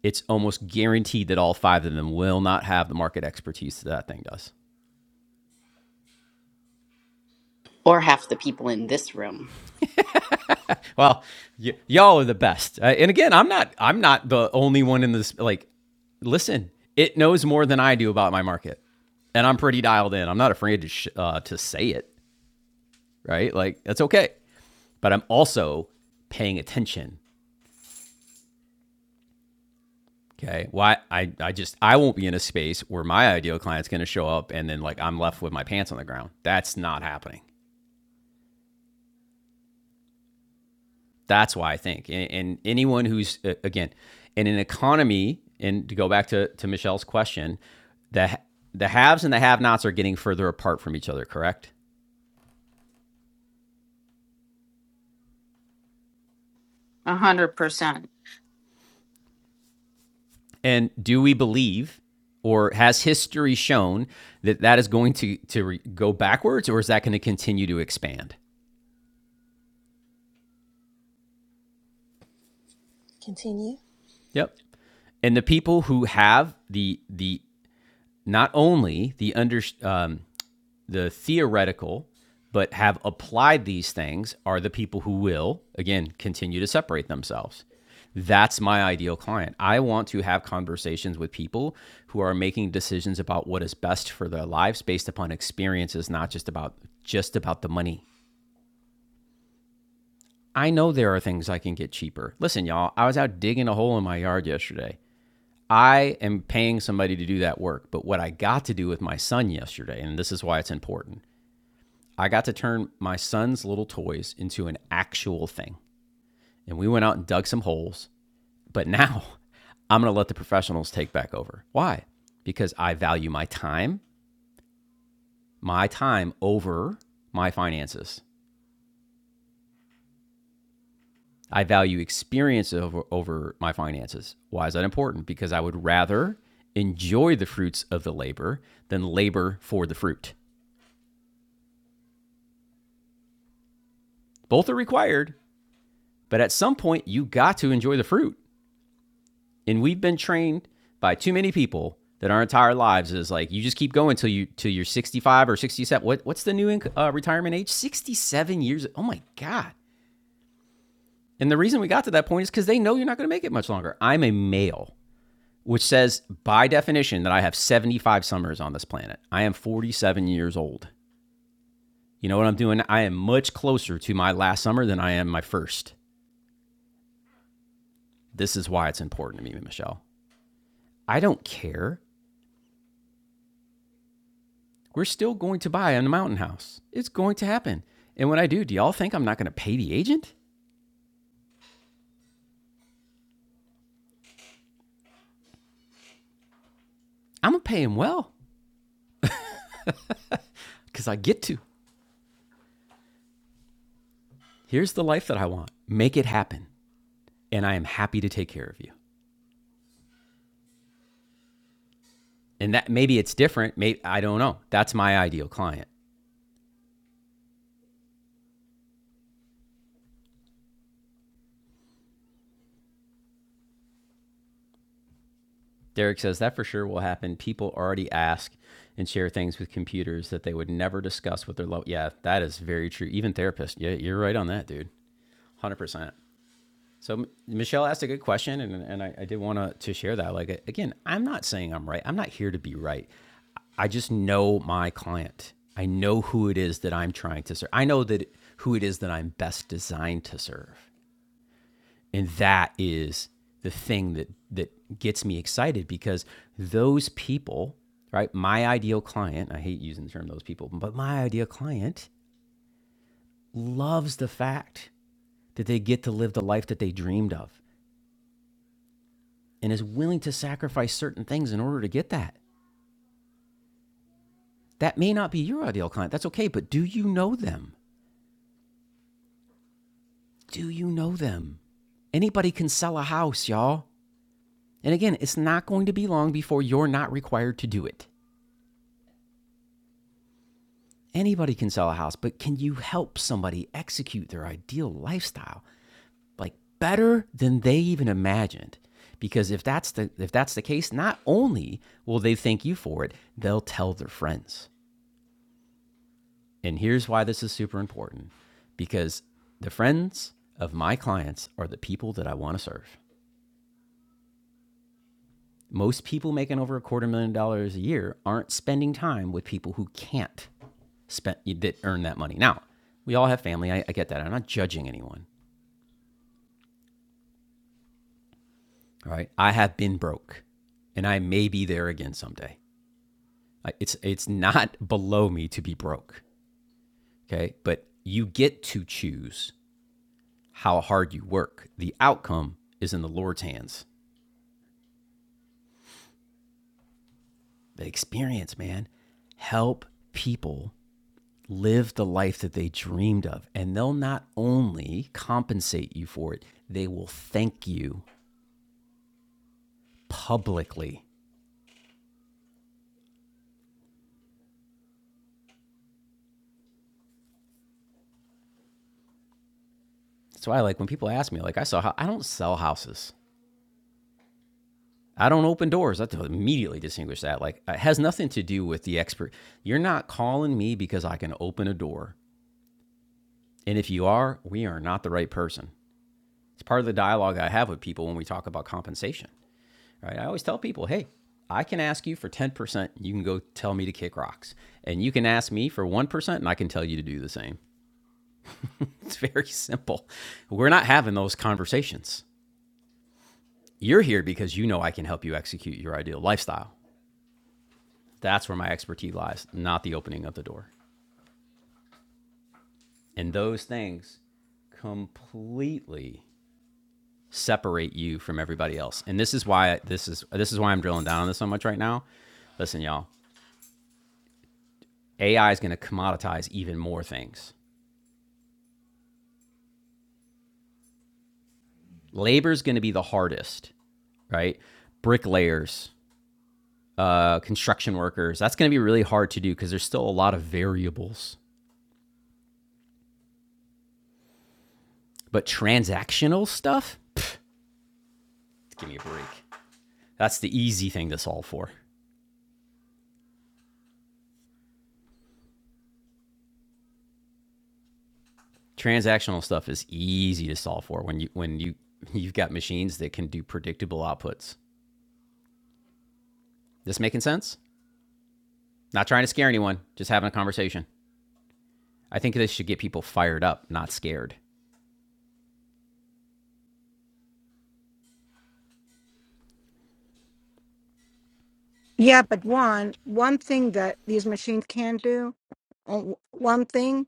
it's almost guaranteed that all five of them will not have the market expertise that that thing does.
Or half the people in this room
Well, y- y'all are the best. Uh, and again, I'm not. I'm not the only one in this. Like, listen, it knows more than I do about my market, and I'm pretty dialed in. I'm not afraid to sh- uh, to say it. Right? Like, that's okay. But I'm also paying attention Okay. Why Well, I, I just I won't be in a space where my ideal client's going to show up and then like I'm left with my pants on the ground. That's not happening. That's why I think. And, and anyone who's uh, again in an economy, and to go back to to Michelle's question, the the haves and the have-nots are getting further apart from each other. Correct.
100%.
And do we believe, or has history shown that that is going to to re- go backwards, or is that going to continue to expand?
Continue.
Yep and the people who have the the not only the under um, the theoretical but have applied these things are the people who will again continue to separate themselves that's my ideal client i want to have conversations with people who are making decisions about what is best for their lives based upon experiences not just about just about the money i know there are things i can get cheaper listen y'all i was out digging a hole in my yard yesterday I am paying somebody to do that work. But what I got to do with my son yesterday, and this is why it's important, I got to turn my son's little toys into an actual thing. And we went out and dug some holes. But now (laughs) I'm going to let the professionals take back over. Why? Because I value my time, my time over my finances. I value experience over, over my finances. Why is that important? Because I would rather enjoy the fruits of the labor than labor for the fruit. Both are required, but at some point you got to enjoy the fruit. And we've been trained by too many people that our entire lives is like you just keep going till you till you're 65 or 67. What what's the new inc- uh, retirement age? 67 years. Oh my god. And the reason we got to that point is cuz they know you're not going to make it much longer. I'm a male, which says by definition that I have 75 summers on this planet. I am 47 years old. You know what I'm doing? I am much closer to my last summer than I am my first. This is why it's important to me, Michelle. I don't care. We're still going to buy on the mountain house. It's going to happen. And when I do, do y'all think I'm not going to pay the agent? I'm going to pay him well because I get to. Here's the life that I want. Make it happen. And I am happy to take care of you. And that maybe it's different. Maybe I don't know. That's my ideal client. Derek says that for sure will happen. People already ask and share things with computers that they would never discuss with their love. Yeah, that is very true. Even therapists. Yeah, you're right on that, dude. 100%. So Michelle asked a good question, and and I, I did want to share that. Like again, I'm not saying I'm right. I'm not here to be right. I just know my client. I know who it is that I'm trying to serve. I know that who it is that I'm best designed to serve, and that is the thing that that gets me excited because those people, right? My ideal client. I hate using the term those people, but my ideal client loves the fact that they get to live the life that they dreamed of and is willing to sacrifice certain things in order to get that. That may not be your ideal client. That's okay. But do you know them? Do you know them? Anybody can sell a house, y'all. And again, it's not going to be long before you're not required to do it. Anybody can sell a house, but can you help somebody execute their ideal lifestyle like better than they even imagined? Because if that's the if that's the case, not only will they thank you for it, they'll tell their friends. And here's why this is super important because the friends of my clients are the people that I want to serve. Most people making over a quarter million dollars a year aren't spending time with people who can't spend that earn that money. Now, we all have family. I, I get that. I'm not judging anyone. All right. I have been broke and I may be there again someday. It's it's not (laughs) below me to be broke. Okay? But you get to choose how hard you work. The outcome is in the Lord's hands. But experience, man, help people live the life that they dreamed of. And they'll not only compensate you for it, they will thank you publicly. That's why, like, when people ask me, like, I saw, I don't sell houses. I don't open doors. I have to immediately distinguish that. Like, it has nothing to do with the expert. You're not calling me because I can open a door. And if you are, we are not the right person. It's part of the dialogue I have with people when we talk about compensation. Right? I always tell people, hey, I can ask you for 10%. You can go tell me to kick rocks. And you can ask me for 1%, and I can tell you to do the same. (laughs) It's very simple. We're not having those conversations. You're here because you know I can help you execute your ideal lifestyle. That's where my expertise lies, not the opening of the door. And those things completely separate you from everybody else. And this is why this is this is why I'm drilling down on this so much right now. Listen, y'all, AI is going to commoditize even more things. labor's going to be the hardest, right? Bricklayers, uh, construction workers, that's going to be really hard to do because there's still a lot of variables. But transactional stuff, Pff, give me a break. That's the easy thing to solve for. Transactional stuff is easy to solve for when you when you (laughs) you've got machines that can do predictable outputs. This making sense? Not trying to scare anyone, just having a conversation. I think this should get people fired up, not scared.
Yeah, but one one thing that these machines can do, on- one thing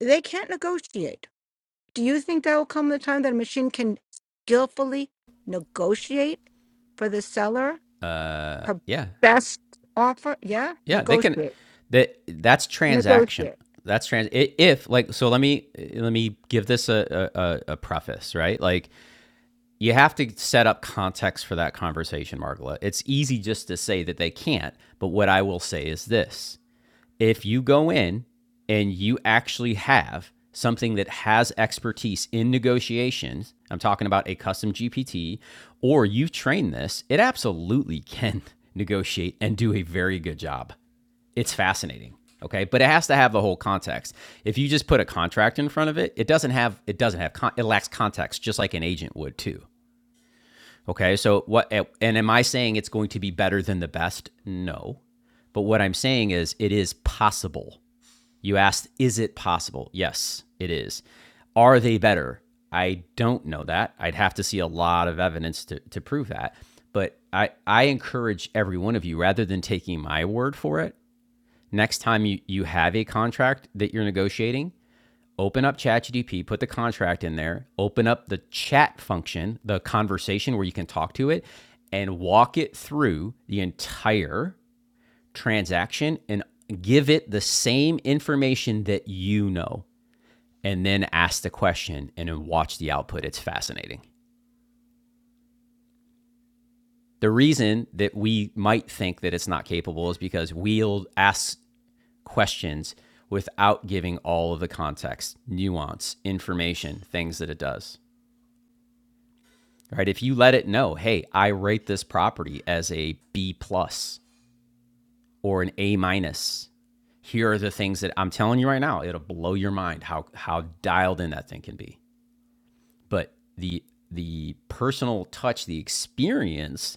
they can't negotiate. Do you think that will come the time that a machine can skillfully negotiate for the seller
Uh,
her
yeah,
best offer? Yeah,
Yeah, they can.
negotiate,
That that's transaction.
negotiate.
That's trans. If like, so let me let me give this a, a a- a preface, right? Like, you have to set up context for that conversation, Margola. It's easy just to say that they can't, but what I will say is this: if you go in and you actually have something that has expertise in negotiations, I'm talking about a custom GPT, or you've trained this, it absolutely (laughs) can negotiate and do a very good job it's fascinating. Okay, but it has to have the whole context. If you just put a contract in front of it, it doesn't have it doesn't have con- it lacks context, just like an agent would too. Okay, so what? And am I saying it's going to be better than the best? No, but what I'm saying is it is possible. You asked, is it possible? Yes, it is. Are they better? I don't know that. I'd have to see a lot of evidence to, to prove that. But I, I encourage every one of you, rather than taking my word for it, next time you, you have a contract that you're negotiating, open up ChatGDP, put the contract in there, open up the chat function, the conversation where you can talk to it, and walk it through the entire transaction and give it the same information that you know. And then ask the question and then watch the output. It's fascinating. The reason that we might think that it's not capable is because we'll ask questions without giving all of the context, nuance, information, things that it does. Right? If you let it know, hey, I rate this property as a B plus or an A minus. Here are the things that I'm telling you right now. It'll blow your mind how how dialed in that thing can be. But the the personal touch, the experience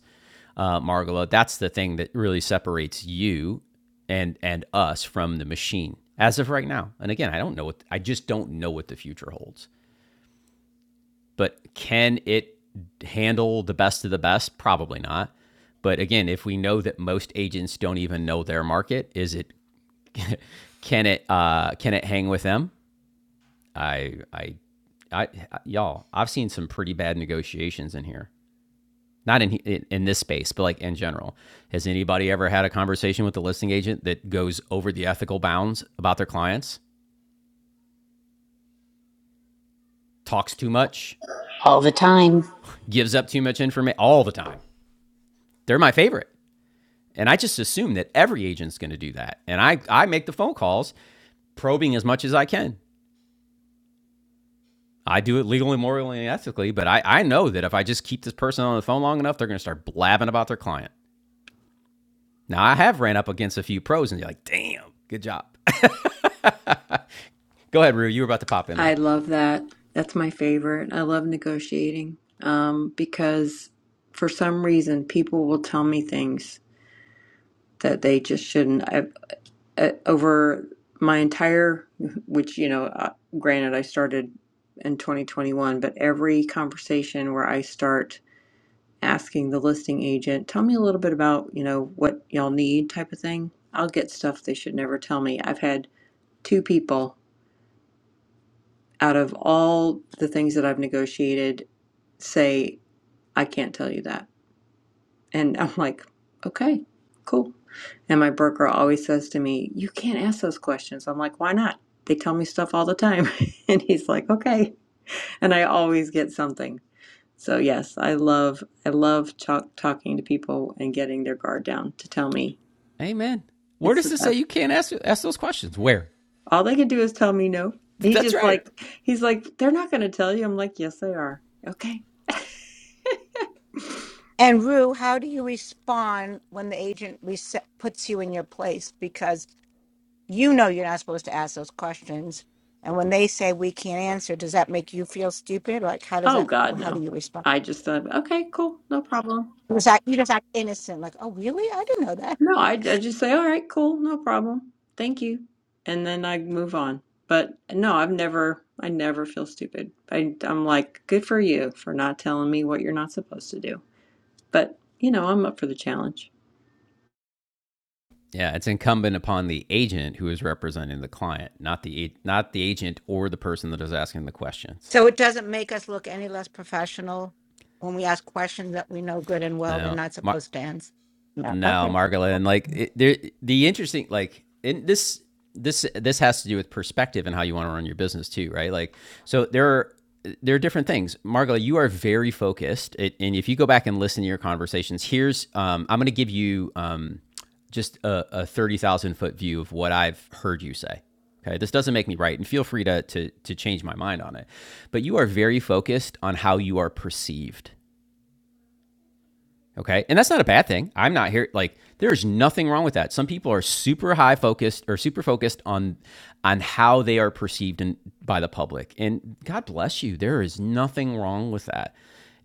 uh, Margolo, that's the thing that really separates you and and us from the machine as of right now. And again, I don't know what I just don't know what the future holds. But can it handle the best of the best? Probably not. But again, if we know that most agents don't even know their market, is it (laughs) can it uh, can it hang with them? I I I y'all, I've seen some pretty bad negotiations in here. not in, in in this space, but like in general. Has anybody ever had a conversation with a listing agent that goes over the ethical bounds about their clients, talks too much,
all the time.
gives up too much information all the time? They're my favorite. And I just assume that every agent's going to do that. And I, I make the phone calls probing as much as I can. I do it legally, morally, and ethically, but I, I know that if I just keep this person on the phone long enough, they're going to start blabbing about their client. Now, I have ran up against a few pros and you're like, damn, good job. (laughs) Go ahead, Rue. You were about to pop in
I
there.
love that. That's my favorite. I love negotiating um, because for some reason people will tell me things that they just shouldn't. I, I, over my entire, which, you know, uh, granted, I started in 2021, but every conversation where I start asking the listing agent, tell me a little bit about, you know, what y'all need type of thing, I'll get stuff they should never tell me. I've had two people out of all the things that I've negotiated, say, I can't tell you that. And (laughs) I'm like, okay, cool. And my broker always says to me, you can't ask those questions. I'm like, why not? They tell me stuff all the time. (laughs) and he's like, okay. And I always get something. So yes, I love I love talk, talking to people and getting their guard down to tell me.
Amen. Where
It's the
does it say
best.
you can't ask ask those questions? Where?
All they can do is tell me no. He
That's
just
right.
like he's like they're not going to tell you. I'm like, yes, they are. Okay
And Rue, how do you respond when the agent reset, puts you in your place because you know you're not supposed to ask those questions? And when they say we can't answer, does that make you feel stupid? Like, how does
Oh
that?
God,
How do
no.
you respond?
I just thought, okay, cool, no problem.
You just act, you just act innocent, like, oh, really? I didn't know that.
No, I, I just say, all right, cool, no problem. Thank you. And then I move on. But no, I've never, I never feel stupid. I, I'm like, good for you for not telling me what you're not supposed to do. But, you know, I'm up for the challenge.
Yeah, it's incumbent upon the agent who is representing the client, not the not the agent or the person that is asking the questions.
So it doesn't make us look any less professional when we ask questions that we know good and well they're
Now,
not
my,
supposed to answer. No.
No,
Okay.
Margola, and like it, there, the interesting like in this this this has to do with perspective and how you want to run your business too, right? Like so there are there are different things. Margola, you are very focused, it, and if you go back and listen to your conversations, here's um, I'm going to give you um, just a, a thirty thousand foot view of what I've heard you say. Okay, this doesn't make me right, and feel free to, to to change my mind on it. But you are very focused on how you are perceived Okay. And that's not a bad thing. I'm not here like there's nothing wrong with that. Some people are super high focused or super focused on on how they are perceived in, by the public. And God bless you. There is nothing wrong with that.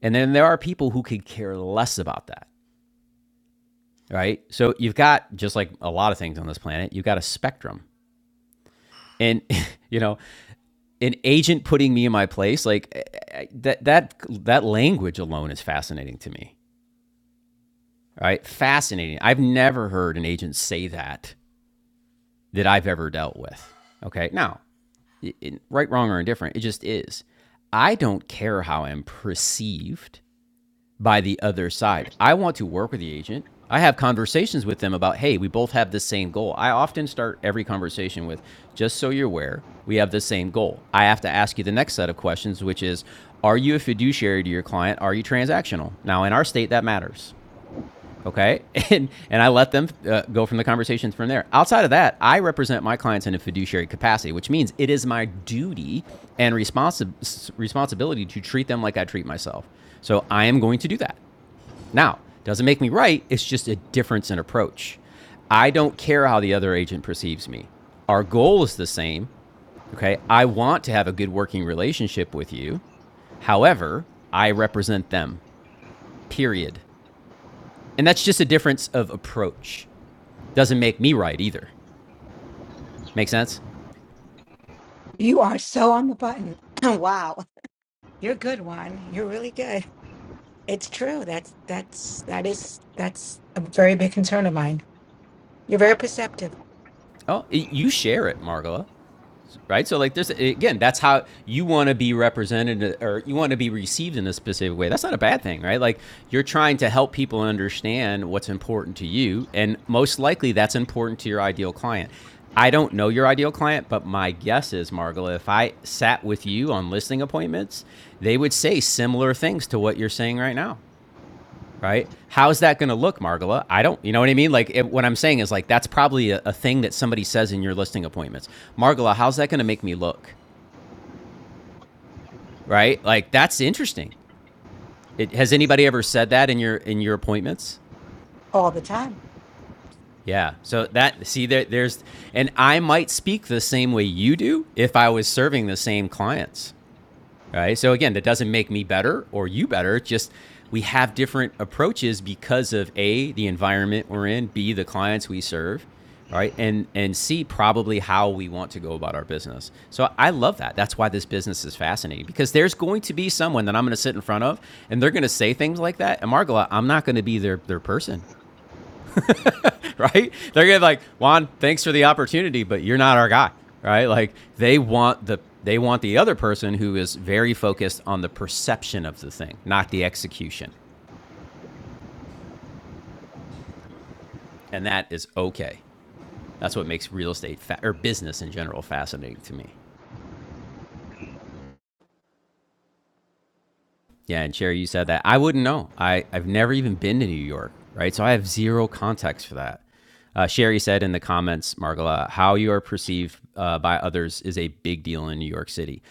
And then there are people who could care less about that, right? So you've got just like a lot of things on this planet, you've got a spectrum. And (laughs) you know, an agent putting me in my place, like eh, eh, that that that language alone is fascinating to me right? Fascinating. I've never heard an agent say that that I've ever dealt with. Okay. Now, i- right, wrong, or indifferent, it just is. I don't care how I'm perceived by the other side. I want to work with the agent. I have conversations with them about, hey, we both have the same goal. I often start every conversation with, just so you're aware, we have the same goal. I have to ask you the next set of questions, which is, are you a fiduciary to your client? Are you transactional? Now, in our state, that matters okay (laughs) and and i let them uh, go from the conversations from there outside of that i represent my clients in a fiduciary capacity which means it is my duty and responsi- responsibility to treat them like i treat myself so i am going to do that now doesn't make me right it's just a difference in approach i don't care how the other agent perceives me our goal is the same okay i want to have a good working relationship with you however i represent them period and that's just a difference of approach doesn't make me right either. Make sense?
You are so on the button. (clears throat) wow. You're a good one. You're really good. It's true. That's that's that is that's a very big concern of mine. You're very perceptive
Oh, y- you share it, Margola, right? So like there's again, that's how you want to be represented or you want to be received in a specific way. That's not a bad thing, right? Like you're trying to help people understand what's important to you and most likely that's important to your ideal client. I don't know your ideal client, but my guess is, Margola, if I sat with you on listing appointments, they would say similar things to what you're saying right now. right? How's that going to look, Margola? I don't, you know what I mean? Like, it, what I'm saying is, like, that's probably a, a thing that somebody says in your listing appointments. Margola, how's that going to make me look, right? Like, that's interesting. It, has anybody ever said that in your in your appointments?
all the time.
Yeah. So that see there there's and I might speak the same way you do if I was serving the same clients. right? So again, that doesn't make me better or you better. just we have different approaches because of a the environment we're in, b the clients we serve, right? And and c probably how we want to go about our business. So I love that. That's why this business is fascinating because there's going to be someone that I'm going to sit in front of and they're going to say things like that. And Margola, I'm not going to be their their person. (laughs) right? They're gonna be like, Juan, thanks for the opportunity, but you're not our guy, right? Like they want the they want the other person who is very focused on the perception of the thing, not the execution, and that is okay. That's what makes real estate fa- or business in general fascinating to me. Yeah, and Sherry, you said that. I wouldn't know. I, I've never even been to New York, right? So I have zero context for that. Uh, Sherry said in the comments, Margola, how you are perceived uh, by others is a big deal in New York City.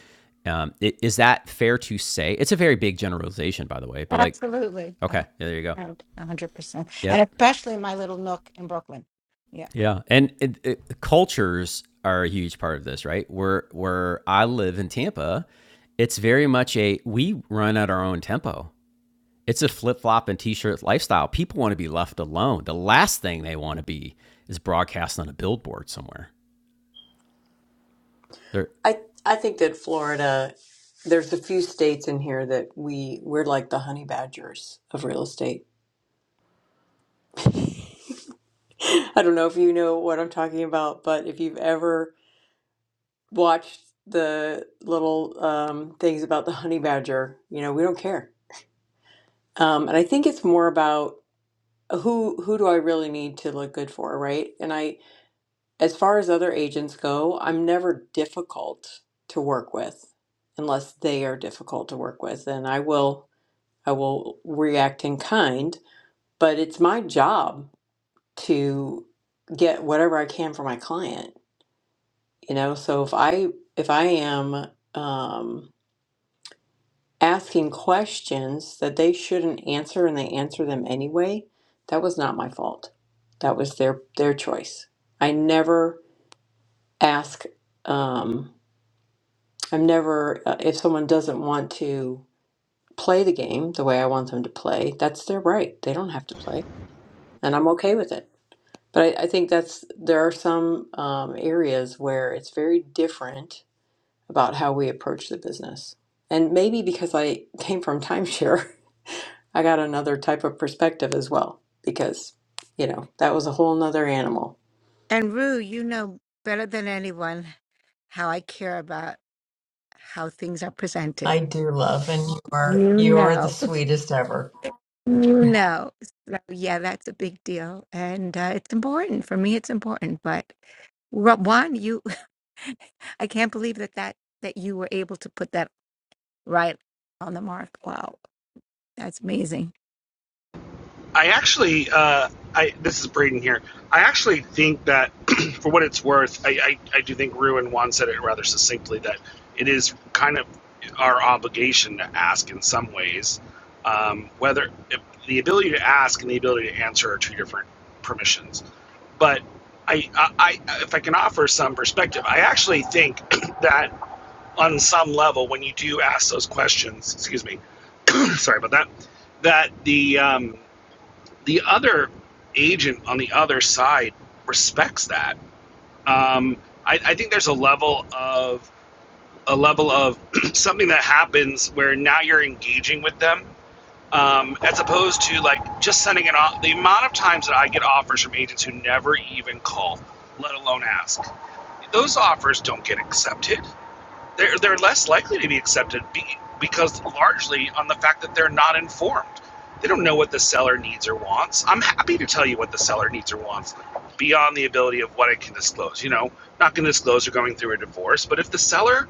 Um, i- is that fair to say? It's a very big generalization, by the way, but like,
Absolutely. Oh,
okay, yeah, there you go.
no, 100%. And
Yep.
especially in my little nook in Brooklyn. Yeah.
Yeah. And it, it, cultures are a huge part of this, right? Where, where I live in Tampa, it's very much a we run at our own tempo It's a flip flop and t shirt lifestyle. People want to be left alone. The last thing they want to be is broadcast on a billboard somewhere. They're
I I think that Florida, there's a few states in here that we we're like the honey badgers of real estate. (laughs) I don't know if you know what I'm talking about, but if you've ever watched the little um, things about the honey badger. You know, we don't care. Um, and I think it's more about who who do I really need to look good for, right? And I, as far as other agents go, I'm never difficult to work with, unless they are difficult to work with, and I will I will react in kind. But it's my job to get whatever I can for my client, you know. So if I if I am um, asking questions that they shouldn't answer and they answer them anyway that was not my fault that was their their choice i never ask um i'm never uh, if someone doesn't want to play the game the way i want them to play that's their right they don't have to play and i'm okay with it but i, I think that's there are some um, areas where it's very different about how we approach the business and maybe because i (laughs) came from timeshare I got another type of perspective as well because, you know, that was a whole nother animal.
And Rue, you know better than anyone how I care about how things are presented.
I do love, and you are
You
you are the
know,
sweetest ever.
you know. So, yeah, that's a big deal, and uh, it's important for me. It's important, but Ro- Juan, you, (laughs) I can't believe that that that you were able to put that right on the mark. Wow, that's amazing.
I actually, uh, I this is Braden here. I actually think that, (clears throat) for what it's worth, I, I, I do think Rue and Juan said it rather succinctly that it is kind of our obligation to ask in some ways. Um, whether the ability to ask and the ability to answer are two different permissions, but I, I, I if I can offer some perspective, I actually think (clears throat) that on some level, when you do ask those questions, excuse me, (clears throat) sorry about that, that the um, the other agent on the other side respects that. Um, I, I think there's a level of a level of (clears throat) something that happens where now you're engaging with them um, as opposed to like just sending it off. The amount of times that I get offers from agents who never even call, let alone ask, those offers don't get accepted they're, they're less likely to be accepted be, because largely on the fact that they're not informed. They don't know what the seller needs or wants. I'm happy to tell you what the seller needs or wants beyond the ability of what I can disclose. You know, not going to disclose you're going through a divorce, but if the seller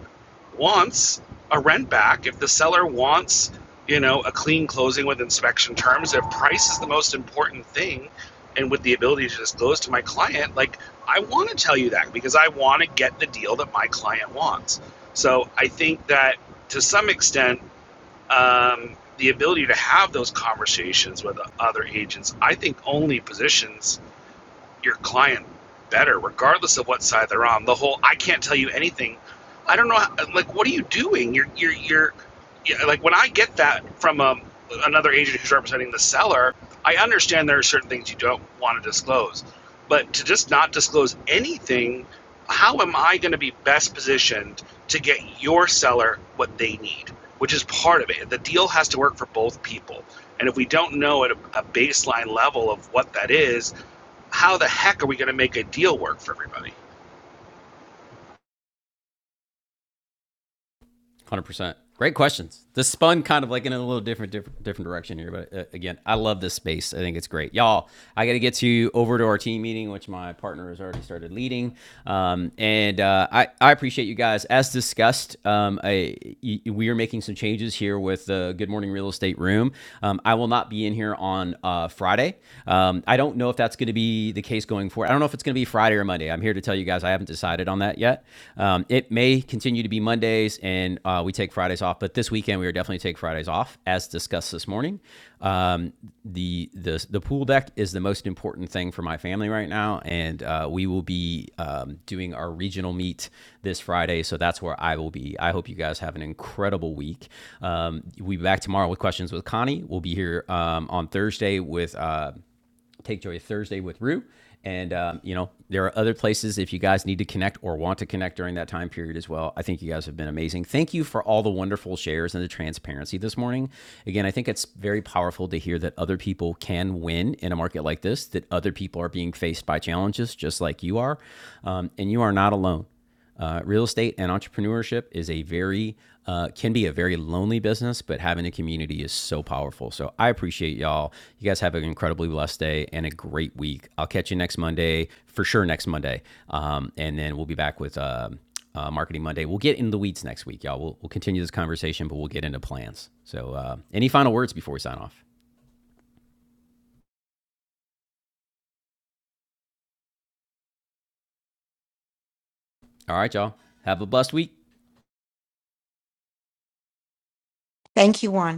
wants a rent back, if the seller wants, you know, a clean closing with inspection terms, if price is the most important thing, and with the ability to disclose to my client, like I want to tell you that because I want to get the deal that my client wants. So I think that to some extent, um, the ability to have those conversations with other agents, I think, only positions your client better, regardless of what side they're on. The whole I can't tell you anything. I don't know. How, like, what are you doing? You're you're you're yeah, like when I get that from um, another agent who's representing the seller, I understand there are certain things you don't want to disclose, but to just not disclose anything, how am I going to be best positioned to get your seller what they need? Which is part of it. The deal has to work for both people, and if we don't know at a, a baseline level of what that is, how the heck are we going to make a deal work for everybody?
one Hundred percent. Great questions. This spun kind of like in a little different, different, different direction here, but uh, again, I love this space. I think it's great, y'all. I got to get you over to our team meeting, which my partner has already started leading, um, and uh, I I appreciate you guys. As discussed, um, I y we are making some changes here with the Good Morning Real Estate Room. Um, I will not be in here on uh, Friday. Um, I don't know if that's going to be the case going forward. I don't know if it's going to be Friday or Monday. I'm here to tell you you guys I haven't decided on that yet. Um, it may continue to be Mondays, and uh, we take Fridays off. But this weekend, we are definitely take Fridays off, as discussed this morning. Um, the the the pool deck is the most important thing for my family right now, and uh, we will be um, doing our regional meet this Friday. So that's where I will be. I hope you guys have an incredible week. Um, we'll be back tomorrow with questions with Connie. We'll be here um, on Thursday with uh, Take Joy Thursday with Rue. And, um, you know, there are other places if you guys need to connect or want to connect during that time period as well. I think you guys have been amazing. Thank you for all the wonderful shares and the transparency this morning. Again, I think it's very powerful to hear that other people can win in a market like this, that other people are being faced by challenges just like you are. Um, and you are not alone. Uh, real estate and entrepreneurship is a very uh, can be a very lonely business, but having a community is so powerful. So I appreciate y'all. You guys have an incredibly blessed day and a great week. I'll catch you next Monday for sure. Next Monday, um, and then we'll be back with uh, uh, Marketing Monday. We'll get into the weeds next week, y'all. We'll, we'll continue this conversation, but we'll get into plans. So uh, any final words before we sign off? All right, y'all. Have a blessed week.
Thank you, Juan.